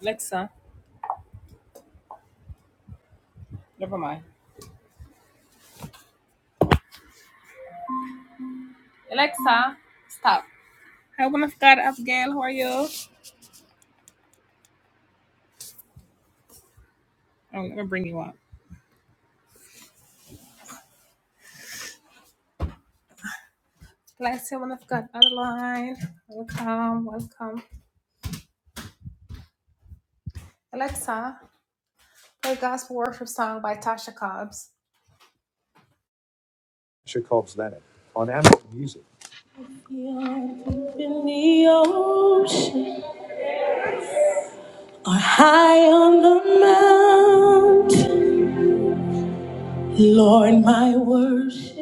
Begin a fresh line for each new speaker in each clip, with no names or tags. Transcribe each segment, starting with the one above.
Alexa, never mind. Alexa, hey, woman of God, Abigail, how are you? Oh, let me bring you up. Alexa, woman of God, Adeline, welcome, welcome. Alexa, play gospel worship song by Tasha Cobbs. Are high on the mountain, Lord, my worship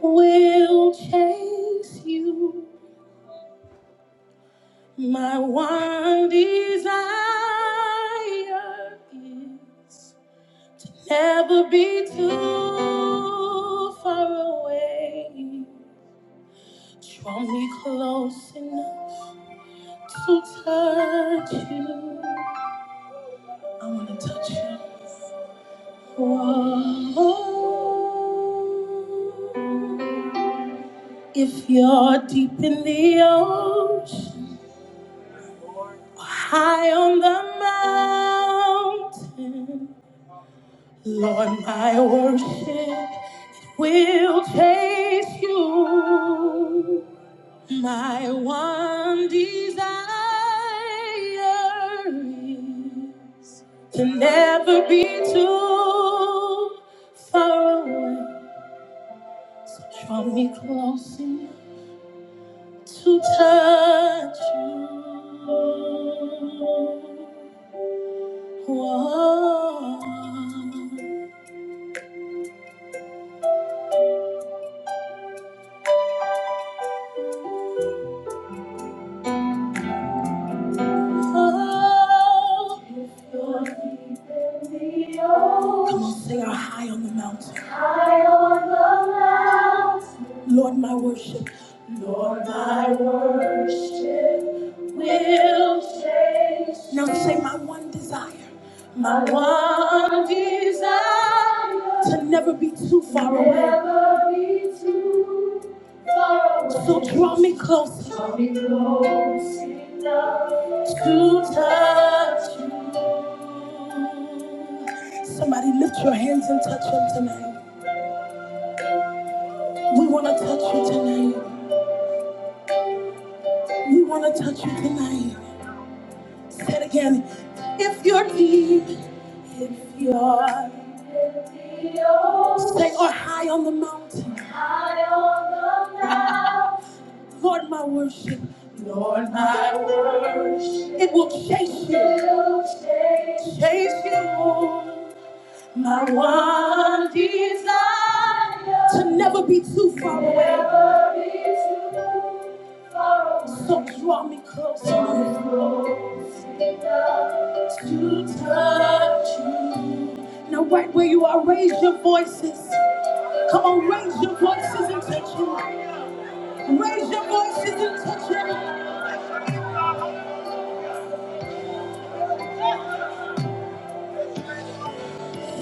will chase you. My one desire is Never be too far away. Draw me close enough to touch you. I wanna touch you. Whoa. If you're deep in the ocean or high on the mountain, Lord, my worship will chase you. My one desire is to never be too far away. To draw me close enough to touch you. Whoa. Oh, oh. Come on, sing our high on the mountain. High on the mountain. Lord, my worship. Lord, my worship will change. Now say my one desire. My one desire. To never be too far away. Never So away. draw me closer. Draw me To touch you. Somebody lift your hands and touch him tonight. We want to touch you tonight. We want to touch you tonight. Say it again. If you're deep, if you're stay or high on the mountain, High on the mountain. Lord, my worship, Lord, my worship, it will chase you, It will chase chase you. My one desire to never be too far away. Never. So draw me closer. to touch you. Now, right where you are, raise your voices. Come on, raise your voices and touch him. Raise your voices and touch him.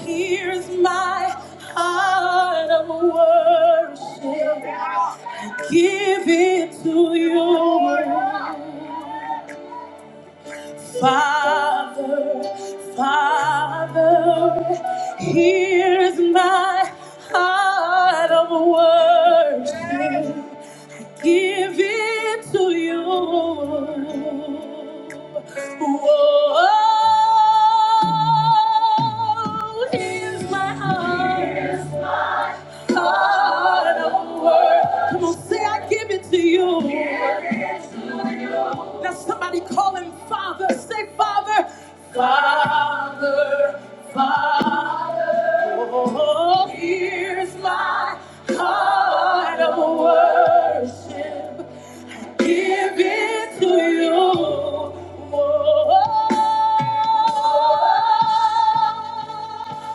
Here's my heart of worship. Give it to you, Father, Father. Here's my heart of worship. give it to you. Whoa, here's my heart. Here's my God over. Come on, say, I give it to you. Give it to you. Now somebody call him Father. Say, Father. Father, Father. Oh, here's my heart of worship. I give it to you. Oh.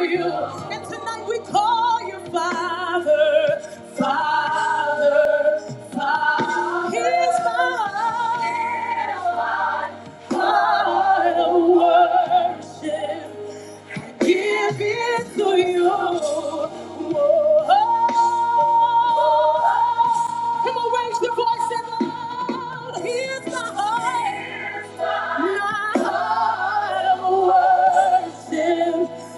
You, and tonight we call you Father, Father, Father, here's my heart of worship. Give it to you. oh! Come on, raise your voice and loud. Here's my heart. My heart of worship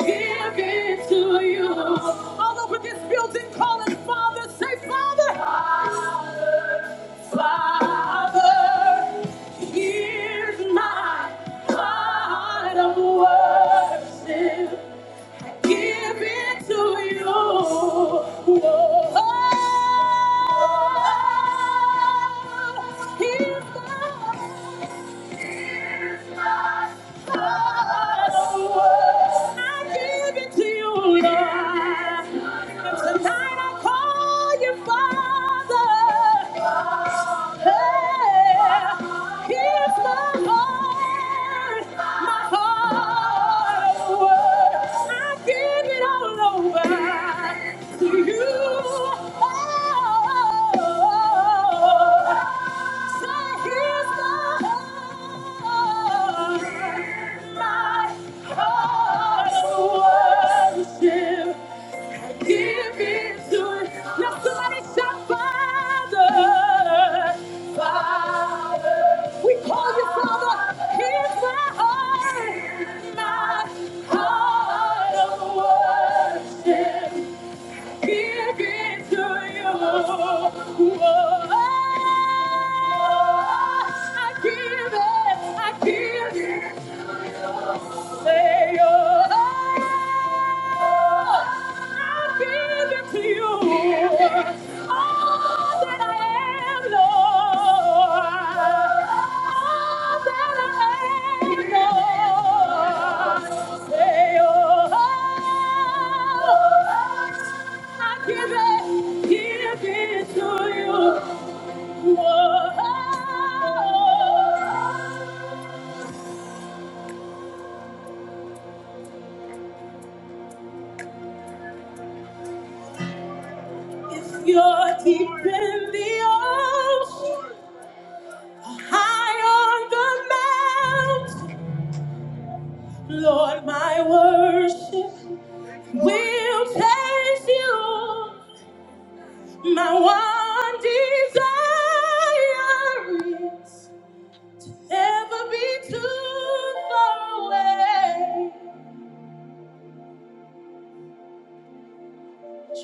give it to you. All over this building, calling Father, say Father. Father, Father, here's my heart of worship. Give it to you. Oh, Here's my Father, here's my heart. My My heart, my heart. Worship. Give it to us. Now somebody shout, Father, Father. We call you Father. Here's my heart, my heart of worship. Give it to you. Whoa. I give it, I give it. Say, oh. I give it to you. All that I am, Lord. All that I am, Lord. Say, oh, I give it, give it to you. Oh, if you're deep in the ocean. High on the mountain, Lord, my worship will praise you. My one desire is never be too far away.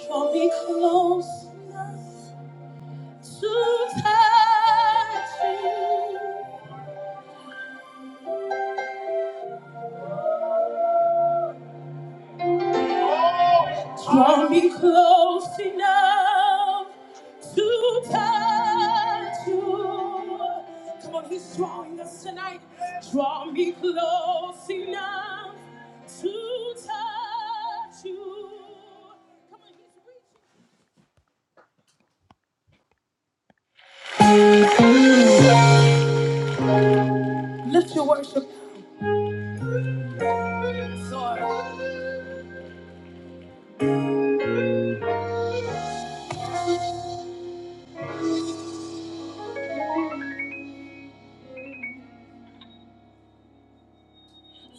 Draw me close enough to touch you. Draw me close enough to touch you. Come on, he's drawing us tonight. Draw me close enough to touch you. Come on, he's reaching. Lift your worship. Yes, Lord,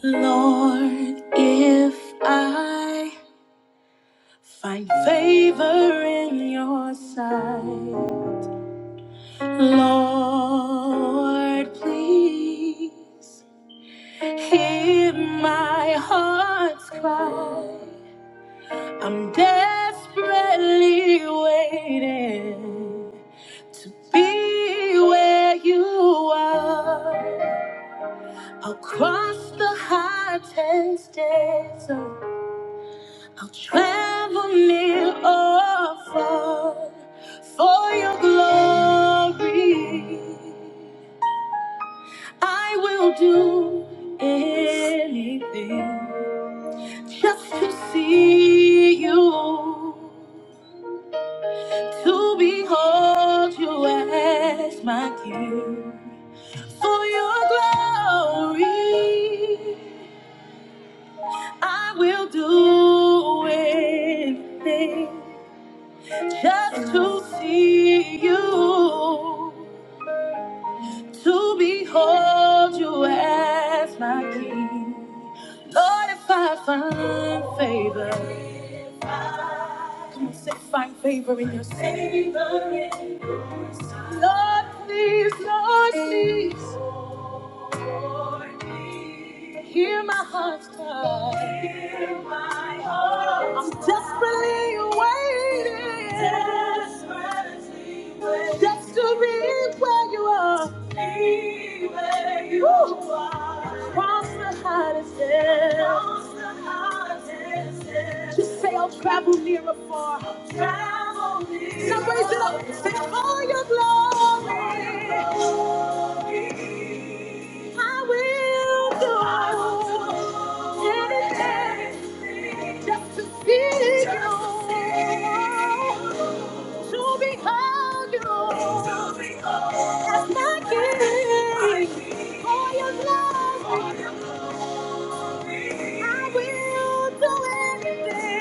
Lord, if I find favor in your sight. Lord, please hear my heart's cry. I'm desperately waiting to be where you are. I'll cross the high tense desert. I'll travel near or far for your glory. I will do anything just to see you, to behold you as my king. For your glory, I will do anything just to see you. to behold you as my king. Lord, if I find favor, come on, say, find favor in your sight. Lord, please, Lord, please. Hear my heart's cry. Hear my heart's I'm desperately waiting. Desperately waiting. Just to be where you are. Be where you Woo. are. Cross the hottest Cross the hottest hill. Just say I'll travel near or far. I'll travel near Now raise it up. Say all your glory. All your glory. I will do anything just to see you, to behold you as my king. Oh, you love me. I will do anything.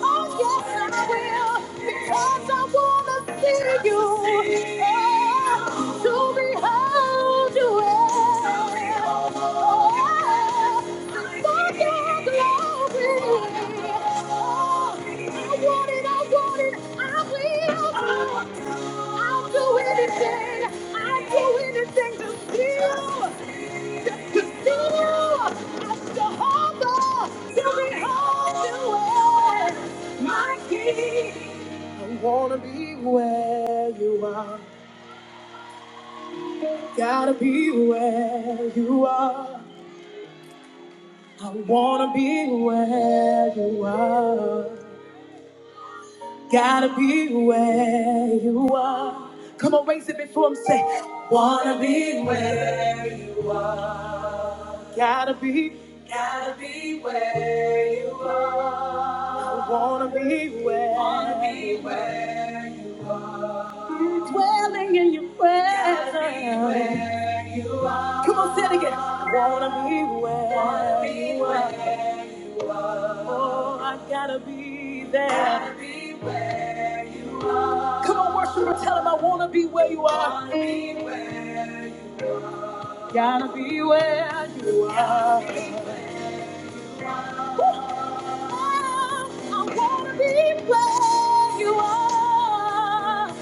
Oh, yes, I will. Because I want to see you. Oh, to behold you. Oh, for your glory. Oh, I want it, I want it, I will do. it. I'll do anything. I'll do anything to feel. To feel. I'm Jehovah. To behold you as my king. I wanna be where you are. Gotta be where you are. I wanna be where you are. Gotta be where you are. Come on, raise it before him. Say, wanna be where you are. Gotta be, gotta be where you are. I wanna be where. Wanna be where. I'm dwelling in your presence. Gotta be where you are. Come on, say it again. Wanna be where. Wanna be where. Oh, I gotta be there. Gotta be where you are. Come on, worshiper, tell him I wanna be where you are. Wanna be where you are. Gotta be where you are. Oh, I wanna be where you are.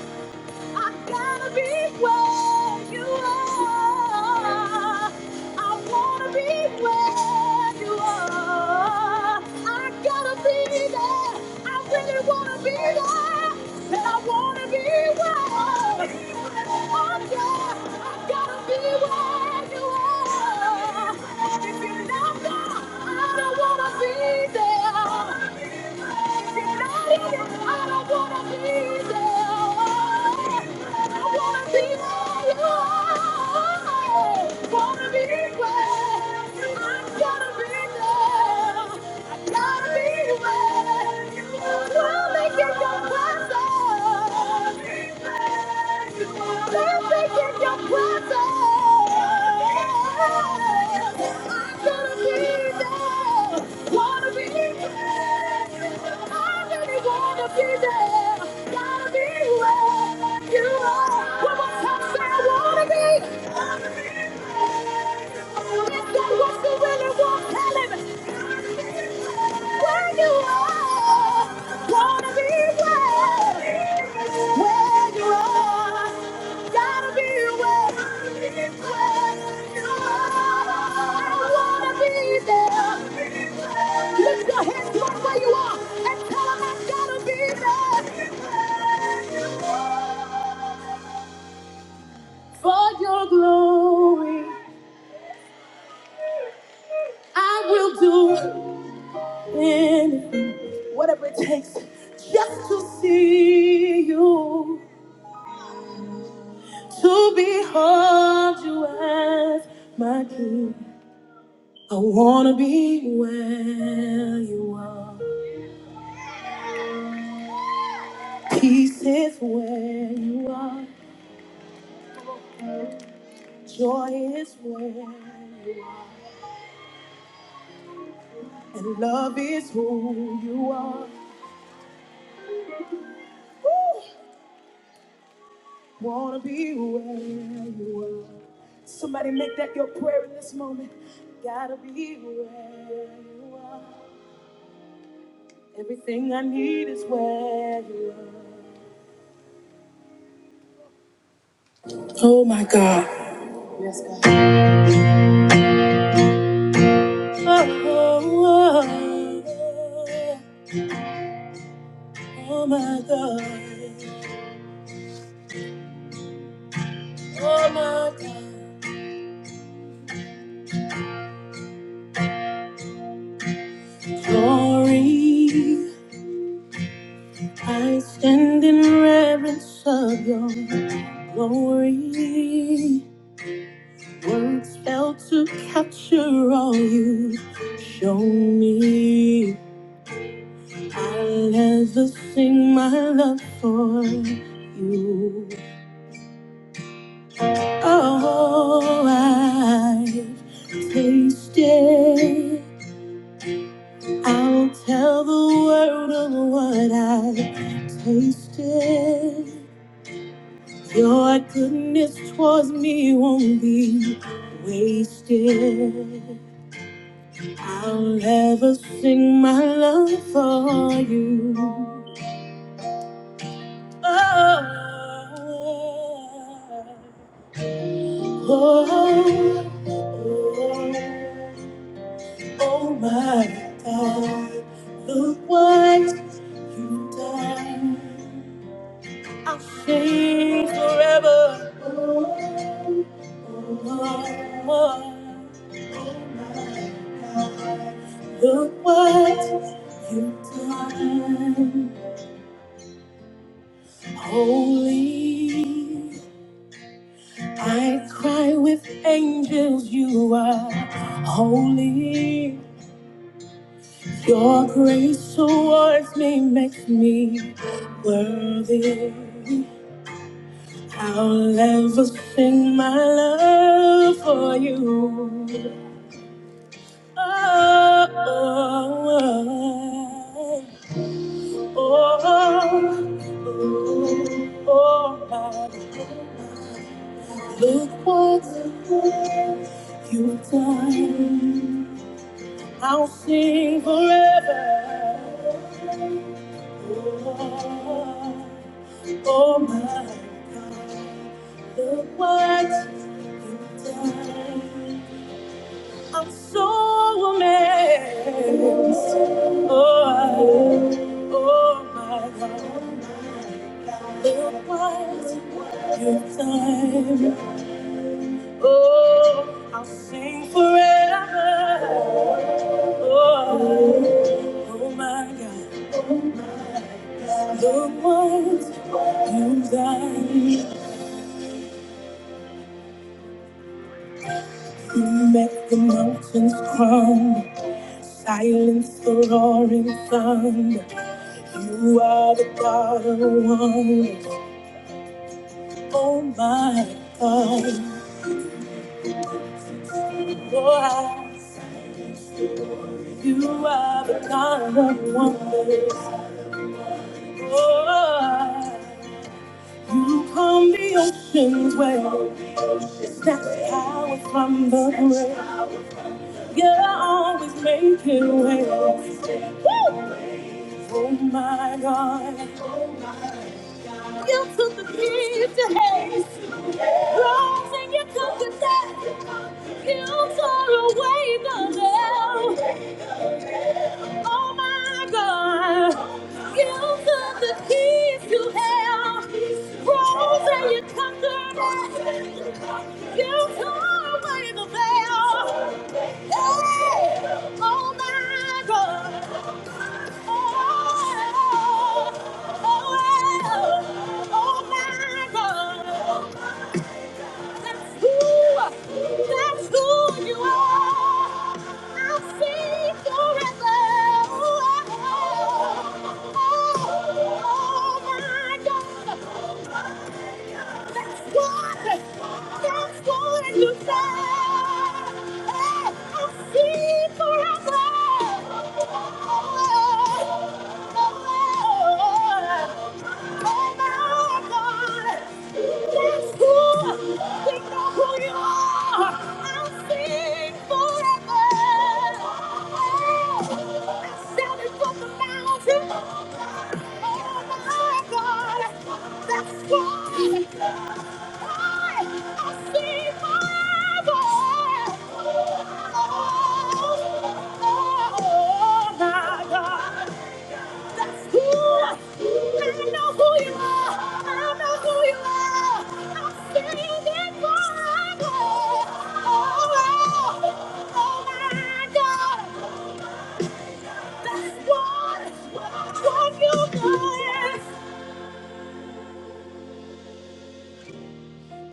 I gotta be where you are. I wanna be where you are. I gotta be there. I really wanna be there. I wanna be where you are. I gotta be where you are. If you're not there, I don't wanna be there. If you're not in it, I don't wanna be there. I wanna be where you are. Wanna be, wanna be there. Gotta be where we'll make it go. Wanna be there. Wanna be there. For your glory, I will do anything, whatever it takes, just to see you, to behold you as my king. I wanna be where you are. Peace is where you are. Joy is where you are. And love is who you are. Wanna be where you are. Somebody make that your prayer in this moment. Gotta be where you are. Everything I need is where you are. Oh my God. Oh, oh, oh, oh oh my God. Oh my God. Glory. I stand in reverence of your glory. Words fail to capture all you show me. I'll never sing my love for you. Oh, I've tasted. I'll tell the world of what I've tasted. Your goodness towards me won't be wasted. I'll never sing my love for you. Oh, oh, oh, oh my God, look what you've done. I'll sing forever. Oh, oh, oh. Look what you've done, holy. I cry with angels, you are holy. Your grace towards me makes me worthy. I'll ever sing my love for you. Oh, oh, oh, oh, oh, oh. Look what you've done. I'll sing forever. Oh, oh my God, look what you've done. I'm so amazed. Oh, oh oh my God, look what you've done. Oh, I'll sing forever. Oh, oh my God, the ones you guide, you make the mountains crumble, silence the roaring thunder. You are the God of wonders, oh my God, Lord, you are the God of wonders, Lord. You calm the ocean's waves, snatch power from the grave. You're always making way. Woo! Oh my God. You took the deed to hate. Wrongs and you took the death. You tore away the veil. Oh my God. You took the keys to hell. Wrongs and you took the death. You tore away the veil. Oh my God! Oh my God! Oh my God! That's who, that's who you are. I'll sing forever. Oh, oh, my God. That's what, that's what you say. Hey, I'll sing forever. Oh, oh, oh. That's why I sing forever. Oh my God. Oh oh, oh my God! That's what, what you doing.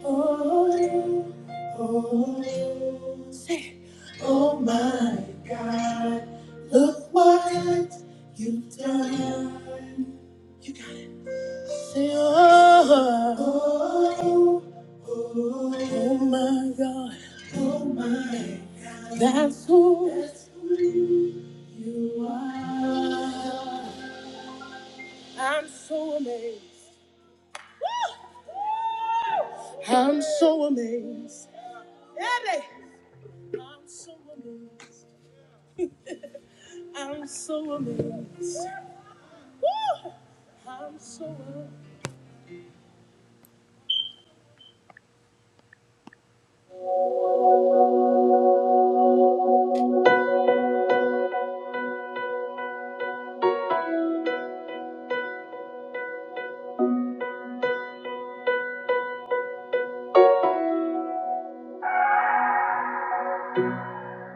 Oh, oh, say, oh my God, look what you've done. You got it. Say, oh, oh, oh, oh my God, oh my God, that's who, that's who you are. I'm so amazed. I'm so amazed. I'm so amazed. I'm so amazed. Woo! I'm so amazed.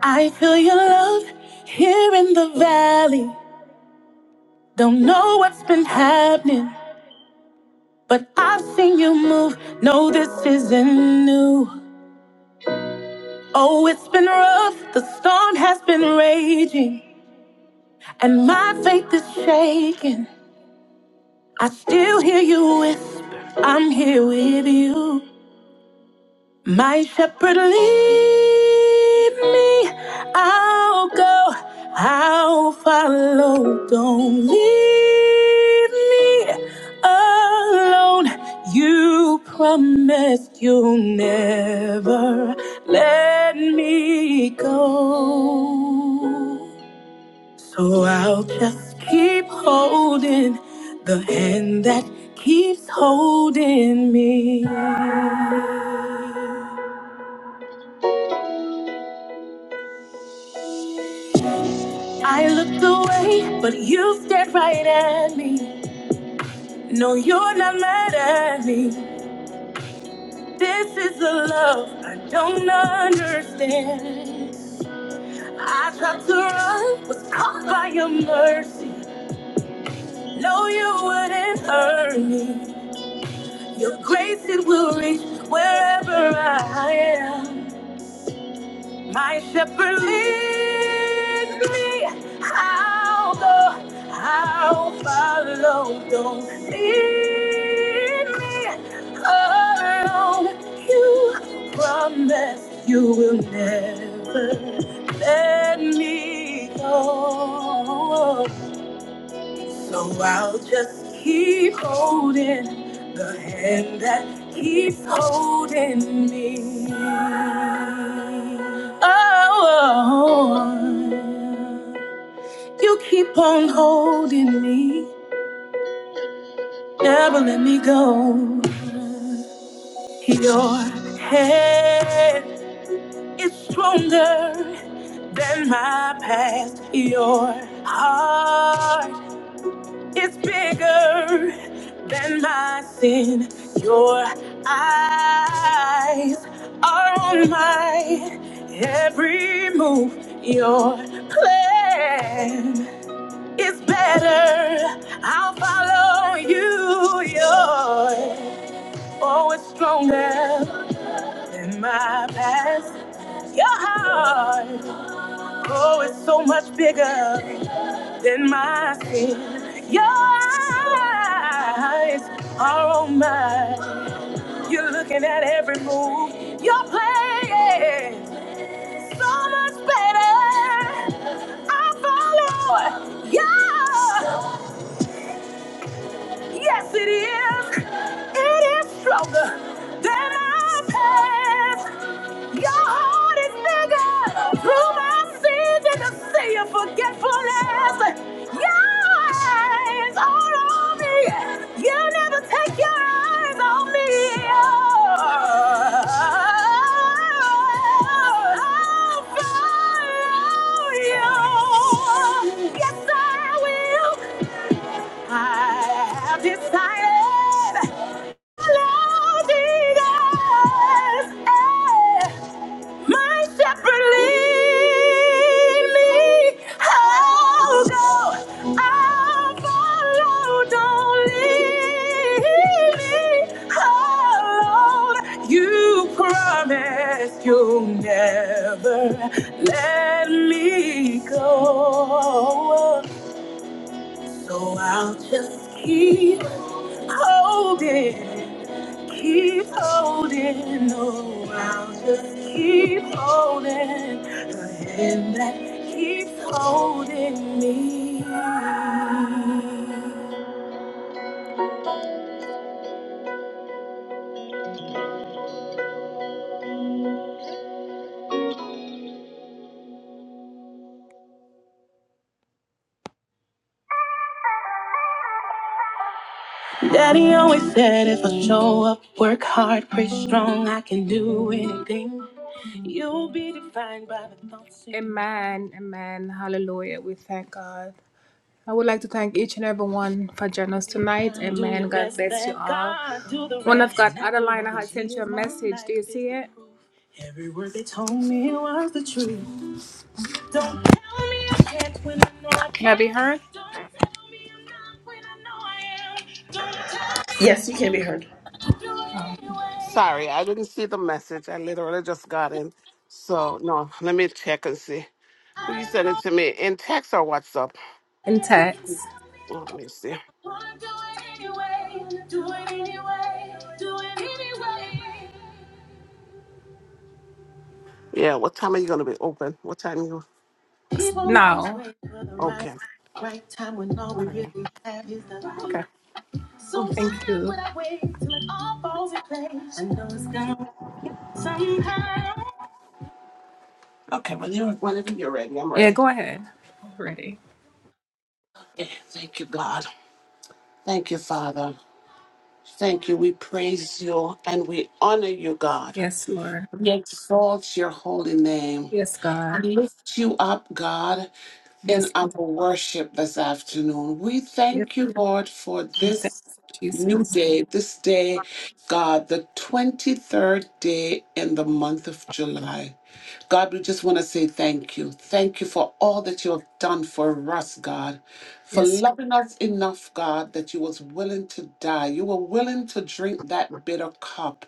I feel your love here in the valley. Don't know what's been happening, but I've seen you move. No, this isn't new. Oh, it's been rough. The storm has been raging, and my faith is shaking. I still hear you whisper, I'm here with you. My shepherd, lead me. I'll go, I'll follow. Don't leave me alone. You promised you'll never let me go. So I'll just keep holding the hand that keeps holding me. I looked away, but you stared right at me. No, you're not mad at me. This is the love I don't understand. I tried to run, was caught by your mercy. No, you wouldn't hurt me. Your grace, it will reach wherever I am. My shepherd leads me. I'll go. I'll follow. Don't leave me alone. You promise you will never let me go. So I'll just keep holding the hand that keeps holding me. Oh, oh. you keep on holding me, never let me go. Your hand is stronger than my past. Your heart It's bigger than my sin. Your eyes are on my every move. Your plan is better. I'll follow you. Your oh, it's stronger than my past. Your heart, oh, it's so much bigger in my sin. Your eyes are on mine. You're looking at every move you're playing. So much better. I follow. Yeah. Yes, it is. It is stronger than our past. Your heart is bigger. Through my sins and the sea of forgetfulness. Your eyes are on me. You'll never take your eyes on me. I'll follow you. Yes, I will. I have decided loving us, eh, my shepherd lead me. I'll go, I'll follow, don't leave me alone. You promised you'll never let me go, so I'll just keep holding, keep holding. No, I'll just keep holding the hand that keeps holding me. Daddy always said if I show up, work hard, pray strong, I can do anything. You'll be defined by the thoughts. you- Amen, amen. Hallelujah. We thank God. I would like to thank each and everyone for joining us tonight. Amen. God bless you all. One of God, Adeline, I had sent you a message. Do you see it? Every word they told me was the truth. Don't tell me I can't when I know I can't. Can I be heard? not tell I know I
Yes, you can be heard.
Oh. anyway.
Sorry, I didn't see the message. I literally just got in. So, no, let me check and see. Will you send it to me in text or WhatsApp?
In text.
Oh, let me see. Yeah, what time are you going to be open? What time you?
No. Right,
Okay.
right time when all
All
we really
right.
have is the right.
Okay.
So
Mm.
why Thank you. would I wait till it all falls in place? I know it's gonna work somehow.
Okay, when you're, whenever you're ready, I'm
Yeah,
ready.
go ahead. ready.
Yeah, thank you, God. Thank you, Father. Thank you. We praise you and we honor you, God.
Yes, Lord.
We exalt your holy name.
Yes, God.
We lift you up, God. in
Yes,
our worship this afternoon. We
yes,
thank you, Lord, for
I'm saying,
this new
Jesus.
day, this day, God, the 23rd day in the month of July. God, we just want to say thank you. Thank you for all that you have done for us, God. For
Yes,
loving us enough, God, that you was willing to die. You were willing to drink that bitter cup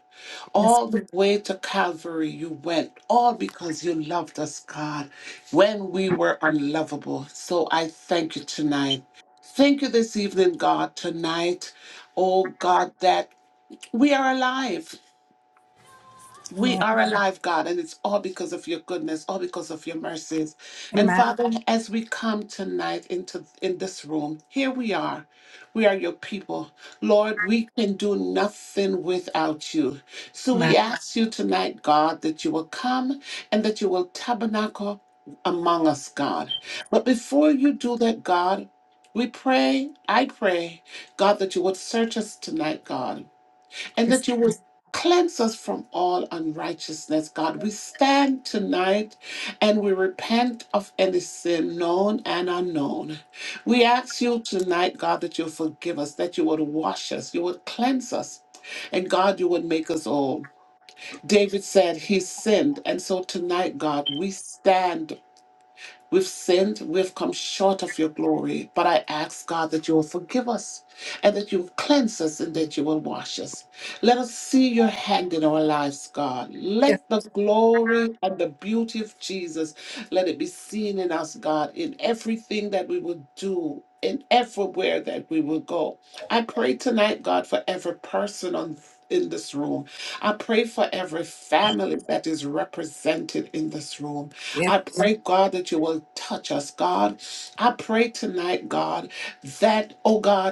yes,
all the way to Calvary, you went, all because you loved us, God, when we were unlovable. So I thank you tonight. Thank you this evening, God, tonight. Oh, God, that we are alive. We
my,
are alive, God, and it's all because of your goodness, all because of your mercies. And
my,
Father, as we come tonight into in this room, here we are. We are your people. Lord, we can do nothing without you. So
my.
we ask you tonight, God, that you will come and that you will tabernacle among us, God. But before you do that, God, we pray, I pray, God, that you would search us tonight, God and
Yes,
that you would cleanse us from all unrighteousness, God. We stand tonight and we repent of any sin known and unknown. We ask you tonight, God, that you forgive us, that you would wash us, you would cleanse us, and God, you would make us whole. David said he sinned. And so tonight, God, we stand We've sinned, we've come short of your glory, but I ask God that you will forgive us and that you will cleanse us and that you will wash us. Let us see your hand in our lives, God.
yes,
Let the glory and the beauty of Jesus let it be seen in us, God, in everything that we will do. In everywhere that we will go, I pray tonight, God, for every person on in this room. I pray for every family that is represented in this room.
yes,
I pray, God, that you will touch us, God. I pray tonight, God, that, oh God,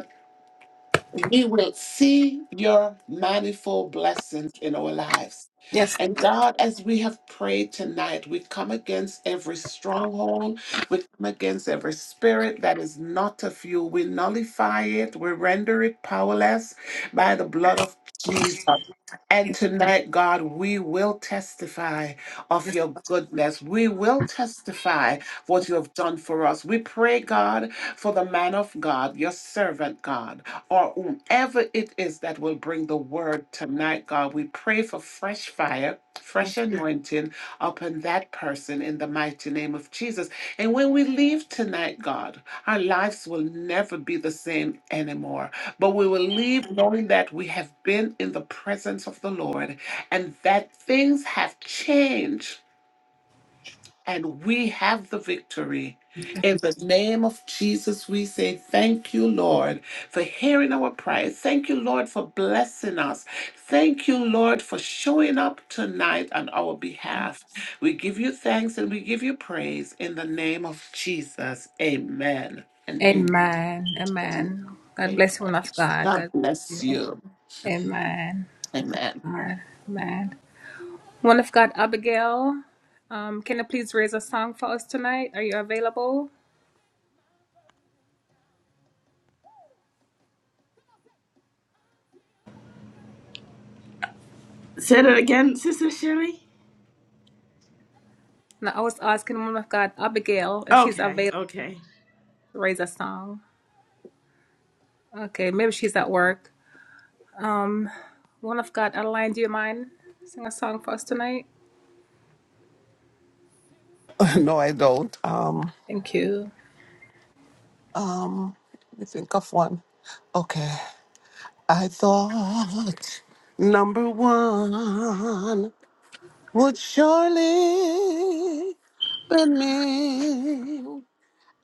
we will see your manifold blessings in our lives.
yes, yes,
And God, as we have prayed tonight, we come against every stronghold, we come against every spirit that is not of you. We nullify it, we render it powerless by the blood of Jesus. And
yes,
tonight, God, we will testify of
yes.
your goodness. We will testify what you have done for us. We pray, God, for the man of God, your servant, God or whomever it is that will bring the word tonight, God. We pray for fresh fire,
yes.
fresh anointing upon that person in the mighty name of Jesus. And when we leave tonight, God, our lives will never be the same anymore. But we will leave knowing that we have been in the presence of the Lord and that things have changed and we have the victory. In the name of Jesus, we say thank you, Lord, for hearing our prayers. Thank you, Lord, for blessing us. Thank you, Lord, for showing up tonight on our behalf. We give you thanks and we give you praise in the name of Jesus. Amen and
Amen.
amen.
Amen. God
Amen.
bless you, woman of God.
God
God
bless
bless you.
you.
Amen.
Amen.
Amen. One of God, Abigail, um, can you please raise a song for us tonight? Are you available?
Say that again, Sister Sherry.
Now, I was asking one of God, Abigail, if she's
Okay,
available
okay.
to raise a song. Okay, maybe she's at work. Um, one of God, Adeline, do you mind sing a song for us tonight?
no, I don't. Um,
Thank you.
um, let me think of one. Okay. I thought number one would surely be me.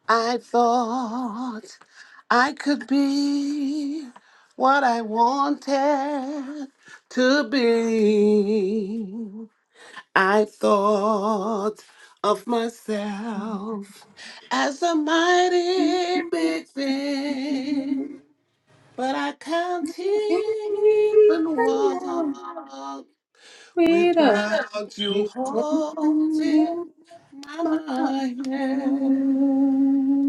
I thought I could be what I wanted to be. I thought of myself as a mighty big thing. But I can't even walk
Freedom.
without you holding my hand.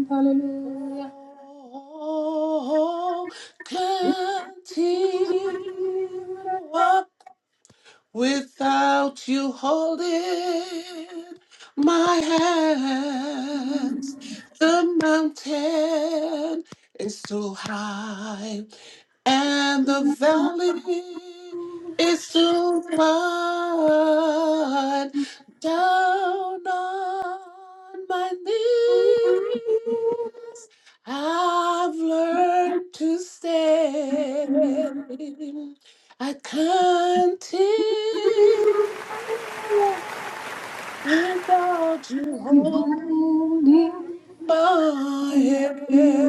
Hallelujah.
Oh, can't even walk without you holding my hands. The mountain is too high and the valley is too wide. Down on my knees, I've learned to stay. I continue without you. home my hand.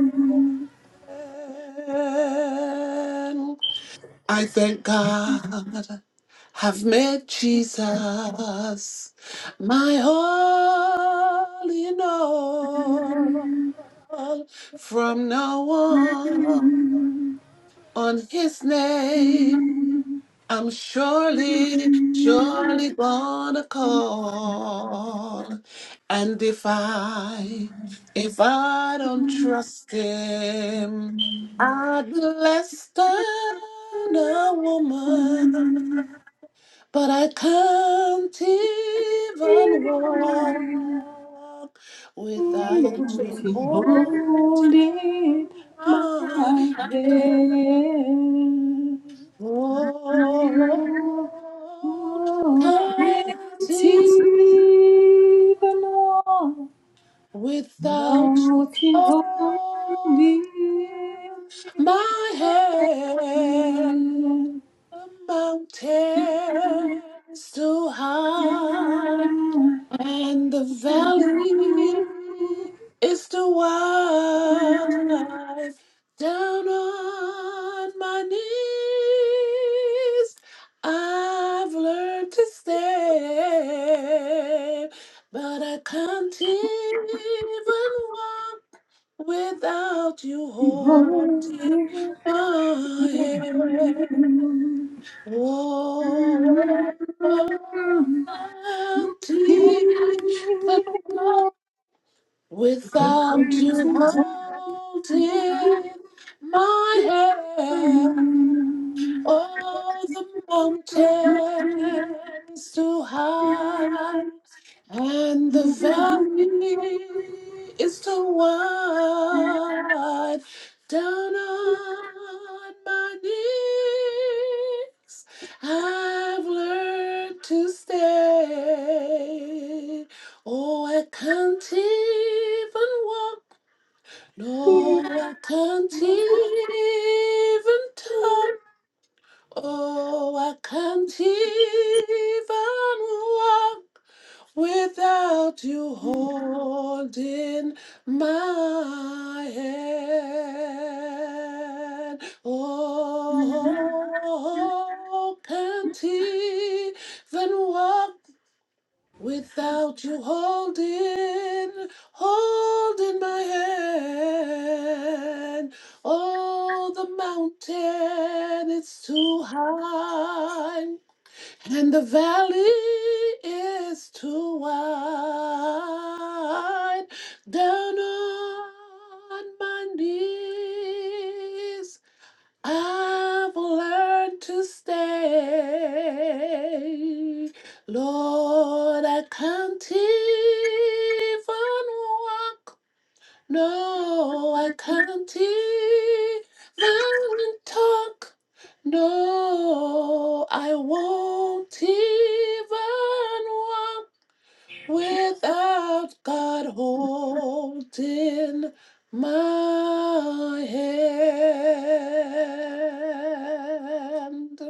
I thank God have met Jesus my all in all. From now on, on his name. I'm surely, surely gonna call. And if I, if I don't trust him, I'd be less than a woman. But I can't even walk without you holding
Hold it my
my
hand.
hand. Oh,
Oh, creative
continue
Lord,
without
thou can hold
holding
it.
my hand.
And
Mountains too high and the valley is too wide. Down on my knees, I've learned to stay, but I can't even walk without you holding my hand. Oh, bounty, without you holding my hand. All the mountains too high, and the valley is too wide. Down on my knees, I've learned to stay. Oh, I can't even walk. No, I can't even talk. Oh, I can't even walk without you holding my hand. Oh, can't even walk Without you holding, holding my hand, oh, the mountain is too high, and the valley is too wide. Down on my knees, I've learned to stay. Lord, I can't even walk. No, I can't even talk. No, I won't even walk without God holding my hand.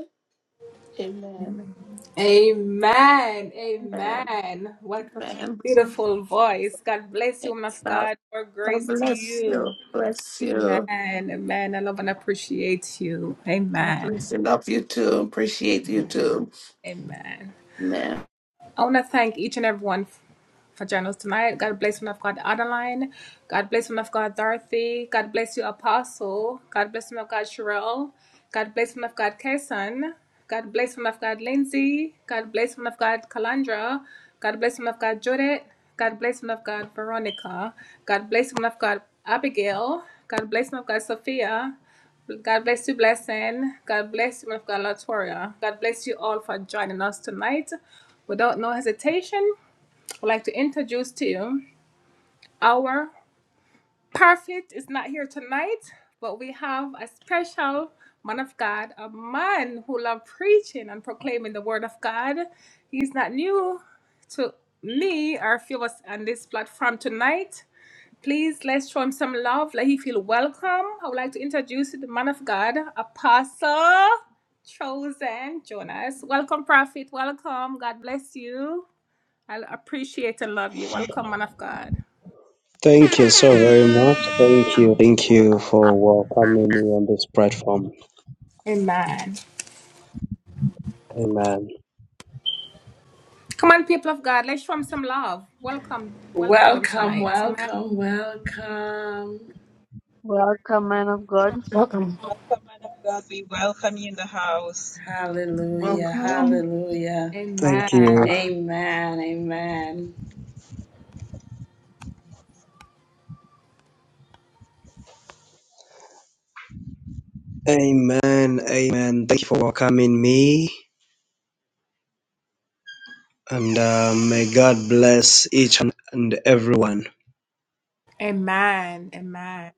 Amen.
Amen. Amen. What a
Amen.
beautiful voice. God bless you, man
Thanks,
of
God
God. More
God
grace to
bless
you.
you. Bless
Amen.
you.
Amen. I love and appreciate you.
God
Amen.
bless you. Love you too. Appreciate you too.
Amen.
Amen.
I want to thank each and everyone for journals tonight. God bless one of God, Adeline. God bless one of God, Dorothy. God bless you, Apostle. God bless one of God, Cheryl. God bless one of God, Kason. God bless one of God, Lindsay. God bless one of God, Kalandra. God bless one of God, Judith. God bless one of God, Veronica. God bless one of God, Abigail. God bless one of God, Sophia. God bless you, blessing. God bless you, woman of God, Latoria. God bless you all for joining us tonight. Without no hesitation, would like to introduce to you our prophet is not here tonight, but we have a special man of God, a man who loves preaching and proclaiming the word of God. He's not new to me or a few of us on this platform tonight. Please let's show him some love. Let him feel welcome. I would like to introduce the man of God, Apostle Chosen Jonas. Welcome, Prophet. Welcome. God bless you. I appreciate and love you. Welcome, man of God.
Thank you so very much. Thank you. Thank you for welcoming me on this platform.
Amen.
Amen.
Come on, people of God. Let's show him some love. Welcome. Welcome him
Welcome,
tonight. Amen.
welcome, welcome.
Welcome, man of God.
Welcome.
Welcome, man of God. We welcome you in the house.
Amen.
Hallelujah, hallelujah.
Thank
Amen.
you.
Amen, amen,
Amen. Amen. Thank you for welcoming me. And uh, may God bless each and and everyone.
Amen. Amen.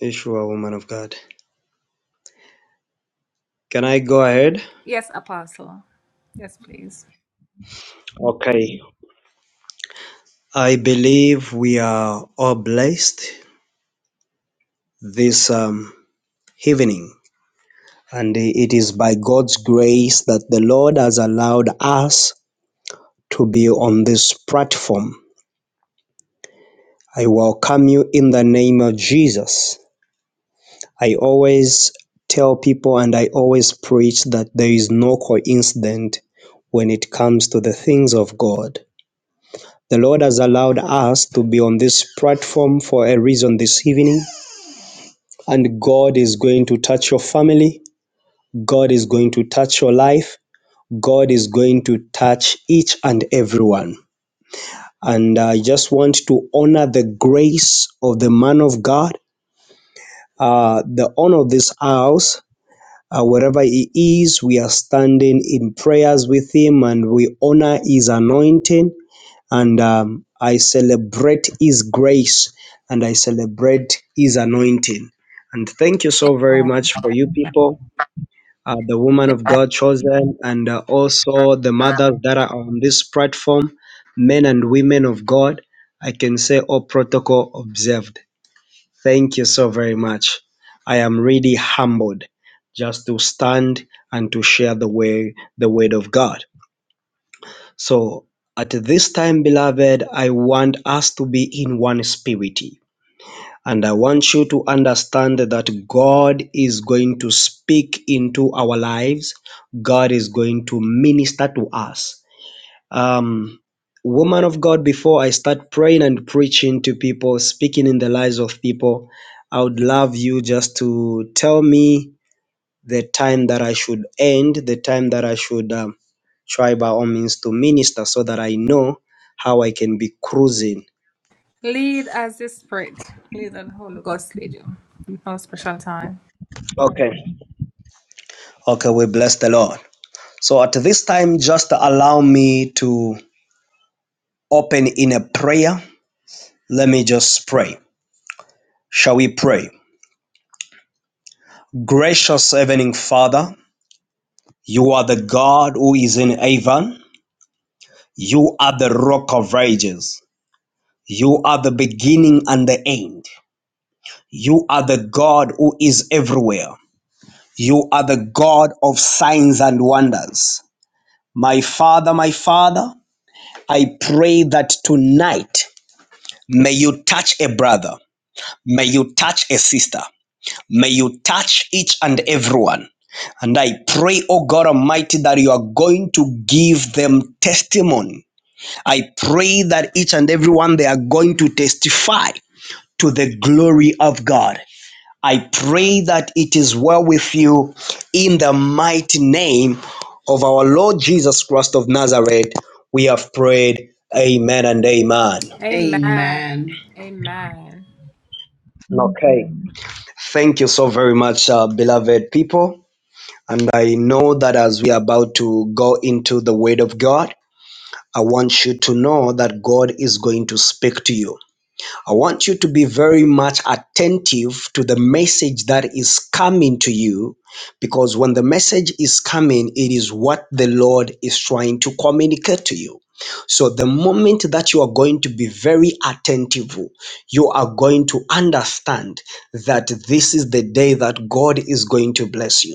If you are a woman of God. Can I go ahead?
Yes, Apostle. Yes, please.
Okay. I believe we are all blessed this um, evening. And it is by God's grace that the Lord has allowed us to be on this platform I welcome you in the name of Jesus. I always tell people and I always preach that there is no coincidence when it comes to the things of God. The Lord has allowed us to be on this platform for a reason this evening, and God is going to touch your family, God is going to touch your life, God is going to touch each and everyone. And I just want to honor the grace of the man of God uh, the owner of this house, uh, wherever he is, we are standing in prayers with him and we honor his anointing. And um, I celebrate his grace and I celebrate his anointing. And thank you so very much for you people, uh, the woman of God chosen, and uh, also the mothers that are on this platform, men and women of God. I can say all protocol observed. Thank you so very much. I am really humbled just to stand and to share the way the word of God. So at this time, beloved, I want us to be in one spirit. And I want you to understand that God is going to speak into our lives. God is going to minister to us um, woman of God, before I start praying and preaching to people, speaking in the lives of people, I would love you just to tell me the time that I should end, the time that I should um, try by all means to minister so that I know how I can be cruising.
Lead as the Spirit. Lead as the Holy Ghost lead you. No special time.
Okay. Okay, we bless the Lord. So at this time, just allow me to open in a prayer. Let me just pray. Shall we pray? Gracious Heavenly Father, You are the God who is in heaven. You are the rock of ages. You are the beginning and the end. You are the God who is everywhere. You are the God of signs and wonders. My Father, my Father, I pray that tonight may you touch a brother, may you touch a sister, may you touch each and everyone. And I pray, O God Almighty, that you are going to give them testimony I pray that each and every one they are going to testify to the glory of God. I pray that it is well with you in the mighty name of our Lord Jesus Christ of Nazareth. We have prayed. Amen and amen.
Amen. Amen.
amen,
Amen.
Okay. Thank you so very much, uh, beloved people. And I know that as we are about to go into the Word of God, I want you to know that God is going to speak to you. I want you to be very much attentive to the message that is coming to you because when the message is coming, it is what the Lord is trying to communicate to you. So, the moment that you are going to be very attentive, you are going to understand that this is the day that God is going to bless you.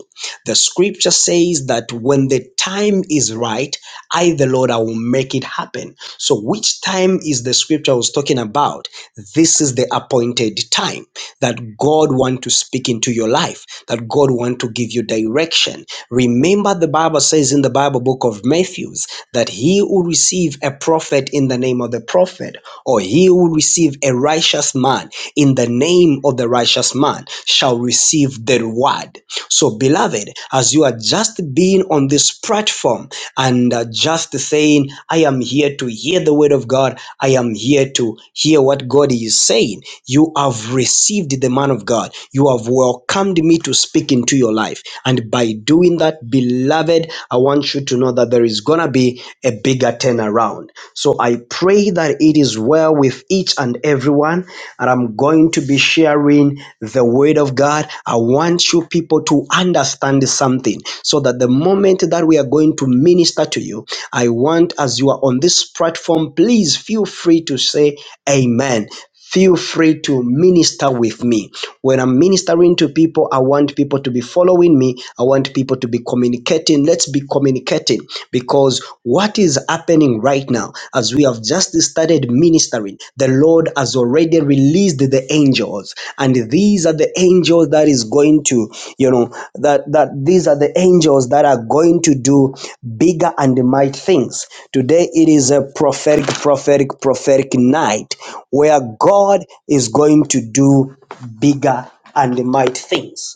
The scripture says that when the time is right, I, the Lord, I will make it happen. So, which time is the scripture I was talking about? This is the appointed time that God wants to speak into your life, that God wants to give you direction. Remember, the Bible says in the Bible book of Matthews that he who receive a prophet in the name of the prophet, or he who receive a righteous man in the name of the righteous man, shall receive the reward. So, beloved, as you are just being on this platform and uh, just saying, I am here to hear the word of God, I am here to hear what God is saying, you have received the man of God. You have welcomed me to speak into your life. And by doing that, beloved, I want you to know that there is going to be a bigger turnaround. So, I pray that it is well with each and every everyone, and I'm going to be sharing the Word of God. I want you people to understand something so that the moment that we are going to minister to you, I want, as you are on this platform, please feel free to say Amen feel free to minister with me. When I'm ministering to people, I want people to be following me. I want people to be communicating. Let's be communicating because what is happening right now, as we have just started ministering, the Lord has already released the angels and and these are the angels that is going to you know that that these are the angels that are going to do bigger and mighty things today it is a prophetic prophetic prophetic night where god is going to do bigger and mighty things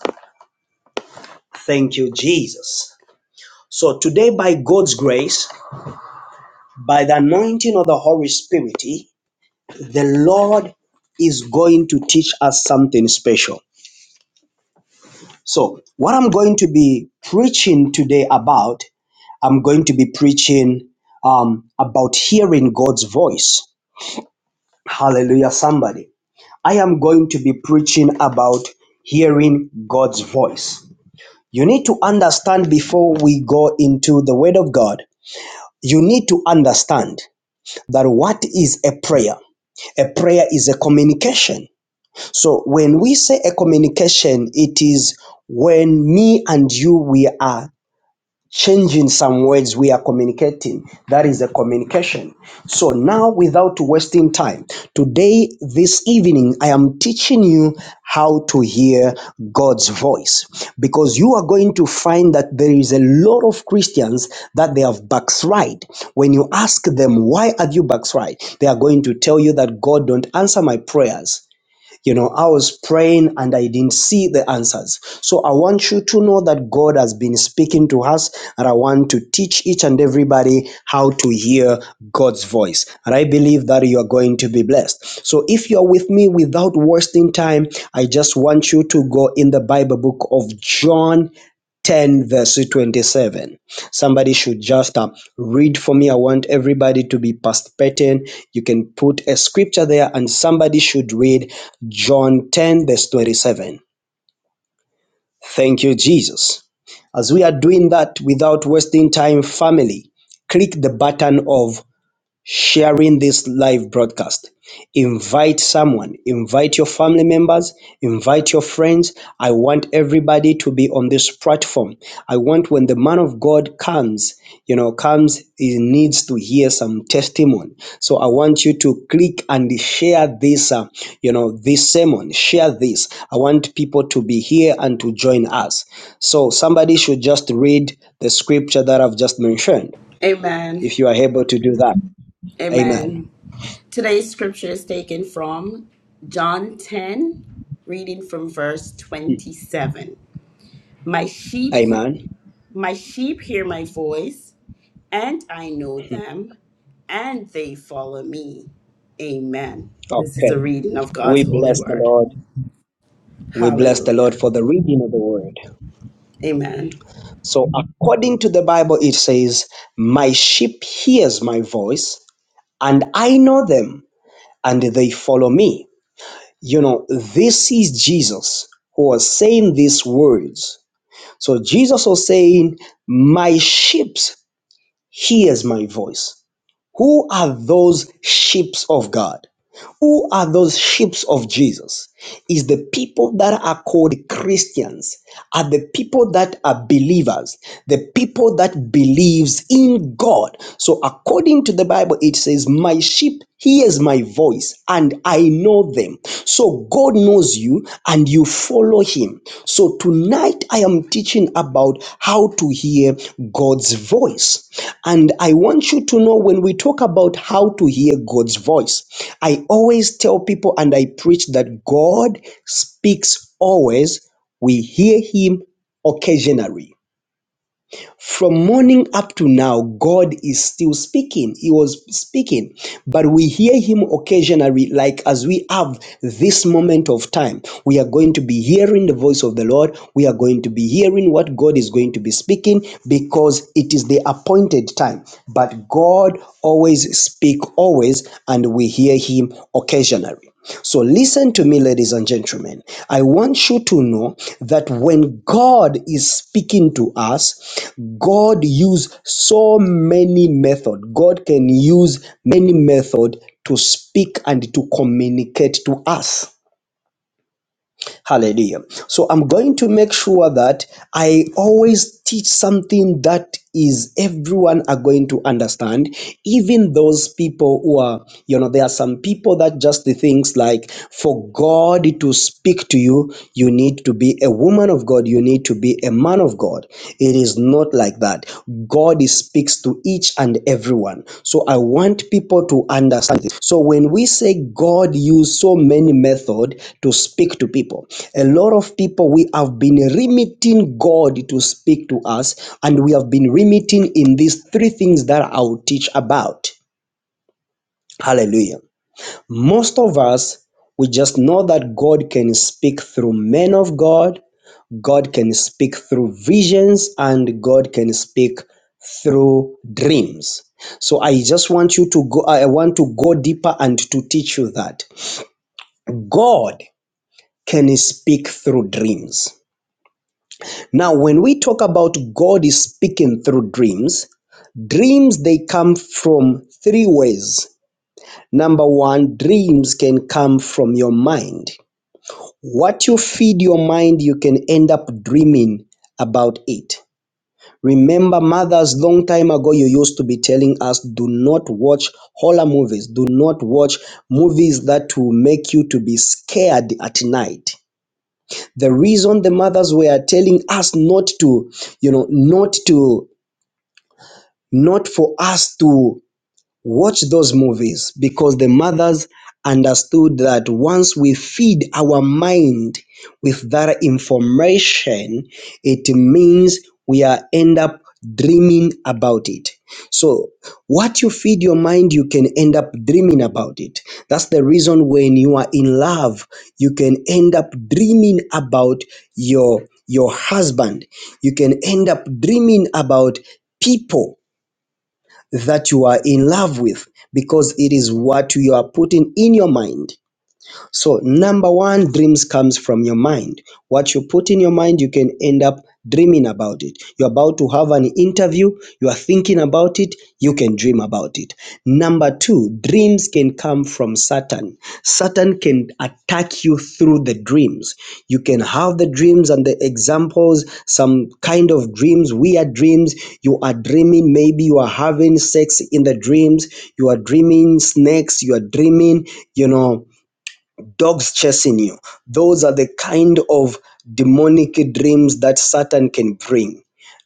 thank you jesus so today by god's grace by the anointing of the holy spirit the lord is going to teach us something special So, what I'm going to be preaching today about, I'm going to be preaching um, about hearing God's voice. Hallelujah, somebody. I am going to be preaching about hearing God's voice. You need to understand before we go into the Word of God, you need to understand that what is a prayer? A prayer is a communication. So when we say a communication, it is when me and you we are changing some words we are communicating. That is a communication. So now, without wasting time, today, this evening, I am teaching you how to hear God's voice because you are going to find that there is a lot of Christians that they have backslid. When you ask them, why have you backslid, They are going to tell you that God don't answer my prayers. You know, I was praying and I didn't see the answers. So I want you to know that God has been speaking to us, and I want to teach each and everybody how to hear God's voice. And I believe that you are going to be blessed. So if you're with me without wasting time, I just want you to go in the Bible book of John 10, verse 27 somebody should just uh, read for me. I want everybody to be participating. You can put a scripture there, and somebody should read John 10, verse 27. Thank you, Jesus. As we are doing that without wasting time, family, click the button of sharing this live broadcast. Invite someone, invite your family members, invite your friends. I want everybody to be on this platform. I want when the man of God comes, you know, comes, he needs to hear some testimony. So I want you to click and share this, uh, you know, this sermon, share this. I want people to be here and to join us. So somebody should just read the scripture that I've just mentioned,
amen,
if you are able to do that. Amen.
amen. Today's scripture is taken from John 10, reading from verse 27. My sheep, he-
Amen.
my sheep hear my voice and I know them, and they follow me. Amen. This is
Okay.
a reading of God's
We
holy
bless the
word.
Lord. We bless the Lord
Hallelujah.
for the reading of the word.
Amen.
So, according to the Bible, it says, My sheep hears my voice, and I know them, and they follow me. You know, this is Jesus who was saying these words. So, Jesus was saying, My sheep hears my voice. Who are those sheep of God? Who are those sheep of Jesus? Is the people that are called Christians, are the people that are believers, the people that believes in God. So according to the Bible, it says, My sheep hears my voice and I know them. So God knows you and you follow him. So tonight I am teaching about how to hear God's voice. And I want you to know when we talk about how to hear God's voice, I always tell people and I preach that God speaks always. We hear him occasionally. From morning up to now, God is still speaking. He was speaking, but we hear Him occasionally, like as we have this moment of time. We are going to be hearing the voice of the Lord. We are going to be hearing what God is going to be speaking because it is the appointed time. But God always speaks always, and we hear Him occasionally. So, listen to me, ladies and gentlemen. I want you to know that when God is speaking to us, God uses so many method. God can use many method to speak and to communicate to us. Hallelujah. So I'm going to make sure that I always teach something that is everyone are going to understand, even those people who are, you know, there are some people that just the things like for God to speak to you, you need to be a woman of God, you need to be a man of God. It is is not like that. God is- speaks to each and everyone. So I want people to understand this. So when we say God used so many method to speak to people, a lot of people we have been limiting God to speak to us, and we have been limiting in these three things that I'll teach about. Hallelujah. Most of us we just know that God can speak through men of God, God can speak through visions and God can speak through dreams. So I just want you to go, I want to go deeper and to teach you that God can speak through dreams. Now, when we talk about God is speaking through dreams, dreams they come from three ways. Number one, dreams can come from your mind. What you feed your mind, you can end up dreaming about it. Remember mothers long time ago you used to be telling us do not watch horror movies, do not watch movies that will make you to be scared at night. The reason the mothers were telling us not to, you know, not to not for us to Watch those movies because the mothers understood that once we feed our mind with that information, it means we are end up dreaming about it. So, what you feed your mind, you can end up dreaming about it. That's the reason when you are in love, you can end up dreaming about your your husband. You can end up dreaming about people that you are in love with because it is what you are putting in your mind. So number one, dreams comes from your mind. What you put in your mind, you can end up dreaming about it. You're about to have an interview, you are thinking about it, you can dream about it. Number two, dreams can come from Satan. Satan can attack you through the dreams. You can have the dreams and the examples, some kind of dreams, weird dreams. You are dreaming, maybe you are having sex in the dreams, you are dreaming snakes, you are dreaming, you know dogs chasing you. Those are the kind of demonic dreams that Satan can bring.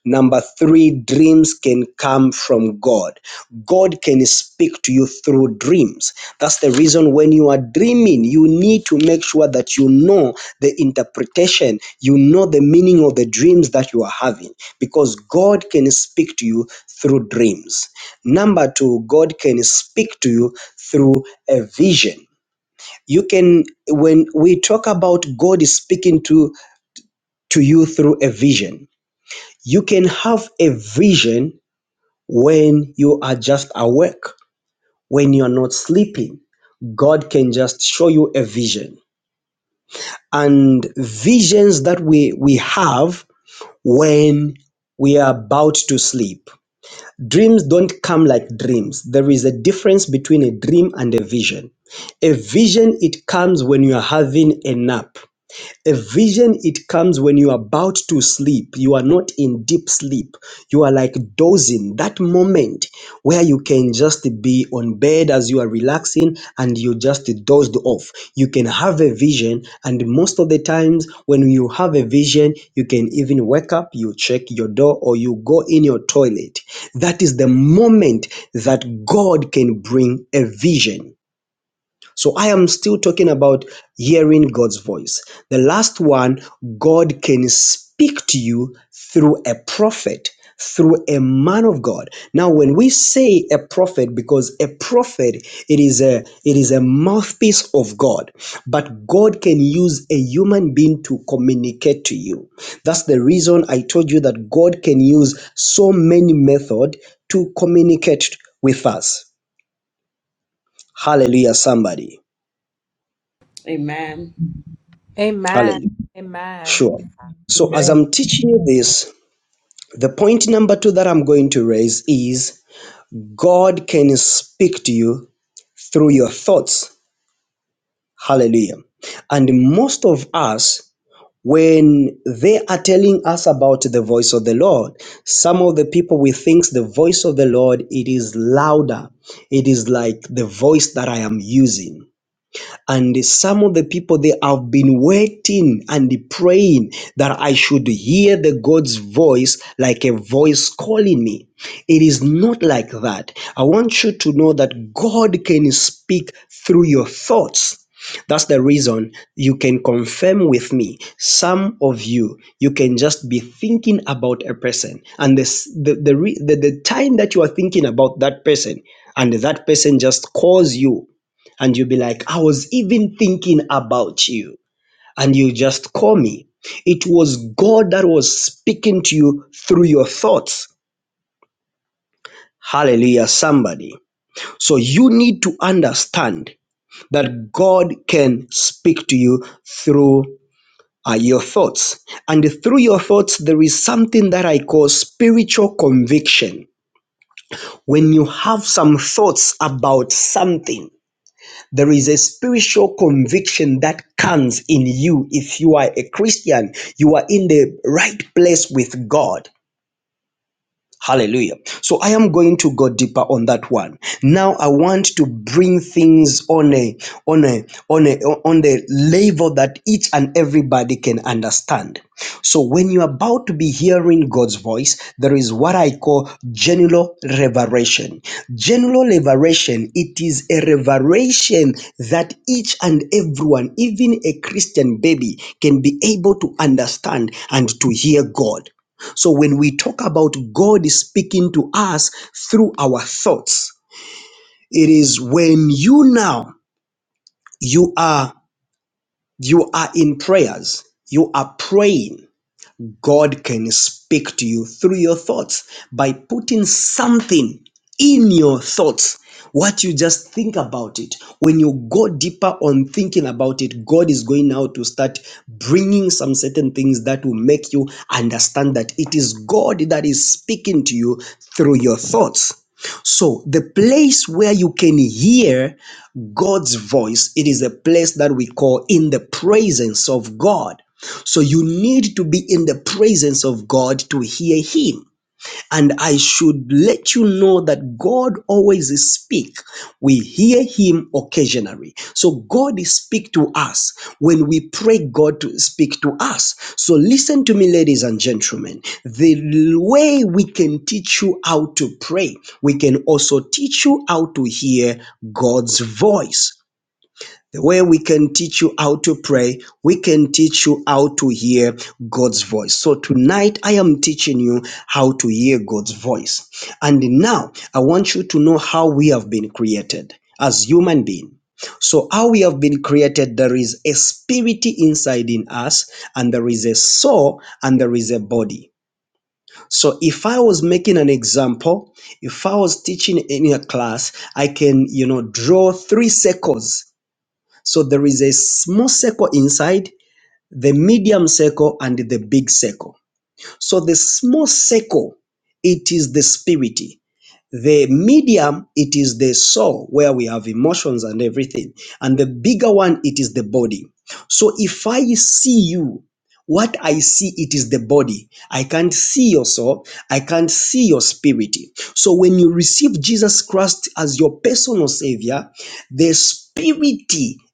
Number three, dreams can come from God. God can speak to you through dreams. That's the reason when you are dreaming, you need to make sure that you know the interpretation, you know the meaning of the dreams that you are having, because God can speak to you through dreams. Number two, God can speak to you through a vision you can when we talk about god is speaking to to you through a vision you can have a vision when you are just awake when you are not sleeping god can just show you a vision and visions that we we have when we are about to sleep dreams don't come like dreams there is a difference between a dream and a vision a vision it comes when you are having a nap A vision it comes when you are about to sleep, you are not in deep sleep, you are like dozing. That moment where you can just be on bed as you are relaxing and you just dozed off. You can have a vision, and most of the times when you have a vision, you can even wake up, you check your door, or you go in your toilet. That is the moment that God can bring a vision. So I am still talking about hearing God's voice. The last one, God can speak to you through a prophet, through a man of God. Now when we say a prophet because a prophet it is a it is a mouthpiece of God, but God can use a human being to communicate to you. That's the reason I told you that God can use so many method to communicate with us. Hallelujah somebody.
Amen.
Amen.
Hallelujah.
Amen.
Sure. So, as
Amen.
I'm teaching you this, the point number two that I'm going to raise is God can speak to you through your thoughts. Hallelujah. And most of us, when they are telling us about the voice of the Lord, some of the people we think the voice of the Lord it is louder. It is like the voice that I am using. And some of the people, they have been waiting and praying that I should hear the God's voice like a voice calling me. It is not like that. I want you to know that God can speak through your thoughts. That's the reason you can confirm with me. Some of you, you can just be thinking about a person, and this, the, the, the the time that you are thinking about that person, and that person just calls you and you'll be like, I was even thinking about you, and you just call me. It was God that was speaking to you through your thoughts. Hallelujah, somebody. So you need to understand that God can speak to you through uh, your thoughts. And through your thoughts, there is something that I call spiritual conviction. When you have some thoughts about something, There is a spiritual conviction that comes in you. If you are a Christian, you are in the right place with God. Hallelujah. So I am going to go deeper on that one. Now I want to bring things on a on a on a on the level that each and everybody can understand. So when you're about to be hearing God's voice, there is what I call general revelation. General revelation, it is a revelation that each and everyone, even a Christian baby, can be able to understand and to hear God. So when we talk about God is speaking to us through our thoughts, it is when you now you are you are in prayers, you are praying God can speak to you through your thoughts by putting something in your thoughts. What you just think about it. When you go deeper on thinking about it, God is going now to start bringing some certain things that will make you understand that it is God that is speaking to you through your thoughts. So, the place where you can hear God's voice, it is a place that we call in the presence of God. So you need to be in the presence of God to hear him. And I should let you know that God always speak. We hear him occasionally. So God speak to us when we pray God to speak to us. So listen to me ladies and gentlemen. The way we can teach you how to pray, we can also teach you how to hear God's voice. The way we can teach you how to pray, we can teach you how to hear God's voice. So tonight I am teaching you how to hear God's voice. And now I want you to know how we have been created as human beings. So how we have been created, there is a spirit inside in us, and there is a soul, and there is a body. So if I was making an example, if I was teaching in a class, I can, you know, draw three circles so there is a small circle inside, the medium circle, and the big circle. So the small circle, it is the spirit. The medium, it is the soul where we have emotions and everything. And the bigger one, it is the body. So if I see you, what I see, it is the body. I can't see your soul. I can't see your spirit. So when you receive Jesus Christ as your personal savior, the spirit,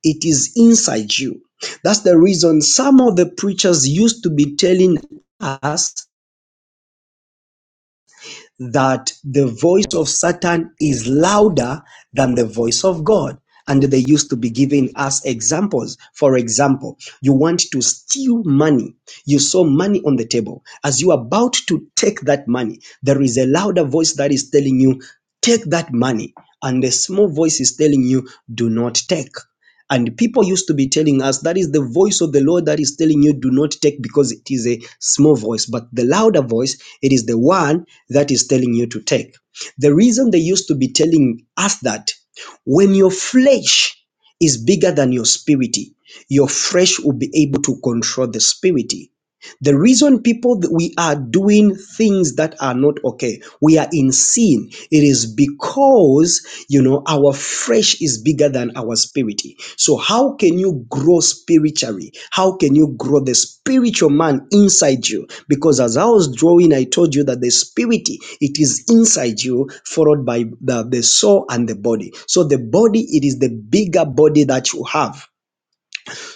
it is inside you. That's the reason some of the preachers used to be telling us that the voice of Satan is louder than the voice of God. And they used to be giving us examples. For example, you want to steal money. You saw money on the table. As you are about to take that money, there is a louder voice that is telling you, take that money. And a small voice is telling you, do not take. And people used to be telling us that is the voice of the Lord that is telling you, do not take because it is a small voice. But the louder voice, it is the one that is telling you to take. The reason they used to be telling us that when your flesh is bigger than your spirit, your flesh will be able to control the spirit. The reason people that we are doing things that are not okay, we are in sin. It is because you know our flesh is bigger than our spirit. So how can you grow spiritually? How can you grow the spiritual man inside you? Because as I was drawing, I told you that the spirit it is inside you, followed by the, the soul and the body. So the body it is the bigger body that you have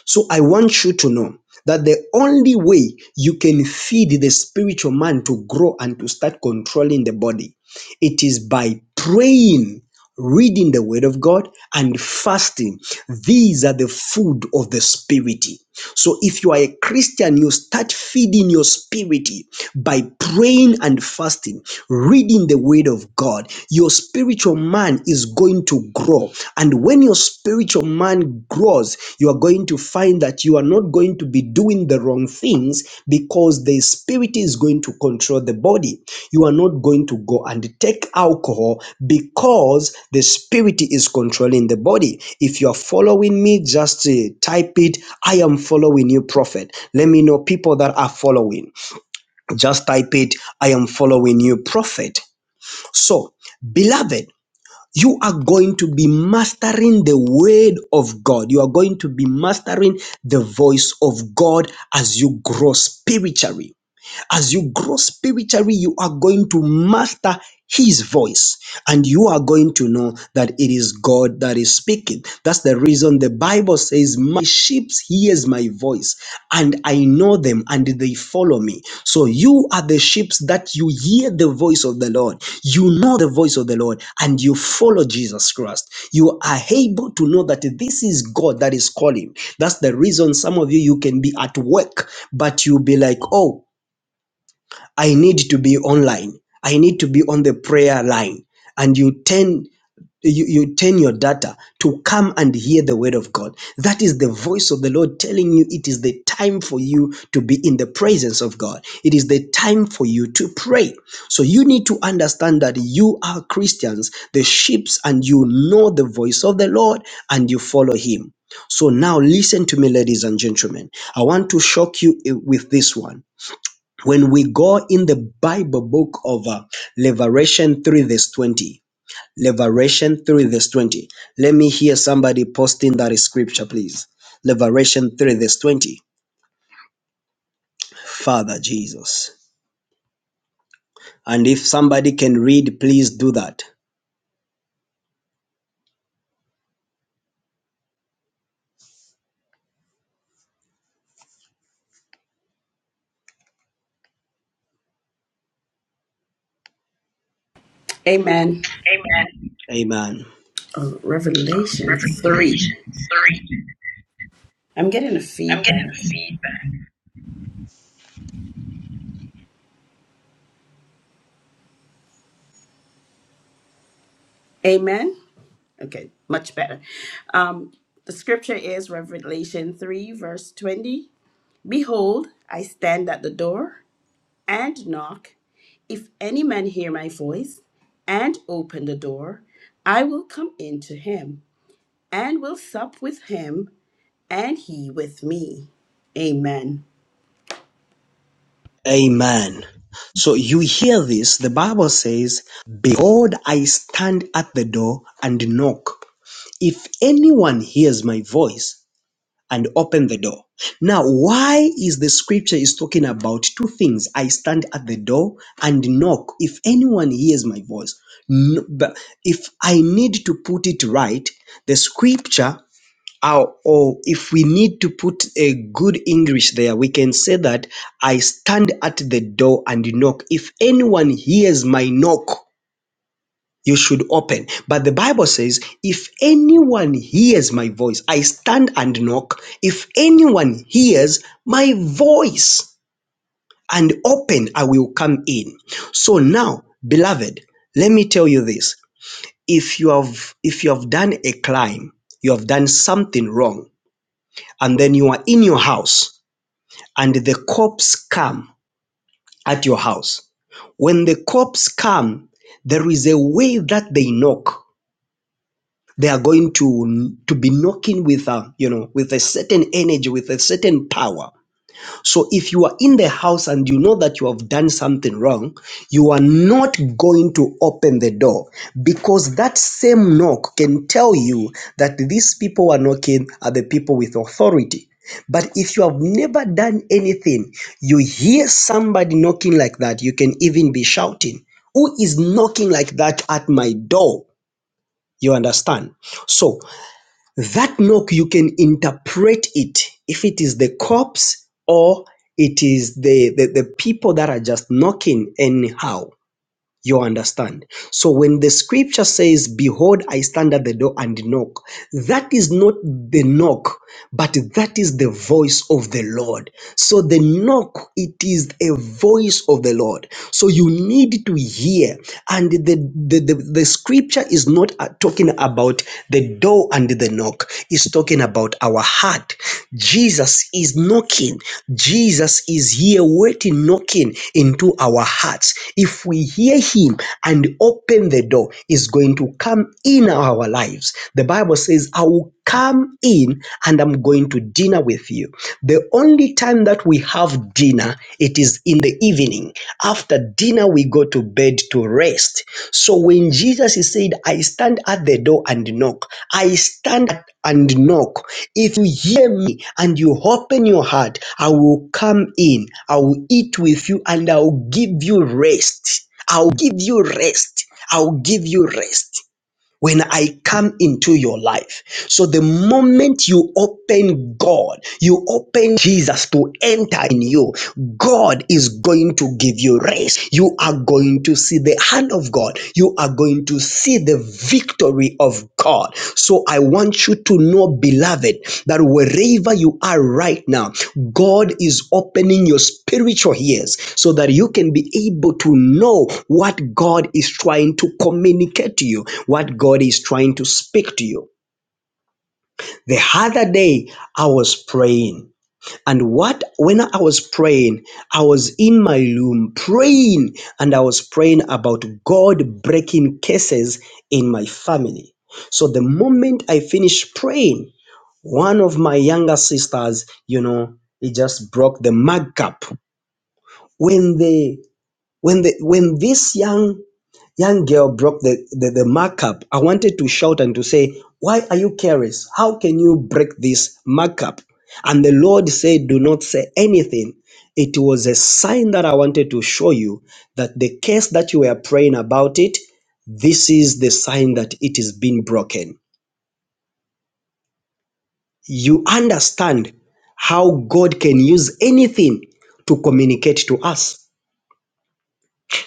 so I want you to know that the only way you can feed the spiritual man to grow and to start controlling the body, it is by praying, reading the word of God, and fasting. These are the food of the spirit. So if you are a Christian, you start feeding your spirit by praying and fasting, reading the word of God. Your spiritual man is going to grow. And when your spiritual man grows, you are going to find that you are not going to be doing the wrong things because the spirit is going to control the body you are not going to go and take alcohol because the spirit is controlling the body. If you are following me, just uh, type it. I am following you, prophet. Let me know people that are following. Just type it. I am following you, prophet. So, beloved, you are going to be mastering the word of God. You are going to be mastering the voice of God as you grow spiritually. As you grow spiritually, you are going to master his voice and you are going to know that it is God that is speaking. That's the reason the Bible says, My sheep hears my voice, and I know them, and they follow me. So you are the sheep that you hear the voice of the Lord. You know the voice of the Lord, and you follow Jesus Christ. You are able to know that this is God that is calling. That's the reason some of you you can be at work, but you'll be like, Oh, I need to be online. I need to be on the prayer line. And you turn you, you turn your data to come and hear the word of God. That is the voice of the Lord telling you it is the time for you to be in the presence of God. It is the time for you to pray. So you need to understand that you are Christians, the sheep, and you know the voice of the Lord and you follow him. So now listen to me, ladies and gentlemen. I want to shock you eh, with this one when we go in the Bible book of uh, Revelation 3 verse 20, Revelation 3 verse 20, let me hear somebody posting that scripture, please. Revelation 3 verse 20, Father Jesus. And if somebody can read, please do that.
Amen.
Amen.
Oh, Revelation 3. I'm getting a feedback. Amen. Okay, much better. Um, the scripture is Revelation 3, verse 20. Behold, I stand at the door and knock. If any man hear my voice and open the door, I will come in to him and will sup with him and he with me. Amen.
Amen. So you hear this, the Bible says, Behold, I stand at the door and knock. If anyone hears my voice and open the door. Now, why is the scripture is talking about two things? I stand at the door and knock. If anyone hears my voice, N- but if I need to put it right, the scripture or, or if we need to put a good English there, we can say that I stand at the door and knock. If anyone hears my knock, you should open. But the Bible says, if anyone hears my voice, I stand and knock. If anyone hears my voice and open, I will come in. So now, beloved, let me tell you this. If you have if you have done a crime, you have done something wrong, and then you are in your house and the cops come at your house. When the cops come, there is a way that they knock they are going to to be knocking with a you know with a certain energy with a certain power so if you are in the house and you know that you have done something wrong you are not going to open the door because that same knock can tell you that these people are knocking are the people with authority but if you have never done anything you hear somebody knocking like that you can even be shouting who is knocking like that at my door you understand so that knock you can interpret it if it is the cops or it is the, the, the people that are just knocking anyhow. You understand? So when the scripture says, Behold, I stand at the door and knock, that is not the knock, but that is the voice of the Lord. So the knock, it is a voice of the Lord. So you need to hear and the the, the, the scripture is not uh, talking about the door and the knock it's talking about our heart jesus is knocking jesus is here waiting knocking into our hearts if we hear him and and open the door is going to come in our lives. The Bible says, I will come in and I'm going to dinner with you. The only time that we have dinner, it is in the evening. After dinner, we go to bed to rest. So when Jesus said, I stand at the door and knock, I stand and knock. If you hear me and you open your heart, I will come in, I will eat with you, and I will give you rest. I'll give you rest. I'll give you rest when I come into your life. So the moment you open God, you open Jesus to enter in you, God is going to give you rest. You are going to see the hand of God. You are going to see the victory of God. So I want you to know, beloved, that wherever you are right now, God is opening your spiritual ears so that you can be able to know what God is trying to communicate to you, what God is trying to speak to you. The other day, I was praying and what, when I was praying, I was in my room praying, and I was praying about God breaking cases in my family. So the moment I finished praying, one of my younger sisters, you know, he just broke the mug cup. When the when the when this young Young girl broke the, the, the markup. I wanted to shout and to say, Why are you careless? How can you break this markup? And the Lord said, Do not say anything. It was a sign that I wanted to show you that the case that you were praying about it, this is the sign that it is being broken. You understand how God can use anything to communicate to us.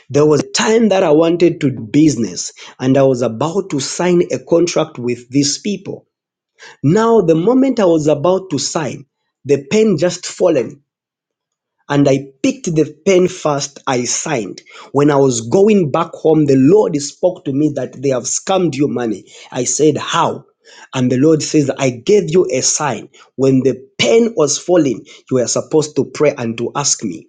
There was a time that I wanted to do business and I was about to sign a contract with these people. Now, the moment I was about to sign, the pen just fallen and I picked the pen first. I signed. When I was going back home, the Lord spoke to me that they have scammed you money. I said, How? And the Lord says, I gave you a sign. When the pen was falling, you were supposed to pray and to ask me.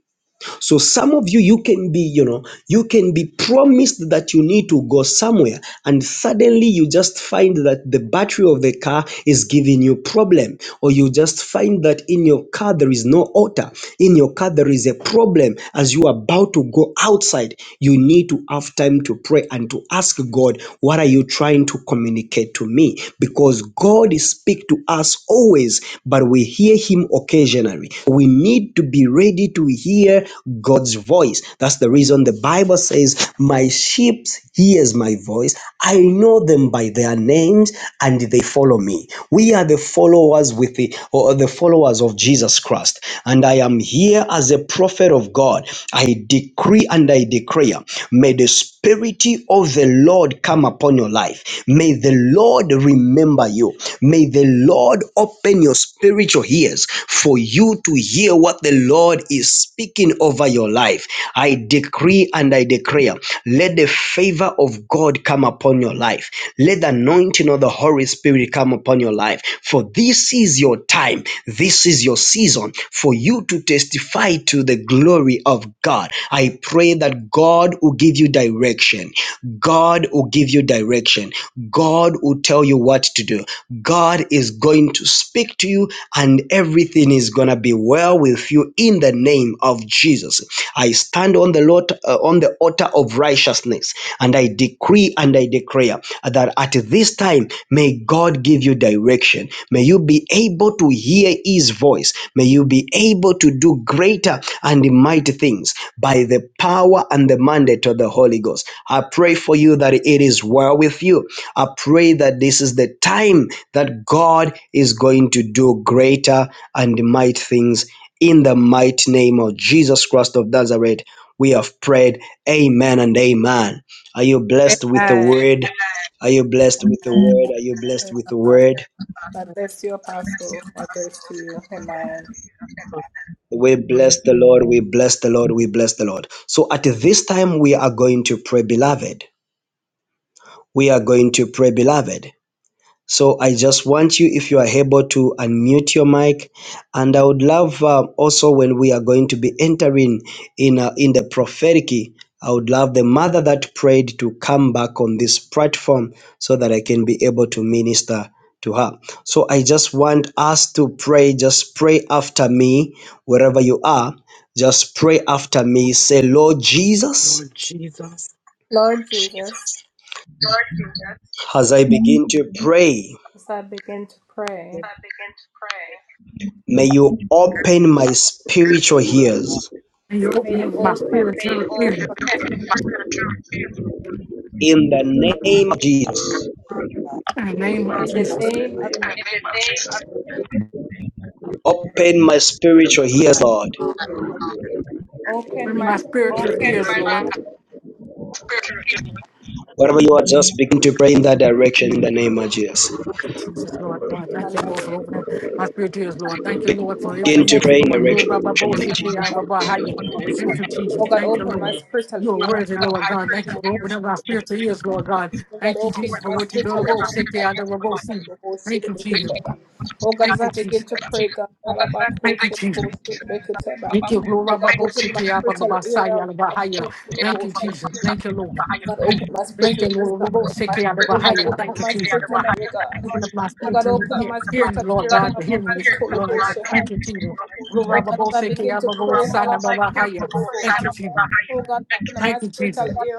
So some of you, you can be, you know, you can be promised that you need to go somewhere, and suddenly you just find that the battery of the car is giving you problem, or you just find that in your car there is no water, in your car there is a problem. As you are about to go outside, you need to have time to pray and to ask God, what are you trying to communicate to me? Because God speaks to us always, but we hear Him occasionally. We need to be ready to hear hear God's voice. That's the reason the Bible says, My sheep hears my voice. I know them by their names and they follow me. We are the followers with the or the followers of Jesus Christ. And I am here as a prophet of God. I decree and I declare, may the spirit of the Lord come upon your life. May the Lord remember you. May the Lord open your spiritual ears for you to hear what the Lord God is speaking over your life. I decree and I declare, let the favor of God come upon your life. Let the anointing of the Holy Spirit come upon your life. For this is your time. This is your season for you to testify to the glory of God. I pray that God will give you direction. God will give you direction. God will tell you what to do. God is going to speak to you and everything is going to be well with you you in the name of Jesus. I stand on the Lord uh, on the altar of righteousness and I decree and I declare that at this time may God give you direction. May you be able to hear his voice. May you be able to do greater and mighty things by the power and the mandate of the Holy Ghost. I pray for you that it is well with you. I pray that this is the time that God is going to do greater and mighty things in the mighty name of Jesus Christ of Nazareth, we have prayed. Amen and amen. Are you blessed with the
Yes,
word? Are you blessed with the word? Are you blessed with the
Apostle.
word?
God bless you, Apostle. God bless to you. Amen.
We bless the Lord. We bless the Lord. We bless the Lord. So at this time, we are going to pray, beloved. We are going to pray, beloved. So I just want you, if you are able to unmute your mic, and I would love uh, also when we are going to be entering in uh, in the prophetic, I would love the mother that prayed to come back on this platform so that I can be able to minister to her. So I just want us to pray. Just pray after me, wherever you are. Just pray after me. Say, Lord Jesus,
Lord Jesus.
Lord Jesus.
as I begin to pray,
As I begin to pray,
may you open my spiritual ears
You open
may you
up my
open my
spiritual ears in
spiritual
In the name of Jesus,
the name of
in the
Jesus.
In the
name of
name of Jesus,
open my spiritual ears, Lord.
open
Open
my
my
spiritual
we
spiritual
must
ears,
ears.
Lord. Thank
Whatever you are, just begin to pray in that direction in the name of Jesus.
you, Jesus,
bow
Lord, God. Thank you, Lord, for
Hallelujah.
opening
pray.
my spiritual ears, Lord. Thank you, Lord,
Oh
for
God,
Begin
as
everything
I
to
that you're
pray
begin
in the
doing.
to
Lord,
direction
pray,
Rabba, Bo,
in the name of
Siki,
Jesus.
Abba,
Abba,
Ba,
please,
Haya. Thank
devotion.
you,
oh
Jesus.
God,
Thank you,
open my
Lord.
spiritual
You are
ear.
worthy,
Abba,
Lord
please,
God. Thank you for opening up our
devotion.
spiritual ears, Lord God.
Oh God,
Thank you,
open
Jesus,
up
for
my
what you do to
spiritual
both.
ear.
Siki,
Abba,
Abba, Bo,
please,
Si.
devotion.
Thank you, Jesus.
devotion. Oh God, as
Thank you,
I begin
Jesus.
to pray, God, Abba,
Thank you,
please,
Jesus.
devotion.
Thank you,
devotion.
Lord.
Oh
rabba
God,
bo
open my
siki
spiritual ear. Abba, please,
Thank you,
devotion.
Jesus. Thank you, Lord.
God,
Mm.
open my
Thank you,
spiritual
Lord.
ears.
rabba bo
Oh God, open
Thank
up
you,
my
Jesus.
spiritual ear, God.
Open up my
Oh
spirit
God,
to
open up
hear,
my
hear
spiritual
Lord
ear.
God, to hear when you speak, Lord.
Halabakutoloboshe, ha-
Thank you, Jesus. Lord,
Oh
rabba
God, as
bo
I
siki
begin to pray,
Thank
halabakutoloboshe.
you, Jesus.
oh God, open up my
Thank you, Jesus.
spiritual ear.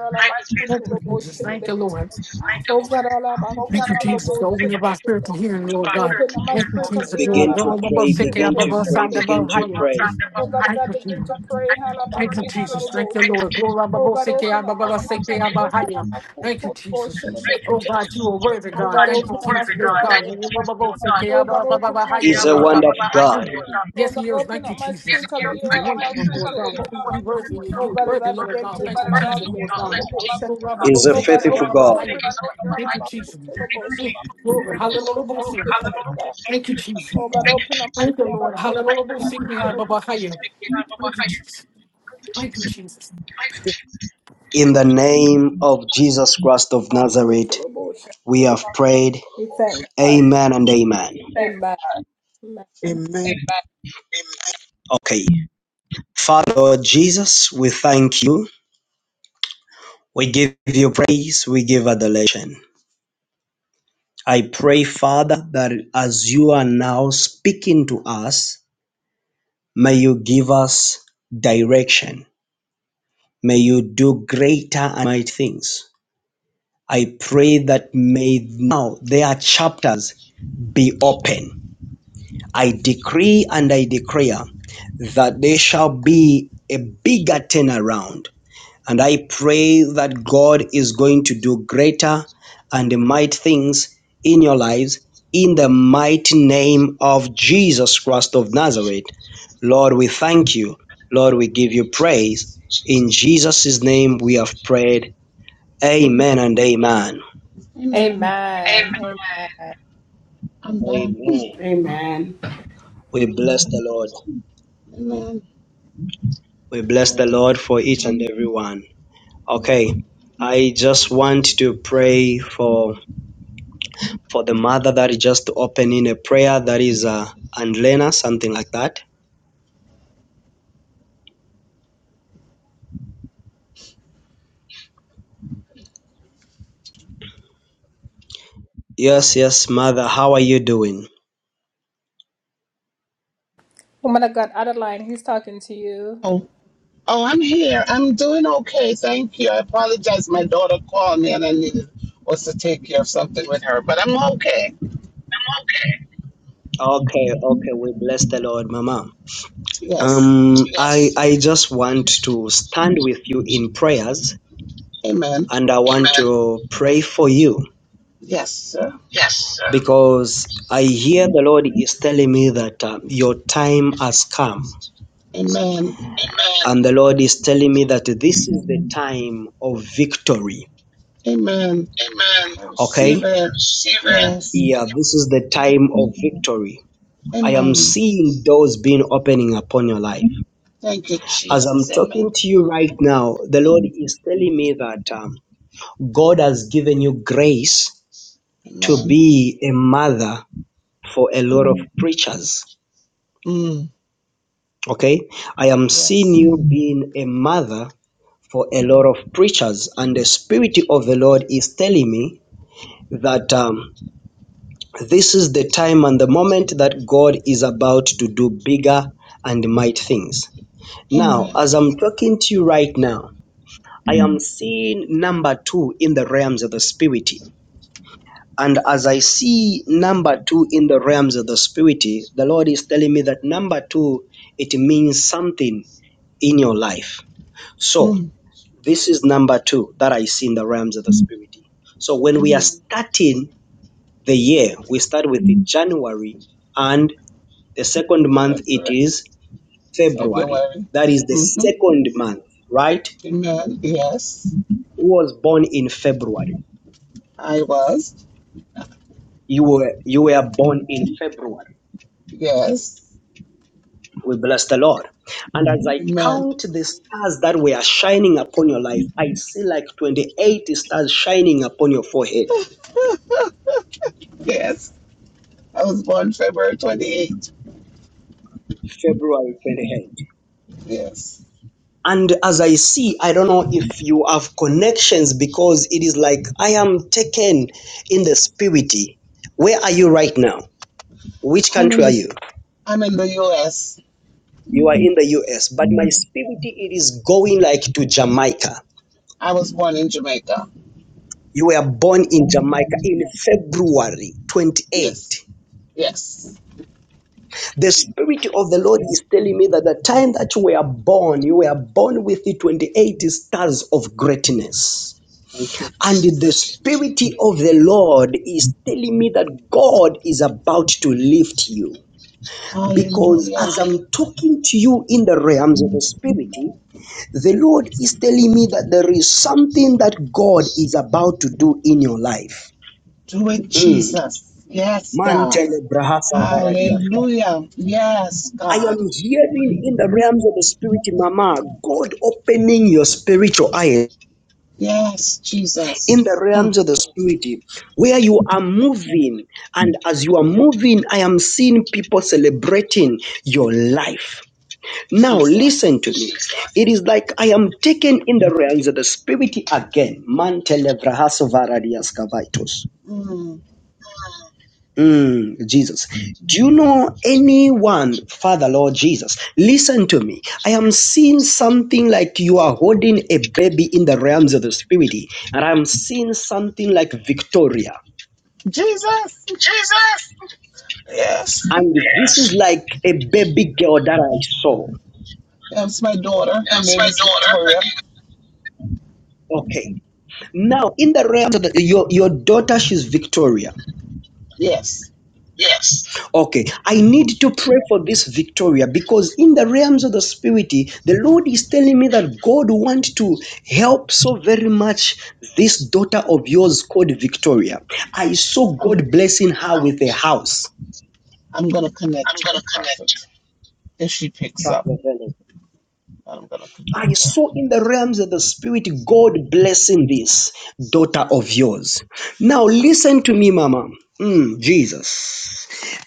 Thank you, Jesus.
halabakutoloboshe,
Thank you,
lebekete.
Lord.
Oh God,
Thank you, Jesus, for
halabakutoloboshe,
opening up our spirit to hearing,
lebekete.
Lord God.
open up my
Thank you,
spiritual
Jesus,
ear.
Begin
Lord.
to
rabba bo
pray,
siki
begin to
halabakutoloboshe,
pray, begin
lebekete.
to pray.
Oh God, as
Thank
I
you,
begin
Jesus.
to pray,
Thank you, Jesus. Thank you,
halabakutoloboshe.
Lord. Glory, Abba,
Oh
Bo,
God,
Seke,
open
Abba,
up my
Baba, Seke,
spiritual
Abba,
ear.
Haya. Thank you, Jesus.
halabakutoloboshe,
Oh,
lebekete.
God, you are worthy,
Oh
God.
God,
Thank you,
open up my
Jesus, Lord
spiritual
God.
ear.
And you, Abba, Bo, Seke,
Oh
Abba,
God,
Abba,
open up
Baba,
my
Haya,
He's a
Lord
spiritual
God.
wonderful
ear.
God.
Mm.
Oh
Yes,
God,
he is.
open
Thank you,
up my
Jesus.
spiritual ear.
It's wonderful, Lord God. We
Alabakutulabose.
worthy.
Oh
You're
God, as I
worthy, Lord
begin
God.
to
Thank you, Jesus, Lord God.
alabakutulabose.
Glory, Abba, Bo,
He's a
Oh
Seke,
God,
Abba,
faithful
open
Baba,
my
God.
Haya.
spiritual ear.
Thank you, Jesus.
Alabakutulabose.
Mm. Glory.
Oh God, open
Hallelujah.
up
Bo,
my
Seke.
spiritual ear.
Thank you, Jesus.
Oh God, open up my
Thank you,
spiritual
Lord.
ear.
Hallelujah. Bo, Seke, Abba, Baba, Haya. Thank you, Jesus. Thank you, Jesus.
In the name of Jesus Christ of Nazareth.
Alabakutulabakutulabose.
We have prayed.
We thank God.
Amen and amen.
Amen. Amen.
Amen.
Okay. Father Lord Jesus, we thank you. We give you praise. We give adulation. I pray, Father, that as you are now speaking to us, may you give us direction. May you do greater and mighty things. I pray that may now their chapters be open. I decree and I declare that there shall be a bigger turnaround And I pray that God is going to do greater and mighty things in your lives in the mighty name of Jesus Christ of Nazareth. Lord, we thank you. Lord, we give you praise.
Jesus.
In Jesus' name we have prayed.
Amen.
Amen and amen.
Amen.
Amen. Amen.
I'm back.
Amen.
Amen.
We bless the Lord.
Amen.
We
I
bless the
am.
Lord for each and every one.
Amen.
Okay. I just want to pray for for the mother that is just to open in a prayer that is uh and Lena, something like that. Yes, yes, mother, how are you doing?
Woman of God, Adeline, he's talking to you.
Oh, I'm here. I'm doing okay. Thank you. I apologize. My daughter called me and I needed was to take care of something with her, but I'm okay.
Okay, okay, we bless the Lord, Mama.
Yes.
Um I I just want to stand with you in prayers
Amen.
and I want to pray for you.
Yes, sir.
Yes. Sir. Because I hear the Lord is telling me that uh, your time has come.
Amen.
Amen. And the Lord is telling me that this is the time of victory.
Amen. I
Okay?
receive it. Yes.
Yeah, this is the time of victory. I am
Amen.
seeing doors being opening upon your life.
Thank you,
As
Jesus.
I'm
Amen.
talking to you right now, the Lord is telling me that um, God has given you grace to
Amen.
be a mother for a lot of preachers.
Mm.
Okay? I am seeing
Yes.
you being a mother for a lot of preachers, and the Spirit of the Lord is telling me that. Um, This is the time and the moment that God is about to do bigger and might things. Now,
Amen.
as I'm talking to you right now, I am seeing number two in the realms of the spirit. And as I see number two in the realms of the spirit, the Lord is telling me that number two, it means something in your life. So,
Mm.
this is number two that I see in the realms of the spirit. So, when we are
Amen.
starting the year, we start with the January and The second month it
February.
is February.
February.
That is the
Mm-hmm.
second month, right?
Amen. Yes.
Who was born in February?
I was.
You were you were born in February.
Yes.
We bless the Lord. And as I
Amen.
count the stars that were shining upon your life, I see like 28 stars shining upon your forehead.
Yes, I was born February 28th.
February 28th.
Yes,
And as I see, I don't know if you have connections because it is like I am taken in the spirit. Where are you right now? Which
I'm
country
in
are
this.
you?
I'm in the U.S.
You are in the US, but my spirit it is going like to Jamaica.
I was born in Jamaica.
You were born in Jamaica in February 28.
Yes, yes.
The spirit of the Lord is telling me that the time that you were born, you were born with the 28 stars of greatness.
Thank you,
And the
Jesus.
spirit of the Lord is telling me that God is about to lift you. Because
Hallelujah.
as I'm talking to you in the realms of the spirit, The Lord is telling me that there is something that God is about to do in your life.
Do it,
Mm.
Jesus. Yes, God.
Mantele brahasa varadiaska.
Hallelujah. Yes,
I
God.
am hearing in the realms of the spirit, Mama, God opening your spiritual eye
Yes, Jesus.
in the
Mm,
realms of the spirit, where you are moving. And as you are moving, I am seeing people celebrating your life. Now listen to
Jesus.
me. It is like I am taken in the realms of the spirit again. Mantelevrahaso varadias kavaitos.
Mm,
Mm, Jesus. Do you know anyone, Father Lord Jesus? Listen to me. I am seeing something like you are holding a baby in the realms of the spirit, and I'm seeing something like Victoria.
Jesus. Yes.
And this is like a baby girl that I saw.
That's my daughter. Her name is Victoria.
Okay. Now, in the realms of the, your, your daughter, she's Victoria.
Yes.
Okay, I need to pray for this Victoria because in the realms of the spirit, the Lord is telling me that God wants to help so very much this daughter of yours called Victoria. I saw
I'm.
God blessing her with a house.
I'm gonna connect to her prophet. if she picks up. But I'm gonna
I
connect her.
saw in the realms of the spirit God blessing this daughter of yours. Now, listen to me, Mama. Mm, Jesus.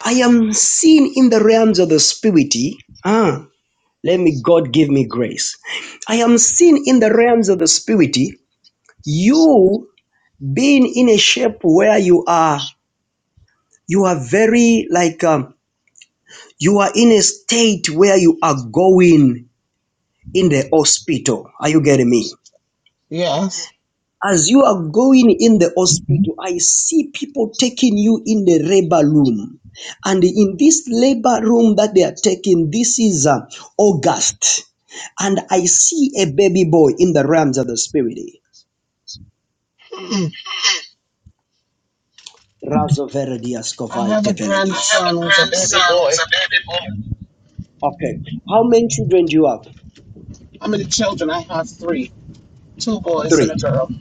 I am seeing in the realms of the spirit. Ah. Let me, God, give me grace. I am seen in the realms of the spirit. You being in a shape where you are, you are very like, um, you are in a state where you are going in the hospital. Are you getting me?
Yes,
As you are going in the hospital, I see people taking you in the labor room. And in this labor room that they are taking, this is uh, August. And I see a baby boy in the realms of the spirit. Razo Veredias
I
Kovai I
have a grandson who's a baby boy.
Okay. How many children do you have?
How many children? I have three, two boys
Three.
and a girl.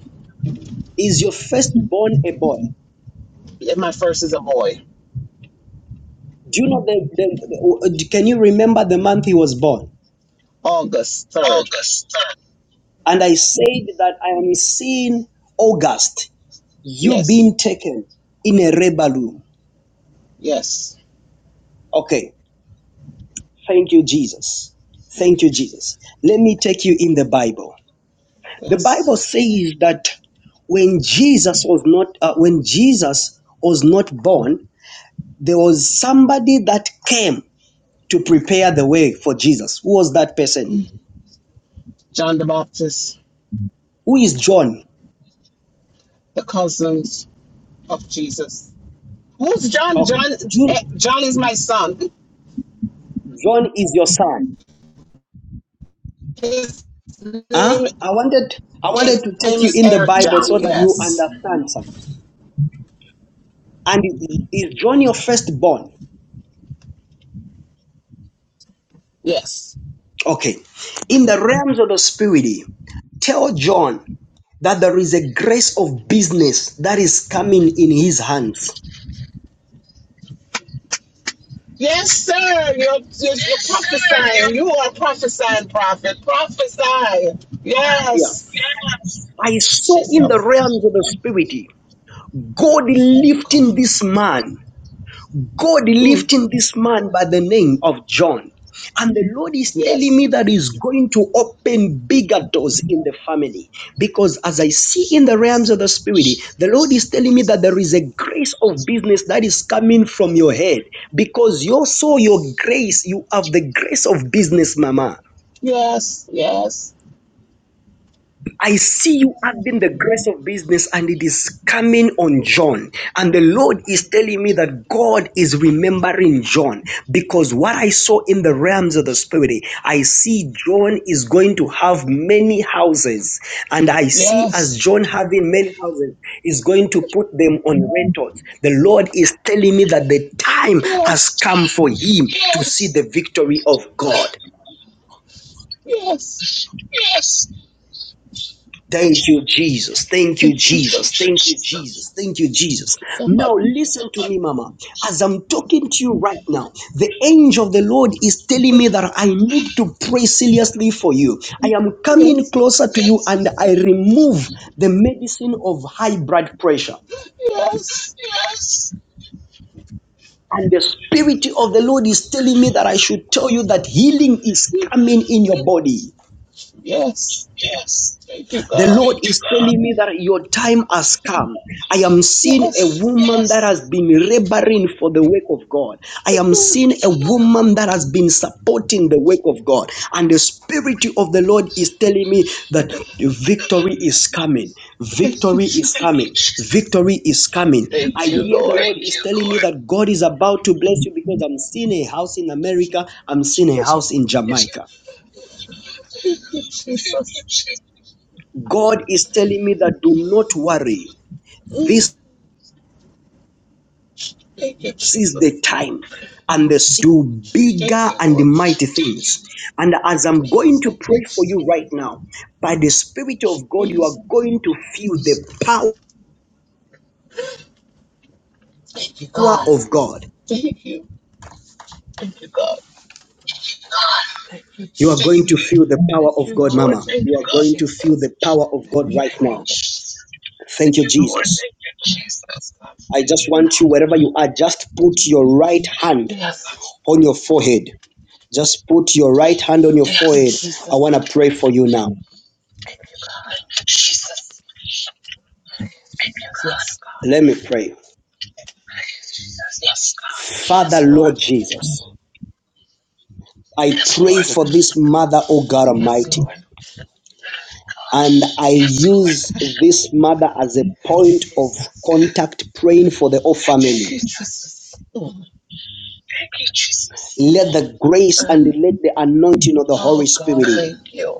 Is your firstborn a boy?
And my first is a boy.
Do you know the, the, the- can you remember the month he was born?
August third.
And I said that I am seeing August, you
Yes,
being taken in a rebel room.
yes.
Okay. Thank you, Jesus.
Thank
Thank
you,
you,
Jesus.
Jesus. Let me take you in the Bible. The
Yes,
Bible says that when Jesus was not uh, when Jesus was not born, there was somebody that came to prepare the way for Jesus. Who was that person?
John the Baptist,
Who is John?
the cousins of Jesus. Who's John?
Okay,
John. eh,
John,
John is my son.
John is your son.
His
Huh?
name is
I wanted I wanted
his
to take
name
you
is
in the
Eric
Bible so
John.
that you
Yes,
understand something. And is is John your firstborn?
yes.
Okay. In the realms of the spirit, tell John that there is a grace of business that is coming in his hands.
Yes, sir. You're, you're, you're prophesying. You are prophesying, prophet. Prophesy.
Yeah.
Yes.
I saw in the
Jesus.
realms of the spirit God lifting
God.
this man. God lifting this man by the name of John. And the Lord is telling
Yes.
me that He's going to open bigger doors in the family. Because as I see in the realms
Jesus.
of the Spirit, the Lord is telling me that
Jesus.
there is a grace of business that is coming from your head. Because you saw your grace, you have the grace of business, Mama.
Yes, yes,
I see you having the grace of business and it is coming on John. And the Lord is telling me that God is remembering John because what I saw in the realms of the spirit, I see John is going to have many houses. And I see as
yes,
John having many houses, is going to put them on rentals. The Lord is telling me that the time has
yes,
come for him to see the victory of God.
yes.
Thank you, Jesus. Thank you, Jesus.
Jesus.
Thank you, Jesus. Thank you, Jesus.
God.
Now, listen to me, Mama. As I'm talking to you right now, the angel of the Lord is telling me that I need to pray seriously for you. I am coming
Yes,
closer to you and I remove the medicine of high blood pressure.
yes,
And the Spirit of the Lord is telling me that I should tell you that healing is coming in your body.
yes. Thank you,
The
God.
Lord is telling me that your time has come. I am seeing a
Yes.
woman that has been laboring for the work of God. I am seeing a woman that has been supporting the work of God. And the Spirit of the Lord is telling me that victory is coming.
Thank you,
Victory is
Jesus.
coming. Victory is coming.
Thank
I
you,
hear the
Lord.
Lord is telling me that God is about to bless you because I'm seeing a house in America, I'm seeing a house in Jamaica.
Thank you, Jesus.
God is telling me that do not worry. This
Thank you,
sees the
Jesus.
time and they see do
Thank
bigger
you,
and
Lord.
mighty things. And as I'm going
Yes,
to
thank you,
pray for
Jesus.
you right now, by the Spirit of God, you are
Yes,
going to feel the power
thank you, God.
of God.
Thank you. Thank you, God. Thank you,
You are going to
Jesus.
feel the power
Thank
of
you,
God,
Lord.
Mama.
Thank
You
you,
are going to feel
Jesus.
the power of God
Thank you,
right now.
God.
Thank you, Jesus. I just want you, wherever you are, just put your right hand
Yes.
on your forehead. Just put your right hand on your
Thank you,
forehead. I want
Jesus.
to pray for you now.
Thank you, God. Yes, God.
Let me pray. Father,
Yes,
Lord
Lord.
Jesus, I pray for
Mm,
this
God.
mother, O God
Yes,
Almighty,
Lord.
and I use this mother as a
Yes,
point of contact,
Jesus.
praying for the whole family.
Thank you, Jesus. Mm.
Let the grace
Uh,
and let the anointing of the Holy
Oh,
Spirit
God, thank you.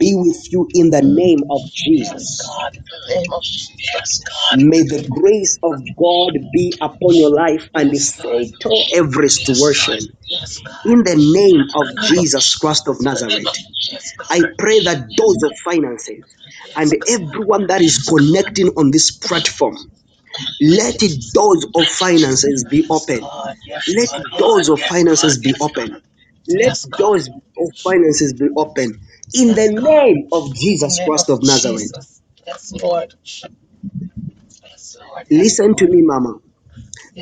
be with you in the
Mm.
name of
Yes,
Jesus.
God, in the name of Jesus.
May the grace of God be upon your life and
Yes, God.
settle every situation
Yes, God.
in the name
In the
of
name of
Jesus Christ of
Jesus
Nazareth.
Christ. Yes,
I
God.
pray that doors of finances
Yes,
and
God.
everyone that is connecting on this platform,
Thank you,
let
Jesus.
doors of finances be
Yes,
open.
God. Yes,
Let
God. Yes,
doors of
God.
finances be open.
Yes,
Let
God.
doors of finances be open. In the
Yes, God.
name of
In the
Jesus
name of
Christ of Nazareth.
Jesus. Yes, Lord. Yes, Lord. Yes,
Listen to
Lord.
me, Mama.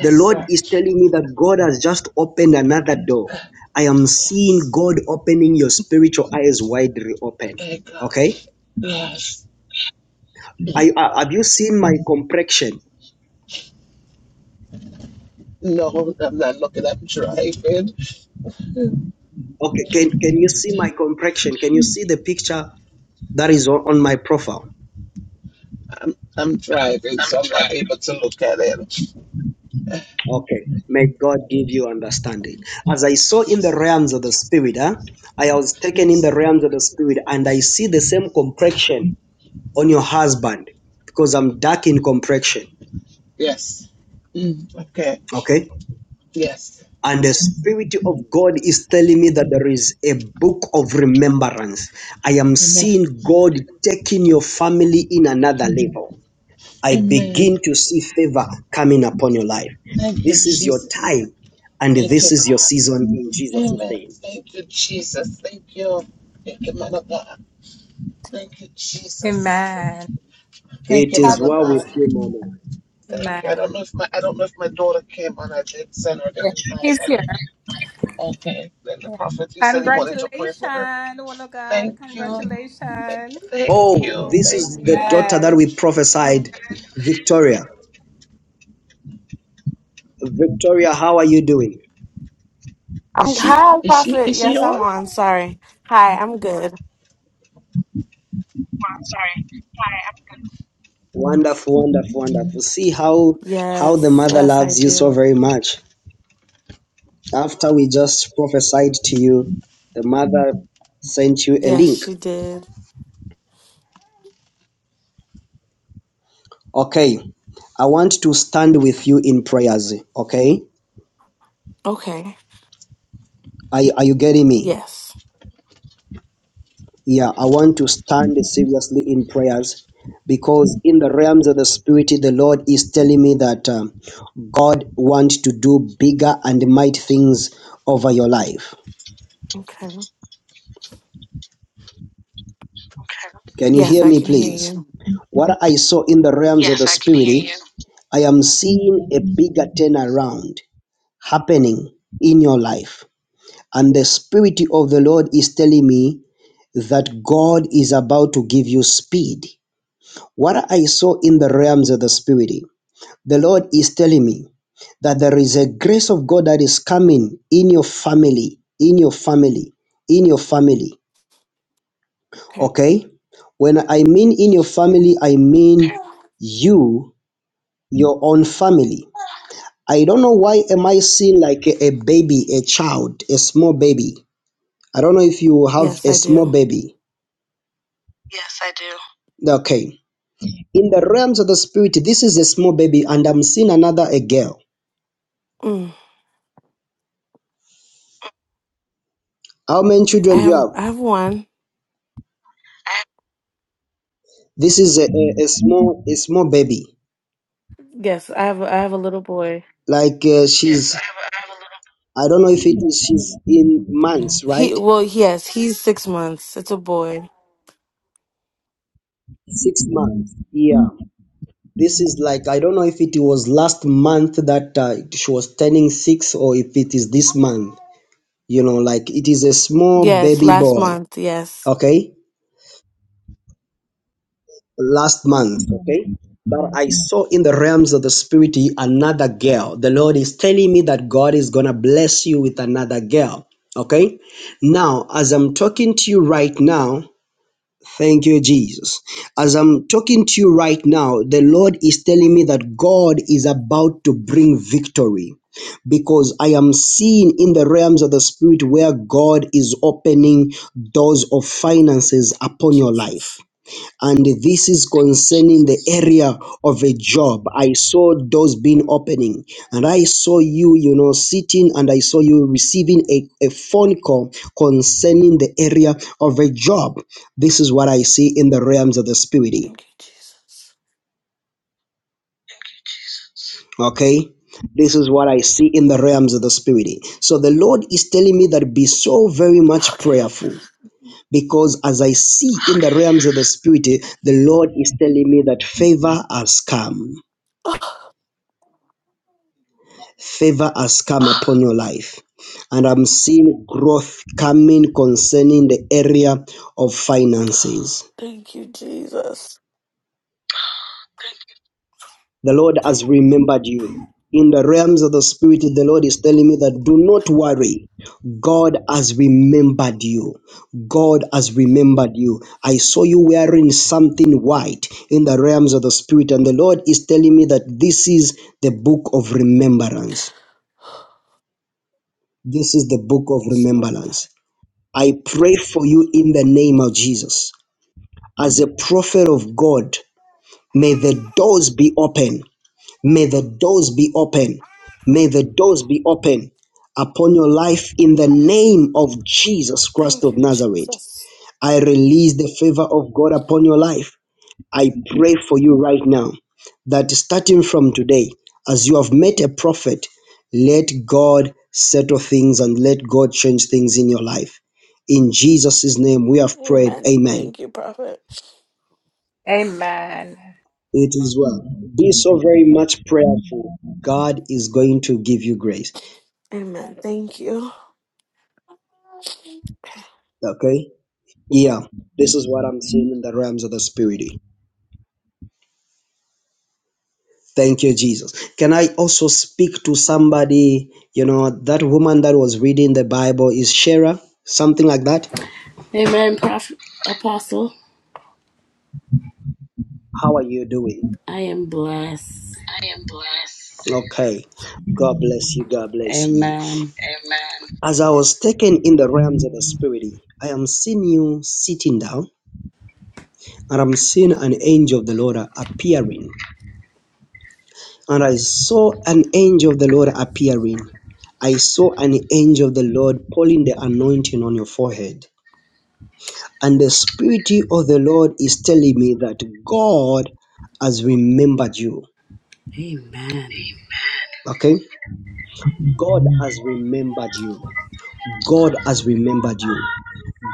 The Lord
sir.
is telling me that God has just opened another door. I am seeing
Yes.
God opening your spiritual eyes widely open.
Hey, God.
Okay?
Yes.
I, I- have you seen my complexion?
No, I'm not looking. I'm driving.
Okay, can can you see my complexion? Can you see the picture that is on, on my profile?
I'm I'm driving, so I'm not able to look at it.
Okay, may God give you understanding. As I saw in the
Yes,
realms of the spirit, huh? I was taken in
yes,
the realms of the spirit, and I see the same complexion on your husband because I'm dark in complexion.
yes. Mm, okay.
Okay,
Yes.
and the spirit of God is telling me that there is a book of remembrance. I am
Amen.
seeing God taking your family in another level. I
Amen.
begin to see favor coming upon your life.
Thank you,
This is your
Jesus.
time and
Thank you,
this is your
God.
season in Jesus'
Amen.
name.
Thank you, Jesus. Thank you. Thank you, man of God. Thank you, Jesus. Thank you,
Amen.
It is
man of
well
God.
with you, Mama.
Thank you. I don't
Amen.
know if my I don't know if my daughter came on. I did send her the invite.
He's
I don't.
here.
Okay. Then the prophet he said he wanted to pray for her.
Congratulations, woman of God.
Thank you.
Congratulations.
Thank
Oh,
you,
this
thank
is the
you.
daughter that
Amen.
we prophesied, Victoria. Victoria, how are you doing?
Is
I'm
she
hi,
is she
Prophet.
is she
Yes,
on?
I'm on. Sorry. Hi, I'm good.
Wonderful, wonderful, wonderful. See how how the
Yes,
mother
yes, I
loves you so
do.
very much. After we just prophesied to you, the mother sent you a
Yes,
link.
she did.
Okay. I want to stand with you in prayers, okay?
Okay.
Are you, are you getting me?
Yes.
Yeah, I want to stand seriously in prayers because in the realms of the spirit, the Lord is telling me that um, God wants to do bigger and mighty things over your life.
Okay.
Can you
Yes,
hear
I
me,
can hear
please?
you.
What I saw in the realms of the spirit, you. I am seeing a bigger turnaround happening in your life. And the Spirit of the Lord is telling me that God is about to give you speed. What I saw in the realms of the spirit, the Lord is telling me that there is a grace of God that is coming in your family, in your family, in your family.
Okay.
Okay? When I mean in your family, I mean you, your own family. I don't know why am I seeing like a, a baby, a child, a small baby. I don't know if you have
Yes,
a
I
small
do.
baby. Okay. In the realms of the spirit, this is a small baby, and I'm seeing another a girl
Mm.
How many
I
children do you
have
have?
I have one.
This is a, a, a small a small baby.
Yes, I have I have a little boy.
Like uh, she's I don't know if it is she's in months,
He
right?
well, yes, he's six months. It's a boy.
Six months. Yeah. This is like I don't know if it was last month that uh, she was turning six or if it is this month. You know, like it is a small
Yes,
baby
last
boy.
month. Yes.
Okay. last month, okay? But I saw in the realms of the spirit another girl. The Lord is telling me that God is going to bless you with another girl, okay? Now, as I'm talking to you right now, thank you, Jesus. As I'm talking to you right now, the Lord is telling me that God is about to bring victory because I am seeing in the realms of the spirit where God is opening doors of finances upon your life
Jesus.
and this is concerning the area of a job i saw doors being opening and i saw you you know sitting and i saw you receiving a, a phone call concerning the area of a job this is what i see in the realms of the spirit
Thank you, Jesus.
okay this is what I see in the realms of the spirit. So the Lord is telling me that be so very much
Okay.
prayerful because as I see in the realms of the spirit, the Lord is telling me that favor has come. favor has come upon your life. And I'm seeing growth coming concerning the area of finances.
Thank you, Jesus.
The Lord has remembered you. In the realms of the Spirit, the Lord is telling me that do not worry. God has remembered you. God has remembered you. I saw you wearing something white in the realms of the Spirit, and the Lord is telling me that this is the book of remembrance. This is the book of
Yes, Lord.
remembrance. I pray for you in the name of Jesus. As a prophet of God, may the doors be open. May the doors be open. May the doors be open upon your life in the name of Jesus Christ
Thank
of
you,
Nazareth.
Jesus.
I release the favor of God upon your life. I pray for you right now that starting from today, as you have met a prophet, let God settle things and let God change things in your life. In Jesus' name we have prayed.
Amen.
Amen.
Thank you, Prophet.
Amen.
It is well. Be so very much prayerful. God is going to give you grace.
Amen. Thank you.
Okay? Yeah. This is what I'm seeing in the realms of the spirit. Thank you, Jesus. Can I also speak to somebody? You know, that woman that was reading the Bible is Shara, something like that.
Amen, Prophet Apostle.
How are you doing?
I am blessed.
I am blessed. Okay. God bless you. God bless you.
Amen.
As I was taken in the realms of the Spirit, I am seeing you sitting down, and I'm seeing an angel of the Lord appearing. And I saw an angel of the Lord appearing. I saw an angel of the Lord pulling the anointing on your forehead. And the Spirit of the Lord is telling me that God has remembered you.
Amen.
Okay? God has remembered you. God has remembered you.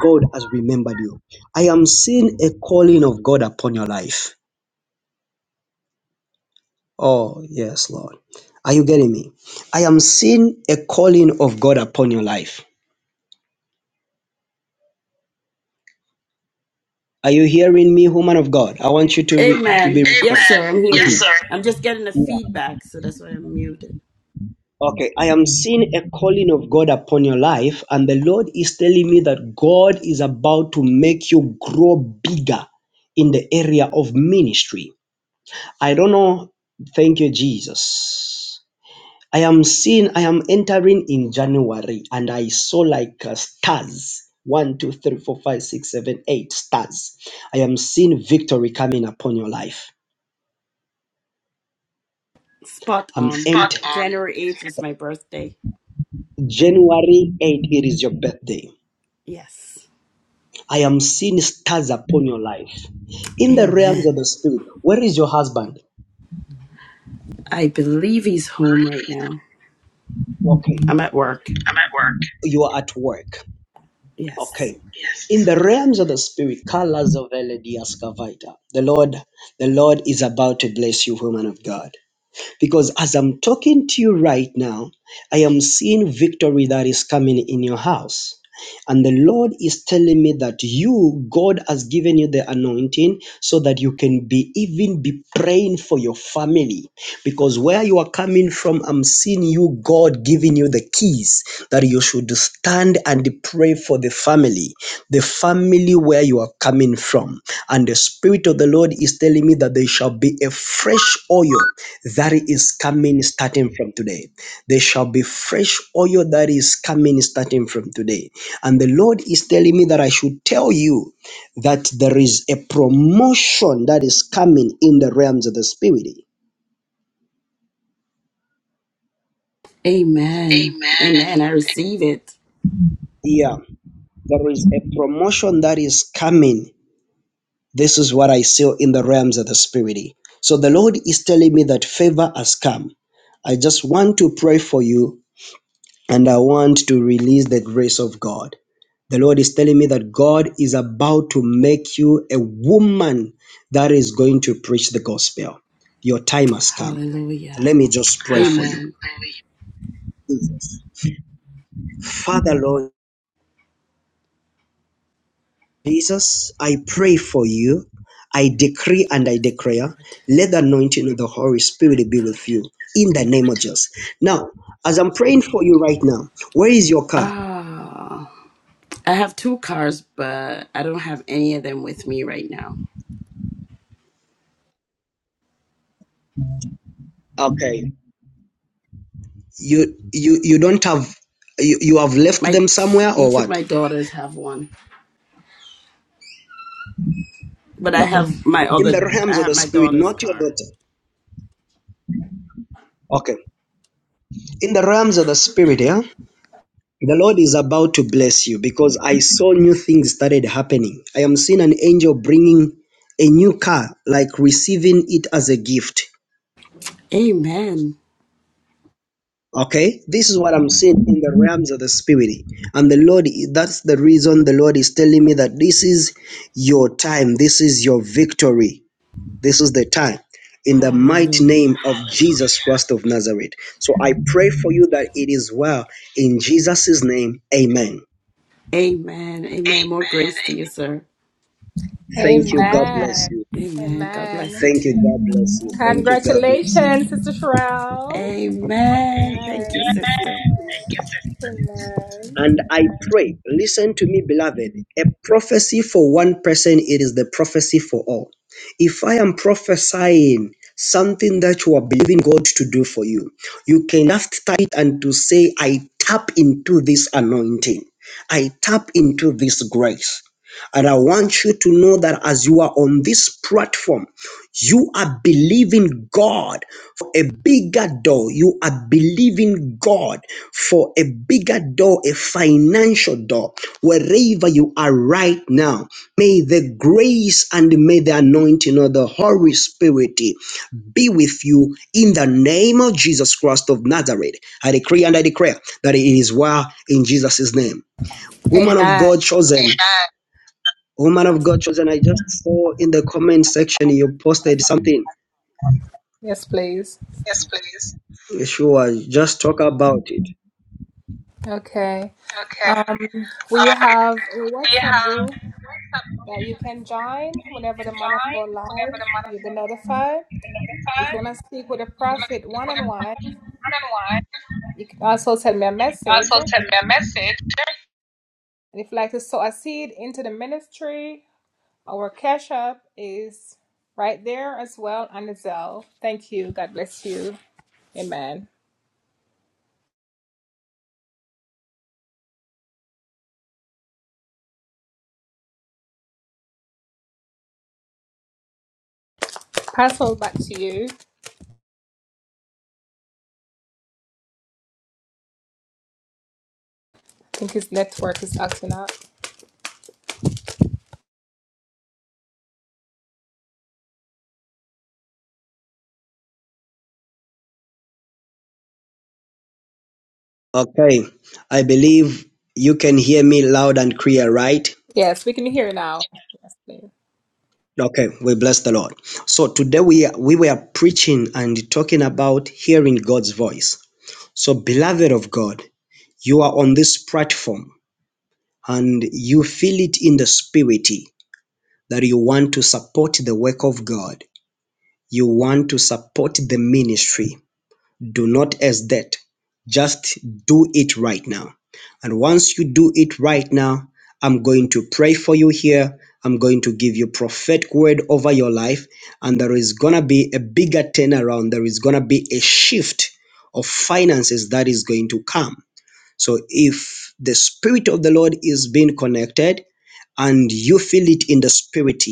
God has remembered you. I am seeing a calling of God upon your life. Oh, yes, Lord. Are you getting me? I am seeing a calling of God upon your life. Are you hearing me, woman of God? I want you to, re- to be.
Amen.
responsible.
Yes,
Amen.
sir. I'm
Yes,
hearing
Mhm.
you.
sir.
I'm just getting the
Yeah.
feedback, so that's why I'm muted.
Okay, I am seeing a calling of God upon your life, and the Lord is telling me that God is about to make you grow bigger in the area of ministry. I don't know. Thank you, Jesus. I am seeing, I am entering in January, and I saw like uh, stars. One, two, three, four, five, six, seven, eight stars. I am seeing victory coming upon your life.
Spot
I'm
on.
Spot entering. on.
January 8th is my birthday.
January 8, it is your birthday.
Yes.
I am seeing stars upon your life. In the realms of
Amen.
the spirit, where is your husband?
I believe he's home right now.
Okay.
I'm at work.
You are at work.
Yes.
Okay. In the realms of the spirit, Kala Zovele Diaskavaita. The Lord, the Lord is about to bless you, woman of God. Because as I'm talking to you right now, I am seeing victory that is coming in your house. And the Lord is telling me that you, God has given you the anointing so that you can be even be praying for your family. Because where you are coming from, I'm seeing you, God giving you the keys that you should stand and pray for the family the family where you are coming from. And the Spirit of the Lord is telling me that there shall be a fresh oil that is coming starting from today. There shall be fresh oil that is coming starting from today. And the Lord is telling me that I should tell you that there is a promotion that is coming in the realms of the Spirit.
Amen. Amen. I receive it.
Yeah, there is a promotion that is coming This is what I see in the realms of the spirit. So the Lord is telling me that favor has come. I just want to pray for you and I want to release the grace of God. The Lord is telling me that God is about to make you a woman that is going to preach the gospel. Your time has come.
Hallelujah.
Let me just pray for you.
Amen.
Father, Lord. Jesus, I pray for you. I decree and I
Yes,
declare,
Lord.
let the anointing of the Holy Spirit be
Hallelujah.
with you in the name of Jesus. Now, as I'm praying for you right now, where is your car?
Ah, I have two cars, but I don't have any of them with me right now.
Okay. You you you don't have you, you have left
My
them somewhere or
each of
what?
my daughters have one, but I
Okay.
have my
In
other.
the realms
I
of
have
the
my
spirit,
daughter's
not your
car.
daughter. Okay. In the realms of the spirit, yeah? The Lord is about to bless you because I saw new things started happening. I am seeing an angel bringing a new car, like receiving it as a gift.
Amen.
Okay, this is what I'm seeing in the realms of the spirit, and the Lord. That's the reason the Lord is telling me that this is your time. This is your victory. This is the time. In the mighty name
Hallelujah.
of Jesus Christ of Nazareth. So I pray for you that it is well. In Jesus' name, amen.
Amen. Amen. More grace to you, sir.
Thank you. God bless
Amen.
you.
Amen. God bless
Amen.
you
Thank you.
too.
God bless you. Thank you. God bless
Congratulations,
you.
Sister Sherelle.
Amen. Thank you,
Amen.
sister.
And I pray, listen to me, beloved. A prophecy for one person, it is the prophecy for all. If I am prophesying something that you are believing God to do for you, you can just type it and to say, I tap into this anointing. I tap into this grace. And I want you to know that as you are on this platform, you are believing God For a bigger door. You are believing God for a bigger door, a financial door, wherever you are right now. May the grace and may the anointing of the Holy Spirit be with you in the name of Jesus Christ of Nazareth. I decree and I declare that it is well in Jesus' name. Woman of
Amen.
God chosen. Amen. Woman of God chosen. I just saw in the comment section you posted something.
Yes, please.
Sure, just talk about it.
Okay. Uh, we have a WhatsApp group that you can join whenever the month of go live. You'll be notified. If you want to speak with a prophet one on one, you can also send me a message. And if you'd like to sow a seed into the ministry, our cash app is right there as well on the Zelle. Thank you. God bless you. Amen. Pass over back to you. I think his network is acting up.
Okay, I believe you can hear me loud and clear, right?
Yes, we can hear now.
Okay, we bless the Lord. So today we we were preaching and talking about hearing God's voice. So beloved of God, you are on this platform and you feel it in the spirit that you want to support the work of God. You want to support the ministry. do not as that. Just do it right now. And once you do it right now, I'm going to pray for you here. I'm going to give you prophetic word over your life. And there is going to be a bigger turnaround. There is going to be a shift of finances that is going to come. So if the Spirit of the Lord is being connected and you feel it in the spirit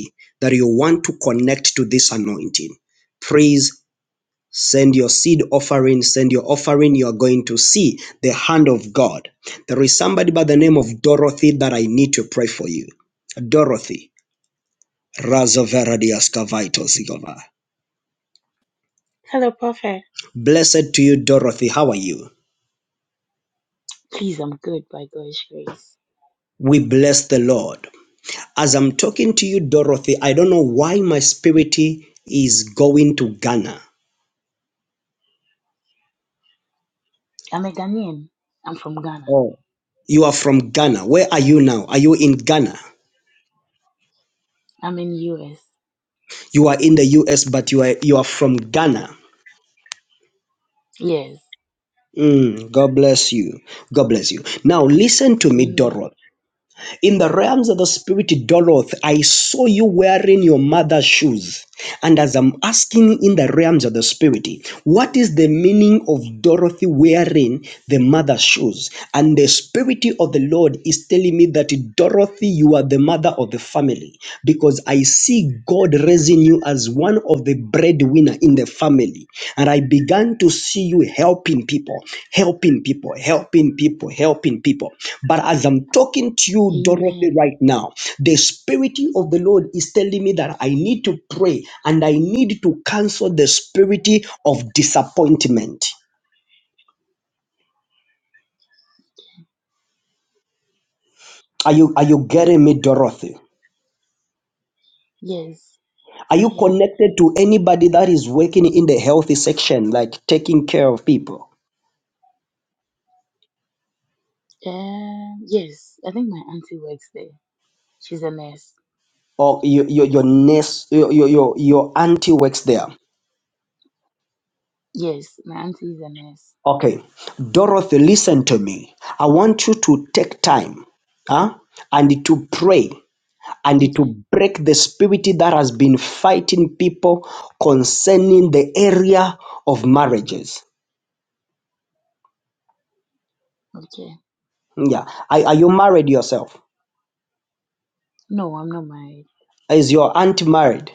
that you want to connect to this anointing, please Send your seed offering, send your offering, you are going to see the hand of God. There is somebody by the name of Dorothy that I need to pray for you. Dorothy. Razoveradiaskavaitozigova.
Hello, Prophet.
Blessed to you, Dorothy. How are you?
Please, I'm good by God's grace.
We bless the Lord. As I'm talking to you, Dorothy, I don't know why my spirit is going to Ghana.
I'm a Ghanaian. I'm from Ghana.
Oh. You are from Ghana. Where are you now? Are you in Ghana?
I'm in US.
You are in the US, but you are you are from Ghana.
Yes.
Mm, God bless you. God bless you. Now, listen to me,
Amen.
Doroth. In the realms of the spirit, Doroth, I saw you wearing your mother's shoes. And as I'm asking in the realms of the spirit, what is the meaning of Dorothy wearing the mother's shoes? And the spirit of the Lord is telling me that Dorothy, you are the mother of the family because I see God raising you as one of the breadwinner in the family family and i began to see you helping people helping people helping people helping people but as i'm talking to you dorothy
Amen.
right now the spirit of the lord is telling me that i need to pray and i need to cancel the spirit of disappointment are you are you getting me dorothy
Yes.
are you
Yeah.
connected to anybody that is working in the healthy section like taking care of people
Um. yes. I think my auntie works there. She's a nurse.
or your your, your nurse your, your your your auntie works there
Yes, my auntie is a nurse.
Okay, Dorothy, listen to me. I want you to take time huh, and to pray and to
Okay.
break the spirit that has been fighting people concerning the area of marriages.
Okay.
Yeah. Are, are you married yourself?
No, I'm not married.
Is your aunt married?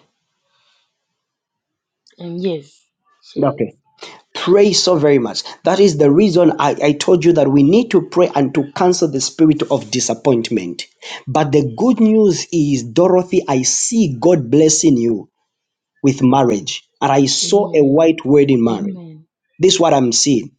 Um. Yes, she is.
Okay. Pray so very much. That is the reason I, I told you that we need to pray and to cancel the spirit of disappointment. But the good news is, Dorothy, I see God blessing you with marriage. And I saw a
Amen.
white wedding marriage.
Amen.
This is what I'm seeing.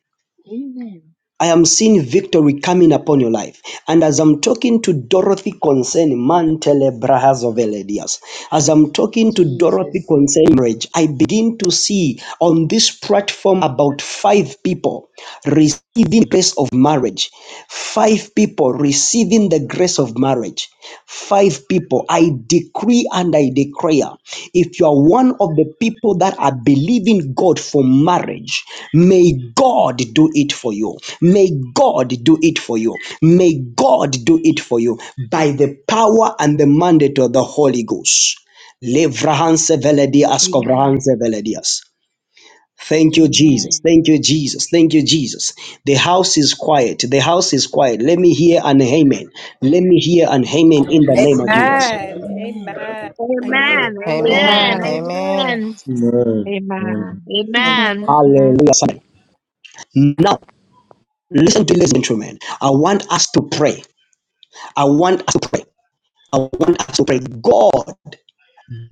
Amen.
I am seeing victory coming upon your life. And as I'm talking to Dorothy concerning Mantele Brahas of Eledias, as I'm talking to Dorothy
Jesus.
concerning marriage, I begin to see on this platform about five people receiving the grace of marriage, five people receiving the grace grace of marriage. Five people, I decree and I declare if you are one of the people that are believing God for marriage, may God do it for you. May God do it for you. May God do it for you by the power and the mandate of the Holy Ghost. Levrahanse veledi asko
Amen.
vrahanse veledias. Thank you, Jesus.
Amen.
Thank you, Jesus. Thank you, Jesus. The house is quiet. The house is quiet. Let me hear an amen. Let me hear an amen
I
in the name of
receive
Jesus.
it. Amen.
Amen.
Amen.
Amen.
Amen.
Amen.
Amen.
Amen.
Amen.
Right, right.
Amen.
Amen.
Amen. Amen.
Hallelujah. somebody. Now, listen to this, gentlemen. I want us to pray. I want us to pray. I want us to pray. God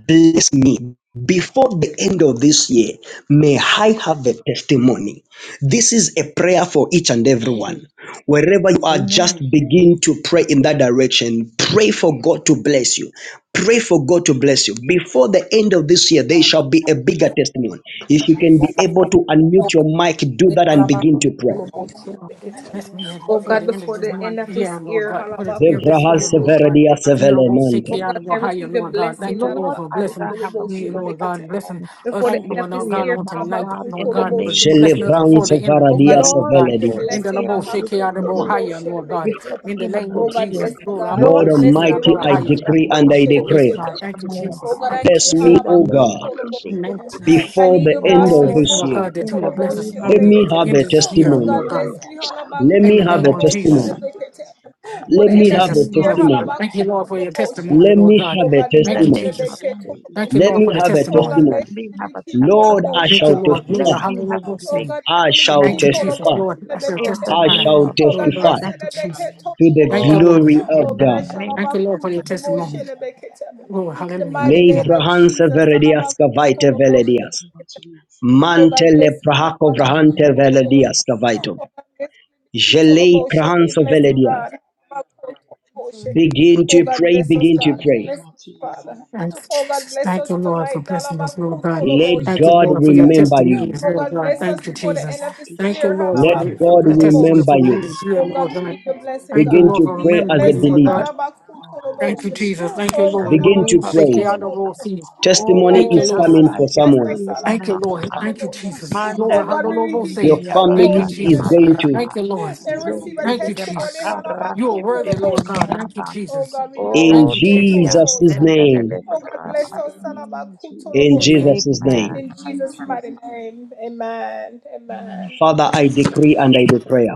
Bless me. Before the end of this year, may I have a testimony. This is a prayer for each and everyone.
Hey.
Wherever you are, just
Amen.
begin to pray in that direction. Pray for God to bless you. Pray for God to bless you. Before the end of this year, there shall be a bigger testimony. If you can be
Jesus.
able to unmute your mic, do that and begin
before
to
the
pray.
end of
Lord,
this
Bless
year,
me here
I
Oh
for
God,
the end of
before
this
the
declare in
end
month.
of
the
Yeah,
this
name of
Lord
year,
God. Put
Jesus
it
oh
ill this
that
Zevrahas
year,
I'll
Lord
have a
God.
severadia
very
And
big
that will seek you
sevelemante.
testimony
out
God,
of
in
may I
Ohio,
every
receive a
Lord
area
God.
of
Thank
blessing.
my
you, Lord,
Lord,
life
for
I
in the
blessing
shall
name
have
of
a
me,
bigger
Lord
Jesus.
God. Blessing
testimony.
I
before
us,
I
the
declare
end
Lord
of
in
this
Lord
the
decree
God,
it
year.
name
on
of
now,
tonight,
Jesus
God,
Labaku
Lord
in the
that
God.
Tolobo
name
But
before
of
the
blessing us
Shilabeketeba.
Jesus.
before
Jelevrans
end
the
of
end of
this
the
Oh
severadia
year,
God, may I
year,
Lord
Lord,
oh
see
God.
God.
the
before the
seveledias.
In the
blessing.
end
Labo
of
seek
this
must
you
Labaku
out of
month,
Tolobo
Ohio, Lord
was
God.
before
Shilabeketeba.
In
the
the
end of
name of
this
Oh God,
authority
Jesus.
year,
bless me,
Glory.
given
God.
Abba,
Lord,
Lord
to
Bo,
I
me
seek
Bless
you out
me,
of
decree
Almighty,
that
I
Rebecca.
I
as a
Ohio.
shall
decree
have
Tolobo
and
child
a
I
of
big
God
Yes,
declare,
God.
Shilabeketeba.
Thank you,
and
testimony,
I'll
Oh
Jesus.
God,
have
God,
I
Thank
a
you,
need
bless
you.
Jesus.
me,
very
in the
O
great,
name
Halabaku
God,
of
Tolobo.
sweet
Jesus.
mountains.
I
before
need
the
you,
testimony
And
in
end
the
this
of
Blaster.
week,
Oh,
name
this
of
Lord
Labaku
God,
year.
God, that
in
you
the
will
Jesus.
Tolobo
In
bless us
the
name of
for
Let
name of
the
me
Jesus.
have
Jesus.
end
a
Shilabeketeba.
of this
Oh
year,
testimony.
Lord
God,
God,
bless
Atidiyanda
me.
Let
in
Halabaku
me
the
have
name
a
kadakasiyande,
Yes,
of
Tolobo
Jesus.
Lord,
testimony.
idiyande,
Shilabeketeba. For
Let
the
Thank you,
me
in
end of
the
kadiyanda,
have
this
a
Jesus.
name
year,
of
Lord, uh,
idiyande,
Jesus.
testimony.
thank you,
Halabaku
Lord, for your
Tolobo
kadiyande,
Shilabeketeba.
testimony,
Let
Lord
me
idiyande,
God.
have
Oh
a
God, give
In the
Thank
us
you,
testimony.
name of
Jesus.
Jesus.
kadiyande,
Thank
the
you,
Let
Lord,
me
for
idiyanda,
the
have a
Oh
Lord,
testimony.
God,
let
bless
testimony.
me
you.
have
Be
kadakasiyande,
a
key
Lord,
Jesus,
kolobo
I
testimony.
Thank you,
shall
before
shalaba.
Lord.
the
Glory,
end
Let
of
testify.
me
this
have a
year.
Oh
big
hallelujah.
God,
I
fully be
shall
I
Thank
key
you,
testimony God,
Jesus,
kolobo
testify.
declare
Lord. I
that I
shall
in
will
shalabekete.
the
have
I
a
testify,
name
shall
of
very
Oh
good
God,
Lord God.
testify
bless
Jesus.
you.
Thank you,
testimony in the
Jesus.
Lebeke
name of
to
tolobo
Jesus.
Thank
the
you,
sha.
Oh God,
Lord.
glory
In
of
the
in
Oh God,
the
name
I
of
God.
name
Thank you,
of
shalaba
Jesus.
Lord, for your
Jesus.
kutolobo
testimony.
Amen.
shalabekete.
Lord,
The
And
hallelujah.
to
mighty
the
name
Amen.
of
glory of
Lebrahansa
God.
Jesus, shalaba
verediaska vaite
kutolobo
In the
veledias.
name
shalabekete.
of Jesus.
Oh God,
Mantele
bless me. now,
prahako
In
Baba,
the name
vrahante
of
Kutolo
veledia
Jesus.
Bosha.
scavaito.
Oh God, bless me. Kutolo
Jelei
Bosha for your
krahanso
blessing,
veledia.
God. Baba, Kutolo Bosha.
Begin
Oh
to
God,
pray,
bless us,
begin
In
to
God.
the
pray.
Bless
name
us,
of Jesus.
Father.
Thank you,
Oh God,
Jesus.
bless
Thank
us
you, Lord, for
tonight.
blessing us,
Alaba
Lord God.
Kutolo
Oh
Let
Bosha,
Thank you,
God.
God
Lord, for
Lebekete.
your
remember you.
testimonies,
Oh
Lord
God,
God.
bless us
Thank you,
before
Amen.
the end
Jesus.
I
of this
Thank you,
year.
declare
Lord,
Let
for
in
Alaba
the
the name
God
of
Kutolo
testimony
Bosha.
Jesus.
remember
for the end of
you.
the year,
Oh God,
Lord
we
God.
need
And
your
Before
blessing,
the
Thank you,
end
Begin
God.
of
Lord,
to
We
for
need
this
pray
your
year,
remembering
as a
me,
oh
Lord
blessing.
believer.
God.
God,
Alaba
I will
Kutolo
have a
Thank you,
Bosha.
very
Jesus.
great
Thank you,
Oh,
The
Lord.
Begin
Alaba
testimony
name
Oh,
to
in
of
thank you,
pray.
I
Kutolo
every
Jesus.
don't know,
area
Bosha.
of
see.
my life
Oh
in the
Testimony
God,
Thank
Oh
you,
name
is
of
bless us,
Lord.
God,
coming
God.
I
for
Jesus.
Bless
someone.
decree
us,
it
Alabama.
Thank you,
now.
Lord.
God.
Thank you,
ziriyande
Jesus. Glory,
Oh
Mandele
God, we
kariyande
will
hallelujah.
he
Your
Say,
makundeli
keep all
gatiyande
thank
about
you,
family
abakaya
is
Jesus.
going
Shelebekit.
mara.
to,
Thank you,
ririyande
Lord.
They receive a
Zengi
Thank
de
you,
iziriyande
testimony,
Jesus.
bakara,
kariyanda
You are
Halabaku
kidi
worthy,
de
Lord
gatiyande
God.
Toloboshin.
Thank you,
raba.
Oh
Jesus.
God, we love
in
Thank
Oh,
iriyande
you,
Baku
delia
Jesus.
Jesus'
kariyanda
Tolobosha.
sembele
name,
de
Oh
gatiyande
God,
raba.
bless
Yes.
in
us,
the name of
Salabaku
in
Jesus
Tolobose.
Amen.
Jesus'
Amen.
in
name.
the
In
name of
Jesus' mighty
Jesus
name, amen, amen,
Father, I decree and I declare.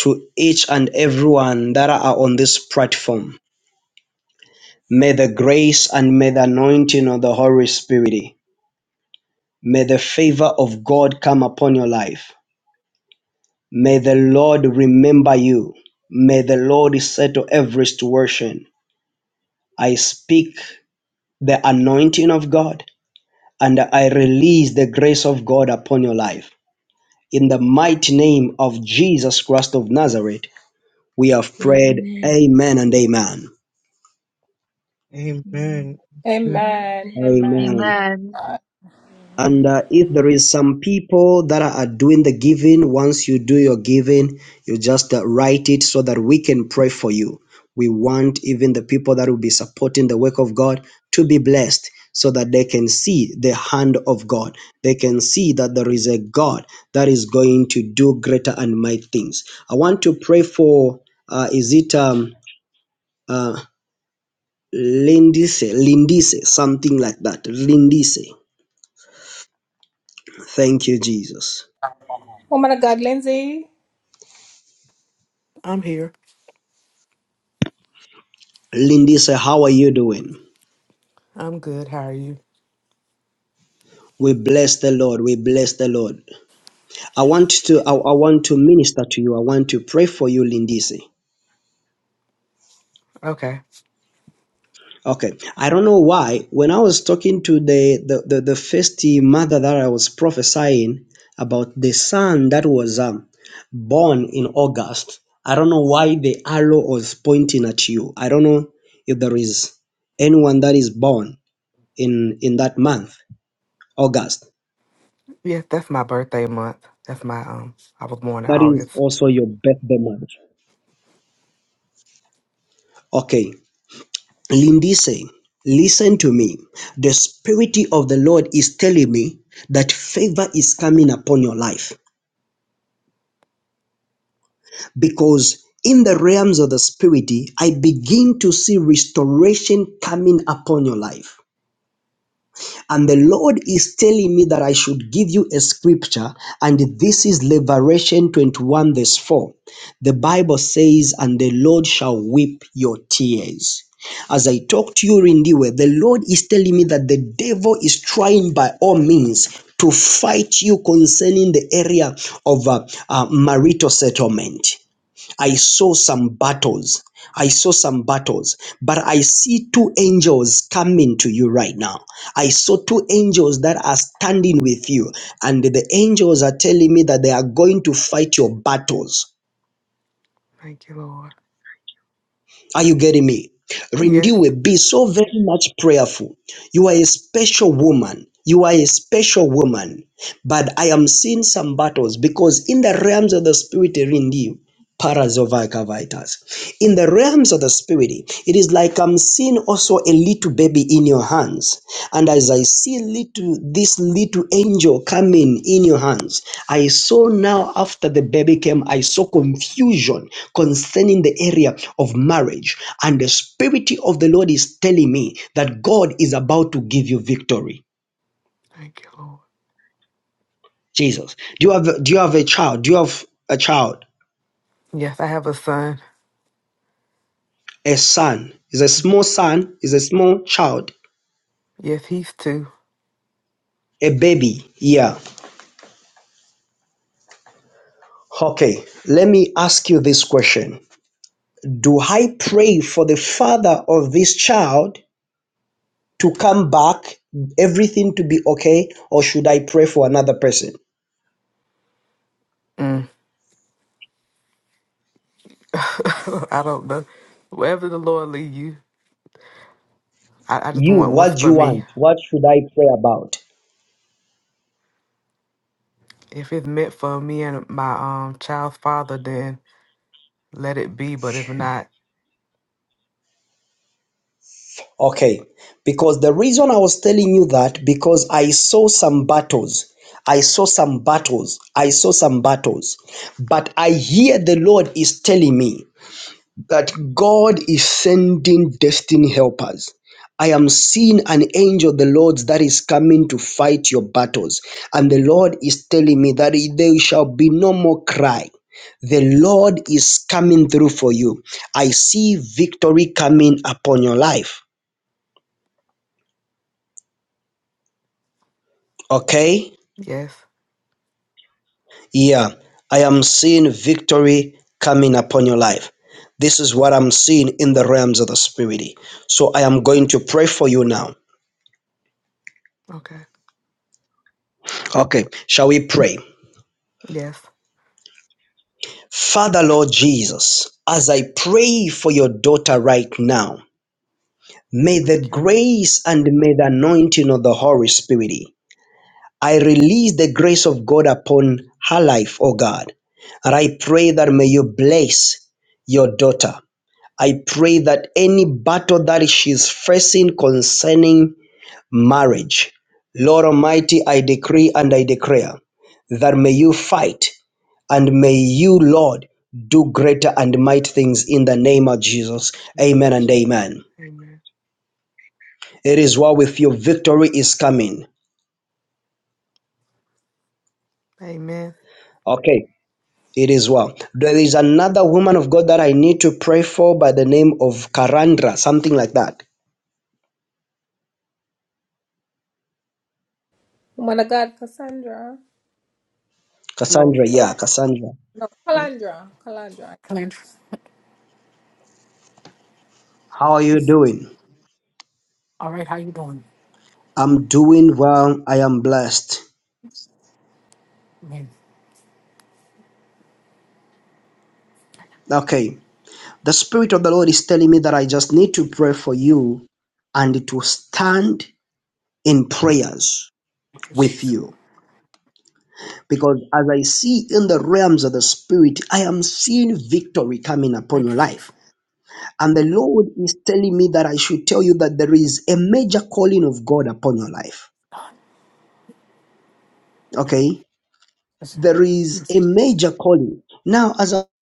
to each and everyone that are on this platform. May the grace and may the anointing of the Holy Spirit, may the favor of God come upon your life. May the Lord remember you. May the Lord settle every situation. I speak the anointing of God and I release the grace of God upon your life. In the mighty name of
amen
Jesus Christ of Nazareth, we have prayed.
amen
Amen and amen.
amen
Amen.
amen.
amen, amen.
Amen.
Amen.
and uh, if there is some people that are doing the giving once you do your giving you just uh, write it so that we can pray for you we want even the people that will be supporting the work of god to be blessed so that they can see the hand of god they can see that there is a god that is going to do greater and mighty things i want to pray for uh, is it um uh lindise lindise something like that lindise thank you jesus
Woman of God, Lindsay.
I'm here.
Lindy sir, how are you doing?
I'm good. How are you?
We bless the Lord. We bless the Lord. I want to I, I want to minister to you. I want to pray for you, Lindisi.
Okay.
Okay. I don't know why. When I was talking to the the, the, the first mother that I was prophesying about the son that was um, born in August, I don't know why the arrow was pointing at you. I don't know if there is anyone that is born in in that month, August.
Yes, that's my birthday month. That's my um I was born in
That is
August.
also your birthday month. Okay, Lindise, listen to me. The Spirit of the Lord is telling me that favor is coming upon your life because in the realms of the Spirit, I begin to see restoration coming upon your life. And the Lord is telling me that I should give you a scripture, and this is Liberation 21, verse 4. The Bible says, And the Lord shall weep your tears. As I talk to you, Rindiwe, the Lord is telling me that the devil is trying by all means to fight you concerning the area of uh, uh, marital settlement. I saw some battles. I saw some battles, but I see two angels coming to you right now. I saw two angels that are standing with you, and the angels are telling me that they are going to fight your battles.
Thank you, Lord.
Are you getting me?
Yes.
Rendiwe, be so very much prayerful. You are a special woman. You are a special woman. But I am seeing some battles because in the realms of the spirit, Rendiwe, Parazovakavaitas. in the realms of the spirit, it is like I'm seeing also a little baby in your hands. And as I see little this little angel coming in your hands, I saw now after the baby came, I saw confusion concerning the area of marriage. And the spirit of the Lord is telling me that God is about to give you victory.
Thank you, Lord.
Jesus. Do you have do you have a child? Do you have a child?
Yes, I have a son.
A son. Is a small son, is a small child,
Yes, he's two.
a baby. Yeah Okay, let me ask you this question. Do I pray for the father of this child to come back, everything to be okay, or should I pray for another person?
Mm. I don't know. Wherever the Lord lead you, I, I just
You,
want what's
what do
for
you
me.
want? What should I pray about?
If it's meant for me and my um child's father, then let it be. But if not,
Okay, because the reason I was telling you that, because I saw some battles. I saw some battles. I saw some battles. But I hear the Lord is telling me that God is sending destiny helpers. I am seeing an angel of the Lord's that is coming to fight your battles. And the Lord is telling me that there shall be no more cry. The Lord is coming through for you. I see victory coming upon your life. Okay?
yes.
Yeah. I am seeing victory coming upon your life. This is what I'm seeing in the realms of the spirit. So I am going to pray for you now.
Okay.
Okay. Shall we pray?
Yes.
Father, Lord Jesus, as I pray for your daughter right now, may
Thank
the
you, Lord.
grace and may the anointing of the Holy Spirit, I release the grace of God upon her life, O God. And I pray that may you bless your daughter. I pray that any battle that she's facing concerning marriage, Lord Almighty, I decree and I declare that may you fight and may you, Lord, do greater and mighty things in the name of Jesus.
In the Name
Amen
of
and
Jesus.
amen.
Amen.
It is well with you. Victory is coming.
Amen.
Okay, it is well. There is another woman of God that I need to pray for by the name of Karandra, something like that.
Woman of God, Cassandra.
Cassandra, yeah,
Calandra.
Cassandra.
Calandra. Calandra.
Clint,
How are you
is
doing?
all right. How you doing?
I'm doing well. I am blessed.
Man,
Okay. The Spirit of the Lord is telling me that I just need to pray for you and to stand in prayers
thank you,
with
Jesus.
you Because as I see in the realms of the spirit, I am seeing victory coming upon
Thank
your
you,
life. And the Lord is telling me that I should tell you that there is a major calling of God upon your life. Okay?
Jesus.
There is a major calling. Now, as I'm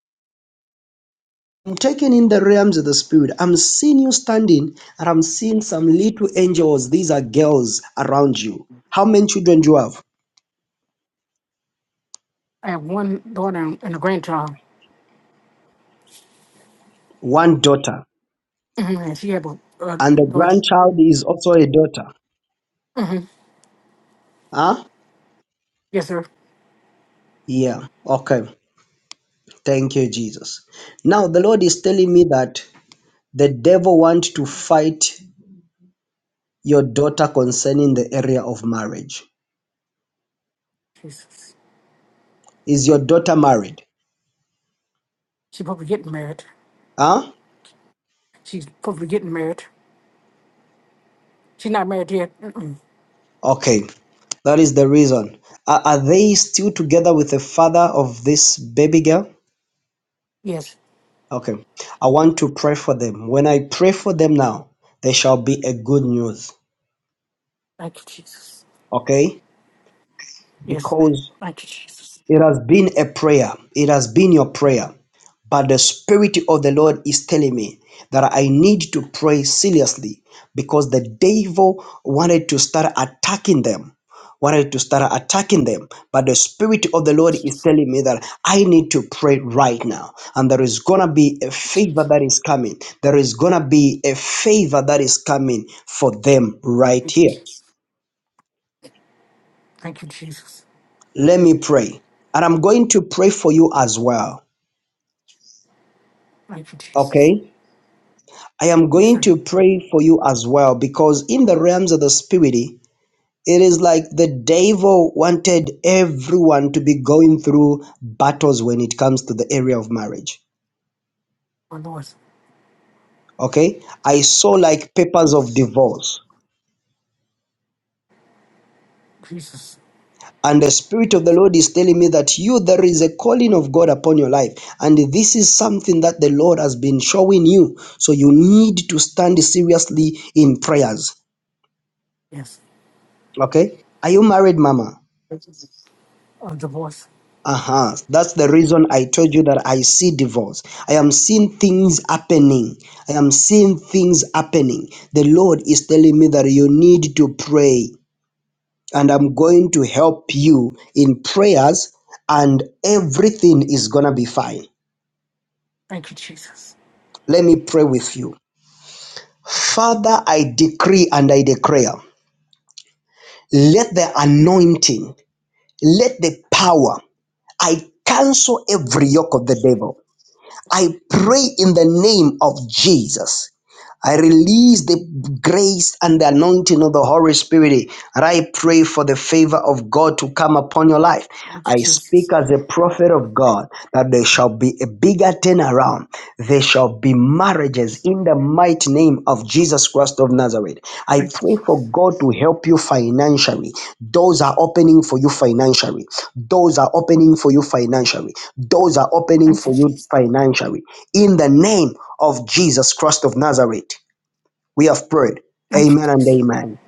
taking in the realms of the spirit, I'm seeing you standing and I'm seeing some little angels. These are girls around you. How many children do you have?
I have one daughter and and a grandchild,
One daughter.
and she have a, a
And the
daughter.
grandchild is also a daughter.
hmm
Huh?
Yes, sir.
Yeah. Okay. Thank you, Jesus. Now, the Lord is telling me that the devil wants to fight your daughter concerning the area of marriage.
Jesus.
Is your daughter married?
She probably getting married.
Huh?
She's probably getting married. She's not married yet. Mm-mm.
Okay, that is the reason. Are, are they still together with the father of this baby girl?
Yes.
Okay, I want to pray for them. When I pray for them now, there shall be a good news.
Thank you, Jesus.
Okay?
Yes. sir.
Because
Thank you, Jesus.
It has been a prayer. It has been your prayer. But the Spirit of the Lord is telling me that I need to pray seriously because the devil wanted to start attacking them. Wanted to start attacking them. But the Spirit of the Lord is telling me that I need to pray right now. And there is going to be a favor that is coming. There is going to be a favor that is coming for them right
Thank you,
here.
Jesus. Thank you, Jesus.
Let me pray. And I'm going to pray for you as well.
Thank you, Jesus.
Okay? I am
Yes,
going
sir.
to pray for you as well because in the realms of the spirit, it is like the devil wanted everyone to be going through battles when it comes to the area of marriage.
My Lord.
Okay? I saw like papers of
Yes.
divorce.
Jesus.
And the Spirit of the Lord is telling me that you, there is a calling of God upon your life. And this is something that the Lord has been showing you. So you need to stand seriously in prayers.
Yes.
Okay? Are you married, Mama?
Of divorce.
Uh-huh. That's the reason I told you that I see divorce. I am seeing things happening. I am seeing things happening. The Lord is telling me that you need to pray, and I'm going to help you in prayers, and everything is going to be fine.
Thank you, Jesus.
Let me pray with you. Father, I decree and I declare let the anointing, let the power, I cancel every yoke of the devil. I pray in the name of Jesus. I release the grace and the anointing of the Holy Spirit. And I pray for the favor of God to come upon your life.
Thank you,
I speak
Jesus.
as a prophet of God that there shall be a bigger turnaround. There shall be marriages in the mighty name of Jesus Christ of Nazareth. I
Thank you.
pray for God to help you financially. Doors are opening for you financially. Doors are opening for you financially. Doors are opening
Thank you.
for you financially. In the name of Jesus Christ of Nazareth, we have prayed.
Thank you.
Amen and
Jesus.
amen.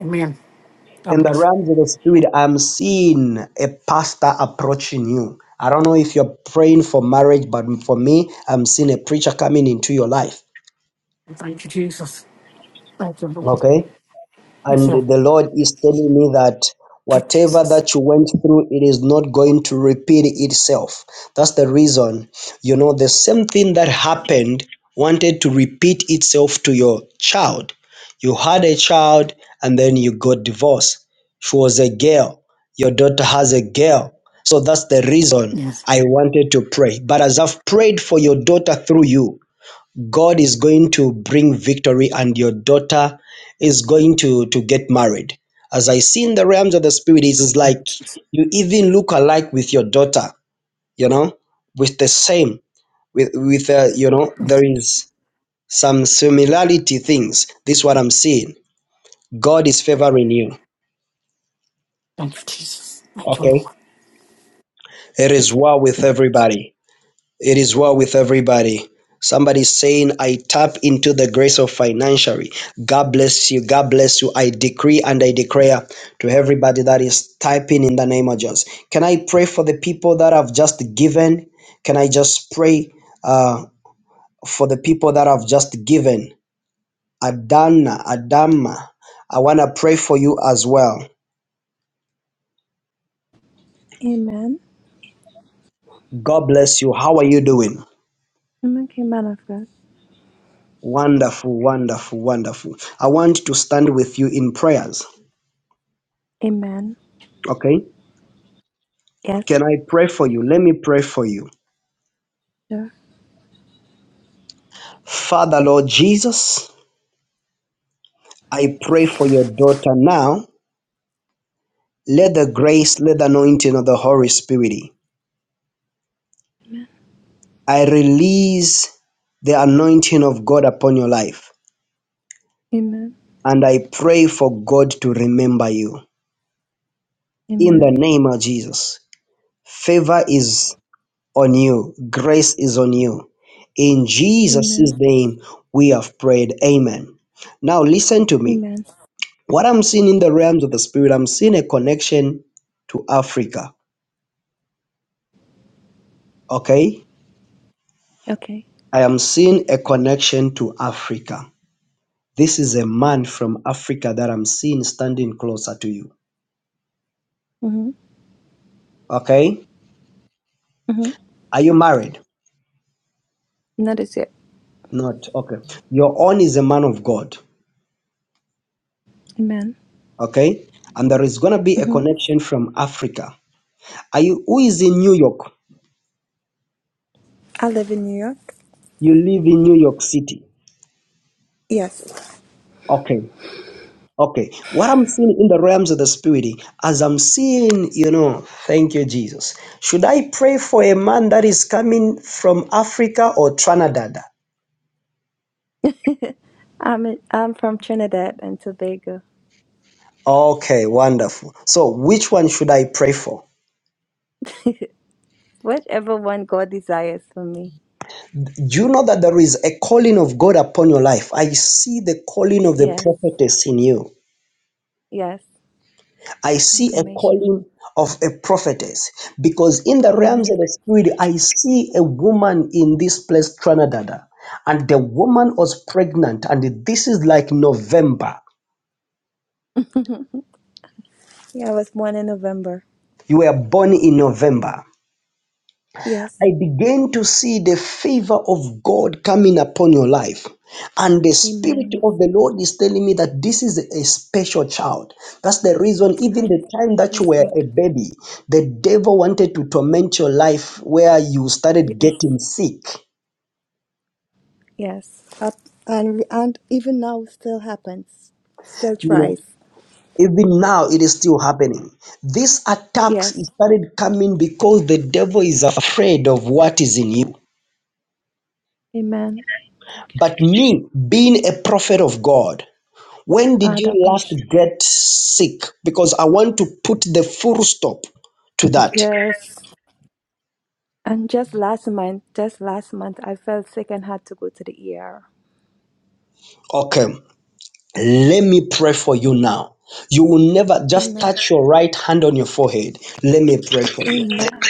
Amen. God
In the
bless.
realms of the spirit, I'm seeing a pastor approaching you. I don't know if you're praying for marriage, but for me, I'm seeing a preacher coming into your life.
you. Thank you, Jesus. Thank you, Lord.
Okay?
Yes,
And
Lord.
the Lord is telling me that
Thank you,
whatever
Jesus.
that you went through, it is not going to repeat itself. That's the reason, you know, the same thing that happened wanted to repeat itself to your child. You had a child and then you got divorced. She was a girl. Your daughter has a girl. So that's the reason
Yes.
I wanted to pray. But as I've prayed for your daughter through you, God is going to bring victory and your daughter is going to to get married. As I see in the realms of the spirit, it is like you even look alike with your daughter, you know, with the same, with with uh, you know, there
yes.
is some similarity things. This is what I'm seeing. God is favoring you.
Thank you, Jesus. Thank you,
Okay.
Lord.
It is
Yes.
well with
Thank you. Jesus.
everybody. It is well with everybody. Somebody's saying, I tap into the grace of financially. God bless you. God bless you. I decree and I declare to everybody that is typing in the name of Jesus. Can I pray for the people that have just given? Can I just pray uh, for the people that have just given? Adana, Adama, I want to pray for you as well.
Amen.
God bless you. How are you doing?
I'm okay, man of God.
Wonderful, wonderful, wonderful. I want to stand with you in prayers.
Amen.
Okay.
Yes.
Can I pray for you? Let me pray for you.
Sure.
Father, Lord Jesus, I pray for your daughter now. Let the grace, let the anointing of the Holy Spirit. I release the anointing of God upon your life.
Amen.
And I pray for God to remember you. In the
Amen.
name of Jesus, favor is on you, grace is on you. In Jesus'
Amen.
name, we have prayed. Amen. Now, listen to me.
Amen.
what I'm seeing in the realms of the spirit, I'm seeing a connection to Africa. Okay?
Okay.
I am seeing a connection to Africa. This is a man from Africa that I'm seeing standing closer to you.
Mhm.
Okay?
Mhm.
Are you married?
Not as yet.
Not. Okay. Your own is a man of God.
Amen.
Okay? And there is going to be a
Mhm.
connection from Africa. Are you who is in New York?
I live in New York.
You live in New York City.
Yes.
Okay. Okay, what I'm seeing in the realms of the spirit, as I'm seeing, you know, thank you, Jesus. Should I pray for a man that is coming from Africa or Trinidad?
I'm in, I'm from Trinidad and Tobago.
Okay, wonderful. So, which one should I pray for?
Whichever one God desires for me.
Do you know that there is a calling of God upon your life? I see the calling of the
Yes.
prophetess in you.
Yes.
I see a
Confirmation.
calling of a prophetess because in the realms of
Amen.
the spirit, I see a woman in this place, Trinidad, and the woman was pregnant, and this is like November.
Yeah, I was born in November.
You were born in November.
Yes.
I began to see the favor of God coming upon your life. And the Spirit
Amen.
of the Lord is telling me that this is a special child. That's the reason, even
I,
the time that you
yes,
were a
Lord.
baby, the devil wanted to torment your life where you started
Yes.
getting sick.
Yes. Up and and even now still happens. Still
You
tries.
know, even now it is still happening. These
Yes.
attacks started coming because the devil is afraid of what is in you.
Amen. Thank you,
But
Jesus.
me, being a prophet of God, When did you last
Adabash.
get sick? Because I want to put the full stop to that.
Yes. And just last month, just last month, I felt sick and had to go to the ER.
Okay, let me pray for you now. You will never just
Amen.
touch your right hand on your forehead. Let me pray for you.
Amen. And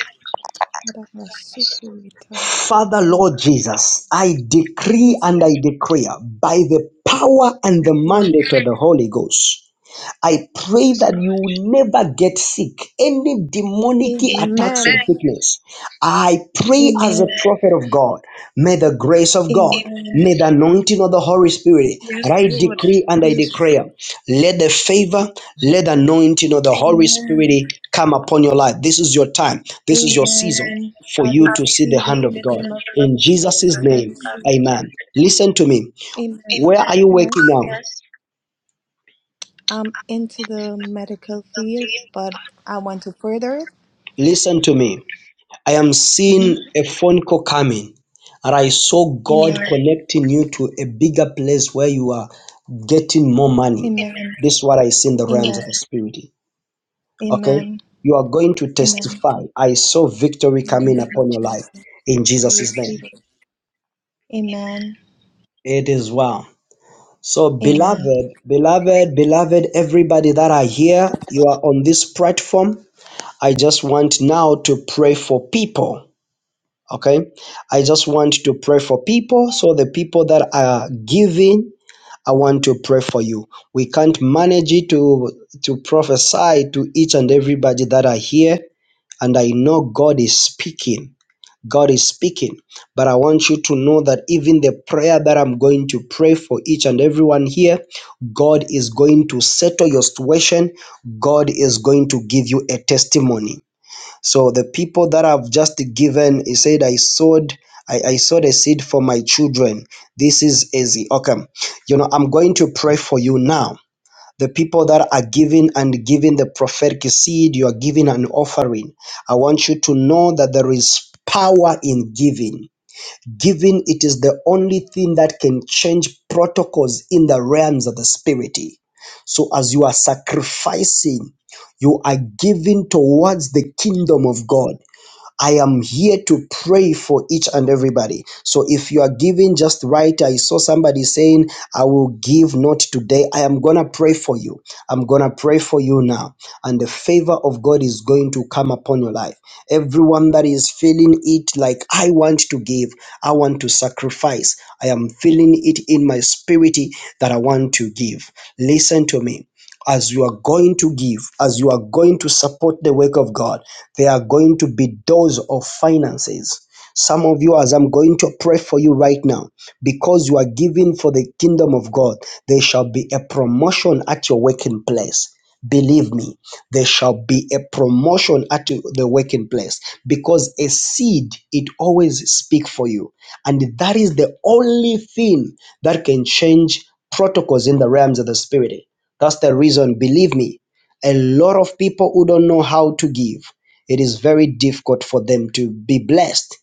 Father,
Adabasukuwitarabashanda.
Lord Jesus, I decree
Yes,
and I
Lord.
declare by the power and
Yes,
the
Lord.
mandate of the Holy Ghost. I
Yes,
pray that
Lord.
you will never get sick. Any demonic attacks and
Amen.
sickness. I pray as a
Amen.
prophet of God. May the grace of God,
Amen.
may the anointing of the Holy Spirit, and
Yes,
I
Lord.
decree and I
Yes.
declare, let the favor, let the anointing of the Holy
Amen.
Spirit come upon your life. This is your time. This is your season
Amen. I
for you to see the
receive it
hand
in
of
the
God.
name of
In Jesus'
Jesus. I
name,
receive it.
amen. Listen to me.
Amen.
Where are you working
Yes.
now?
I'm into the medical field, but I want to further it.
Listen to me. I am
Mm-hmm.
seeing a phone call coming, and I saw God
Amen.
connecting you to a bigger place where you are getting more money.
Amen.
This is what I see in the realms of
Amen.
the spirit. Okay,
Amen.
you are going to
Amen.
testify. I saw victory
In the
coming
name of
upon your life
Jesus,
in
I
Jesus' name.
receive it. Amen.
It is well. So,
Amen.
beloved, beloved, beloved, everybody that are here, you are on this platform. I just want now to pray for people Okay. I just want to pray for people. So the people that are giving, I want to pray for you. We can't manage it to to prophesy to each and everybody that are here. And I know God is speaking. God is speaking. But I want you to know that even the prayer that I'm going to pray for each and everyone here, God is going to settle your situation. God is going to give you a testimony. So the people that have just given, he said, I sowed, I, I sowed a seed for my children. This is easy. Okay. You know, I'm going to pray for you now. The people that are giving and giving the prophetic seed, you are giving an offering. I want you to know that there is power in giving. Giving, it is the only thing that can change protocols in the realms of the spirit. So as you are sacrificing, you are giving towards the kingdom of God. I am here to pray for each and everybody. So if you are giving just right, I saw somebody saying, I will give not today. I am going to pray for you. I'm going to pray for you now. And the favor of God is going to come upon your life. Everyone that is feeling it like, I want to give, I want to sacrifice, I am feeling it in my spirit that I want to give. Listen to me as you are going to give, as you are going to support the work of God. There are going to be doors of finances. Some of you, as I'm going to pray for you right now, because you are giving for the kingdom of God, there shall be a promotion at your working place. Believe me, there shall be a promotion at the working place because a seed it always speak for you, and that is the only thing that can change protocols in the realms of the spirit. That's the reason, believe me, a lot of people who don't know how to give, it is very difficult for them to be blessed.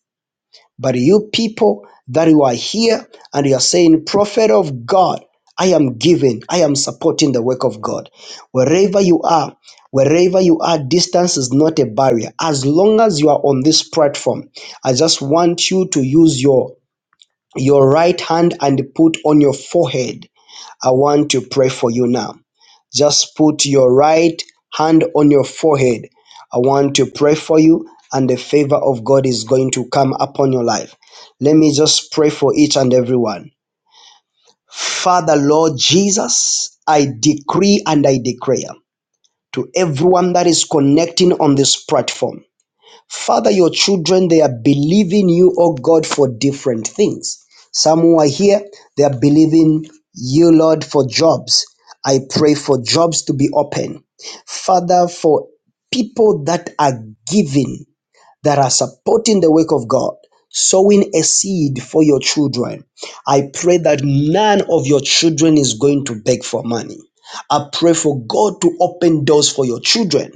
But you people that you are here and you are saying, Prophet of God, I am giving, I am supporting the work of God. Wherever you are, wherever you are, distance is not a barrier. As long as you are on this platform, I just want you to use your your right hand and put on your forehead I want to pray for you now. Just put your right hand on your forehead. I want to pray for you, and the favor of God is going to come upon your life. Let me just pray for each and every one. Father, Lord Jesus, I decree and I declare to everyone that is connecting on this platform Father, your children, they are believing you, oh God, for different things. Some who are here, they are believing you, Lord, for jobs. I pray for jobs to be open. Father, for people that are giving that are supporting the work of God, sowing a seed for your children. I pray that none of your children is going to beg for money. I pray for God to open doors for your children,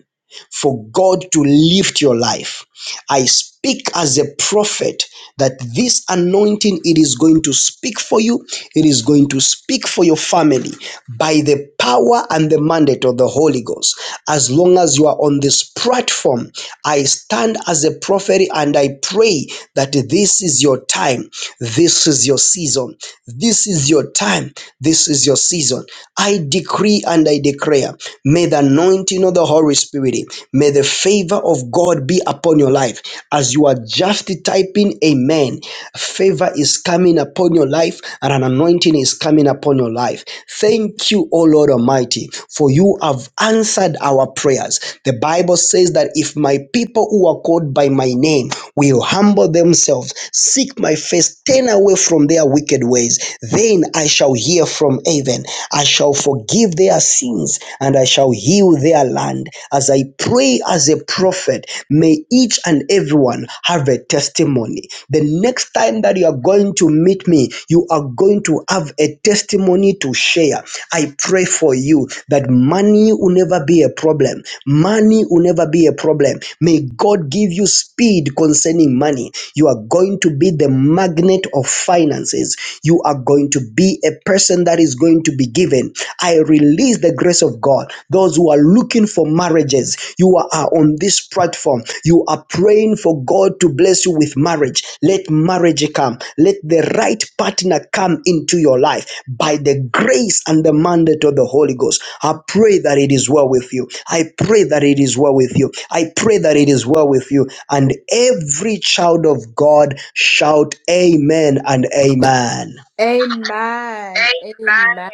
for God to lift your life. I speak as a prophet that this anointing it is going to speak for you, it is going to speak for your family, by the power and the mandate of the Holy Ghost. As long as you are on this platform, I stand as a prophet and I pray that this is your time, this is your season, this is your time, this is your season. I decree and I declare, may the anointing of the Holy Spirit, may the favor of God be upon your life. As you are just typing, Amen, favor favor is coming upon your life and an anointing is coming upon your life. Thank you, O Lord Almighty, for you have answered our prayers. The Bible says that if my people who are called by my name will humble themselves, seek my face, turn away from their wicked ways, then I shall hear from heaven. I shall forgive their sins and I shall heal their land. As I pray as a prophet, May each and everyone have a testimony. The next time that you are going to meet me, you are going to have a testimony to share. I pray for you that money will never be a problem. Money will never be a problem. May God give you speed concerning money. You are going to be the magnet of finances. You are going to be a person that is going to be given. I release the grace of God, those who are looking for marriages, you are on this platform. You are praying for God to bless you with marriage. Let marriage come. Let the right partner come into your life by the grace and the mandate of the Holy Ghost. I pray that it is well with you. I pray that it is well with you. I pray that it is well with you. And every child of God shout amen and amen.
Amen. Amen.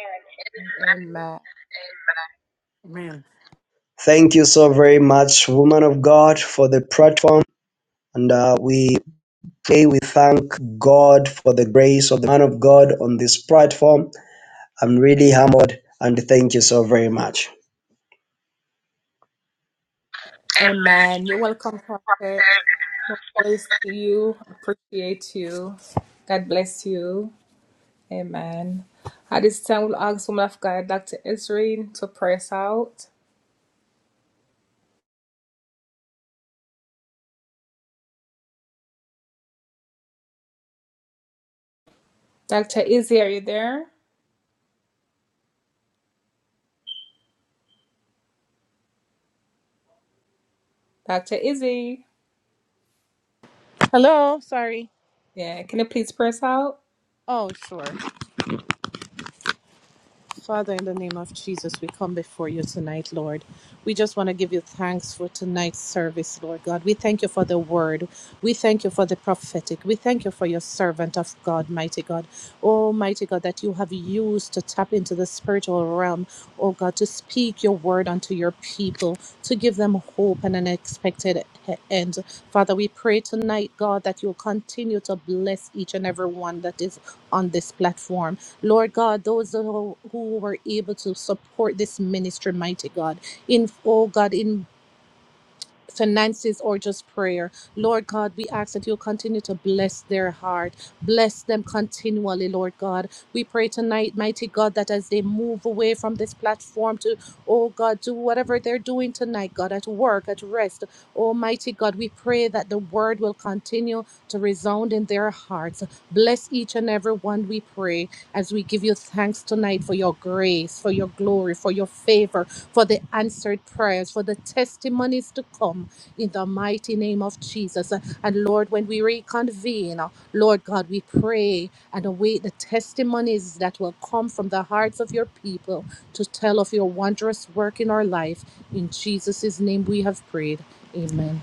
Amen.
Amen.
Thank you so very much, woman of God, for the platform. And uh, we pray, we thank God for the grace of the man of God on this platform. I'm really humbled and thank you so very much.
Amen. You're welcome, Prophet. More grace to you. Appreciate you. God bless you. Amen. At this time, we'll ask woman of God, Dr. Israel, to pray us out. Dr. Izzy, are you there? Dr. Izzy.
Hello, sorry.
Yeah, can you please pray us out?
Oh, sure. Father, in the name of Jesus, we come before you tonight, Lord. We just want to give you thanks for tonight's service, Lord God. We thank you for the word. We thank you for the prophetic. We thank you for your servant of God, mighty God. Oh, mighty God, that you have used to tap into the spiritual realm, oh God, to speak your word unto your people, to give them hope and an expected e- end. Father, we pray tonight, God, that you'll continue to bless each and every one that is on this platform. Lord God, those who, who were able to support this ministry, mighty God, in, oh God, in finances or just prayer. Lord God, we ask that you continue to bless their heart, bless them continually, Lord God. We pray tonight, mighty God, that as they move away from this platform to, oh God, do whatever they're doing tonight, God, at work, at rest, almighty God, we pray that the word will continue to resound in their hearts. Bless each and every one, we pray as we give you thanks tonight for your grace, for your glory, for your favor, for the answered prayers, for the testimonies to come in the mighty name of Jesus. And Lord, when we reconvene, Lord God, we pray and await the testimonies that will come from the hearts of your people to tell of your wondrous work in our life. In Jesus' name we have prayed. Amen.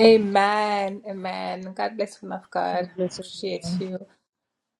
Amen. Amen. God bless woman of God. Appreciate you.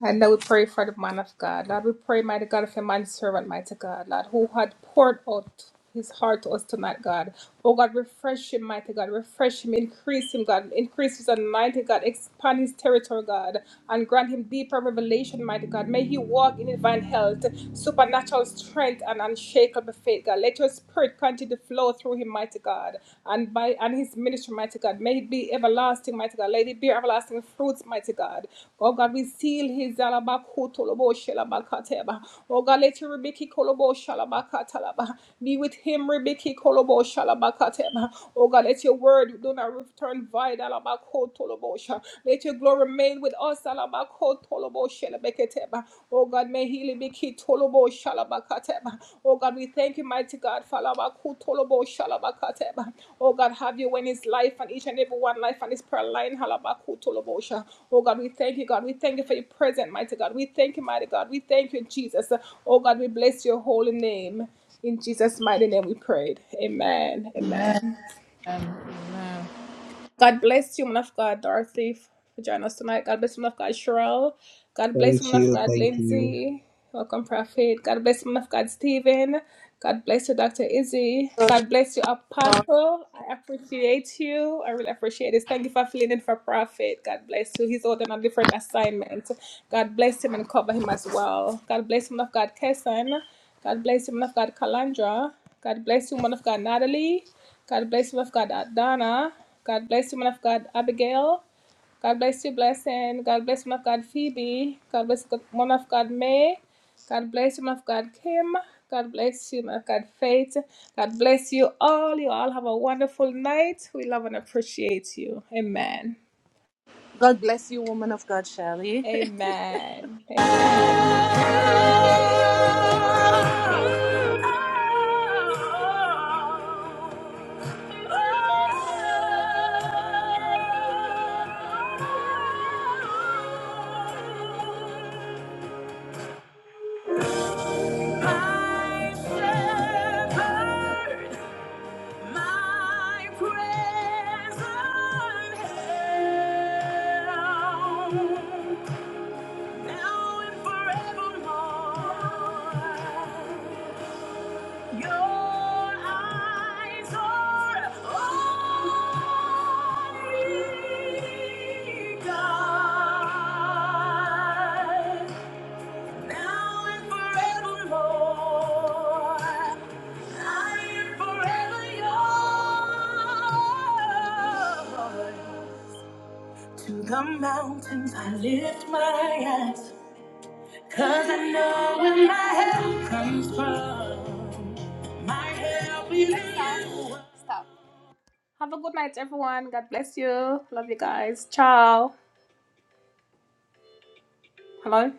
And now we pray for the man of God. Lord, we pray, mighty God, for your man servant, mighty God, Lord, who had poured out his heart to us tonight, God. Oh God, refresh him, mighty God, refresh him, increase him, God, increase his anointing, God, expand his territory, God, and grant him deeper revelation, mighty God. May he walk in divine health, supernatural strength, and unshakable faith, God. Let your spirit continue to flow through him, mighty God. God, and by and his ministry, mighty God. May it be everlasting, mighty God. Let it bear everlasting fruits, mighty God. Oh God, we seal his alabakutolobo shelabakateba. Oh God, let your Rebeki kolobo shalabakatalaba. Be with him, Rebeki kolobo shalabakateba. Oh God, let your word do not return void. alabakutolobo sha. Let your glory remain with us. alabakutolobo shelabekateba. Beketeba. Oh God, may healing be key tolobo shalabakateba. Oh God, we thank you, mighty God, falabaku tolobo shalabakateba. Oh God, have you in his life and each and every one life and his prayer line. Halabaku tolobosha. Oh God, we thank you, God. We thank you for your presence, mighty God. We thank you, mighty God. We thank you, Jesus. Oh God, we bless your holy name. In Jesus' mighty name we prayed. Amen. Amen. God bless you, man of God, Dorothy, for joining us tonight. God bless you, man of God, Cheryl. God bless you,
Thank
man of
you.
God,
Thank you.
Lindsay. Welcome, Prophet. God bless you, man of God, Stephen. God bless you, Dr. Izzy. God bless you, Apostle. I appreciate you. I really appreciate this. Thank you for filling in for Prophet. God bless you. He's holding a different assignment. God bless him and cover him as well. God bless you, man of God, Kesson. God bless you, man of God, Kalandra. God bless you, man of God, Natalie. God bless you, man of God, Donna. God bless you, man of God, Abigail. God bless you, blessing. God bless you, man of God, Phoebe. God bless you, man of God, May. God bless you, man of God, Kim. God bless you, man of God, Faith. God bless you all. You all have a wonderful night. We love and appreciate you. Amen.
God bless you, woman of God, Shelley.
Amen. My shepherd, My present help, now and forevermore. Your eyes are on me, God, now and forevermore. To the mountains I lift my eyes, 'cause I know where my help comes from. My help is in you. Have a good night, everyone. God bless you. Love you guys. Ciao. Hello.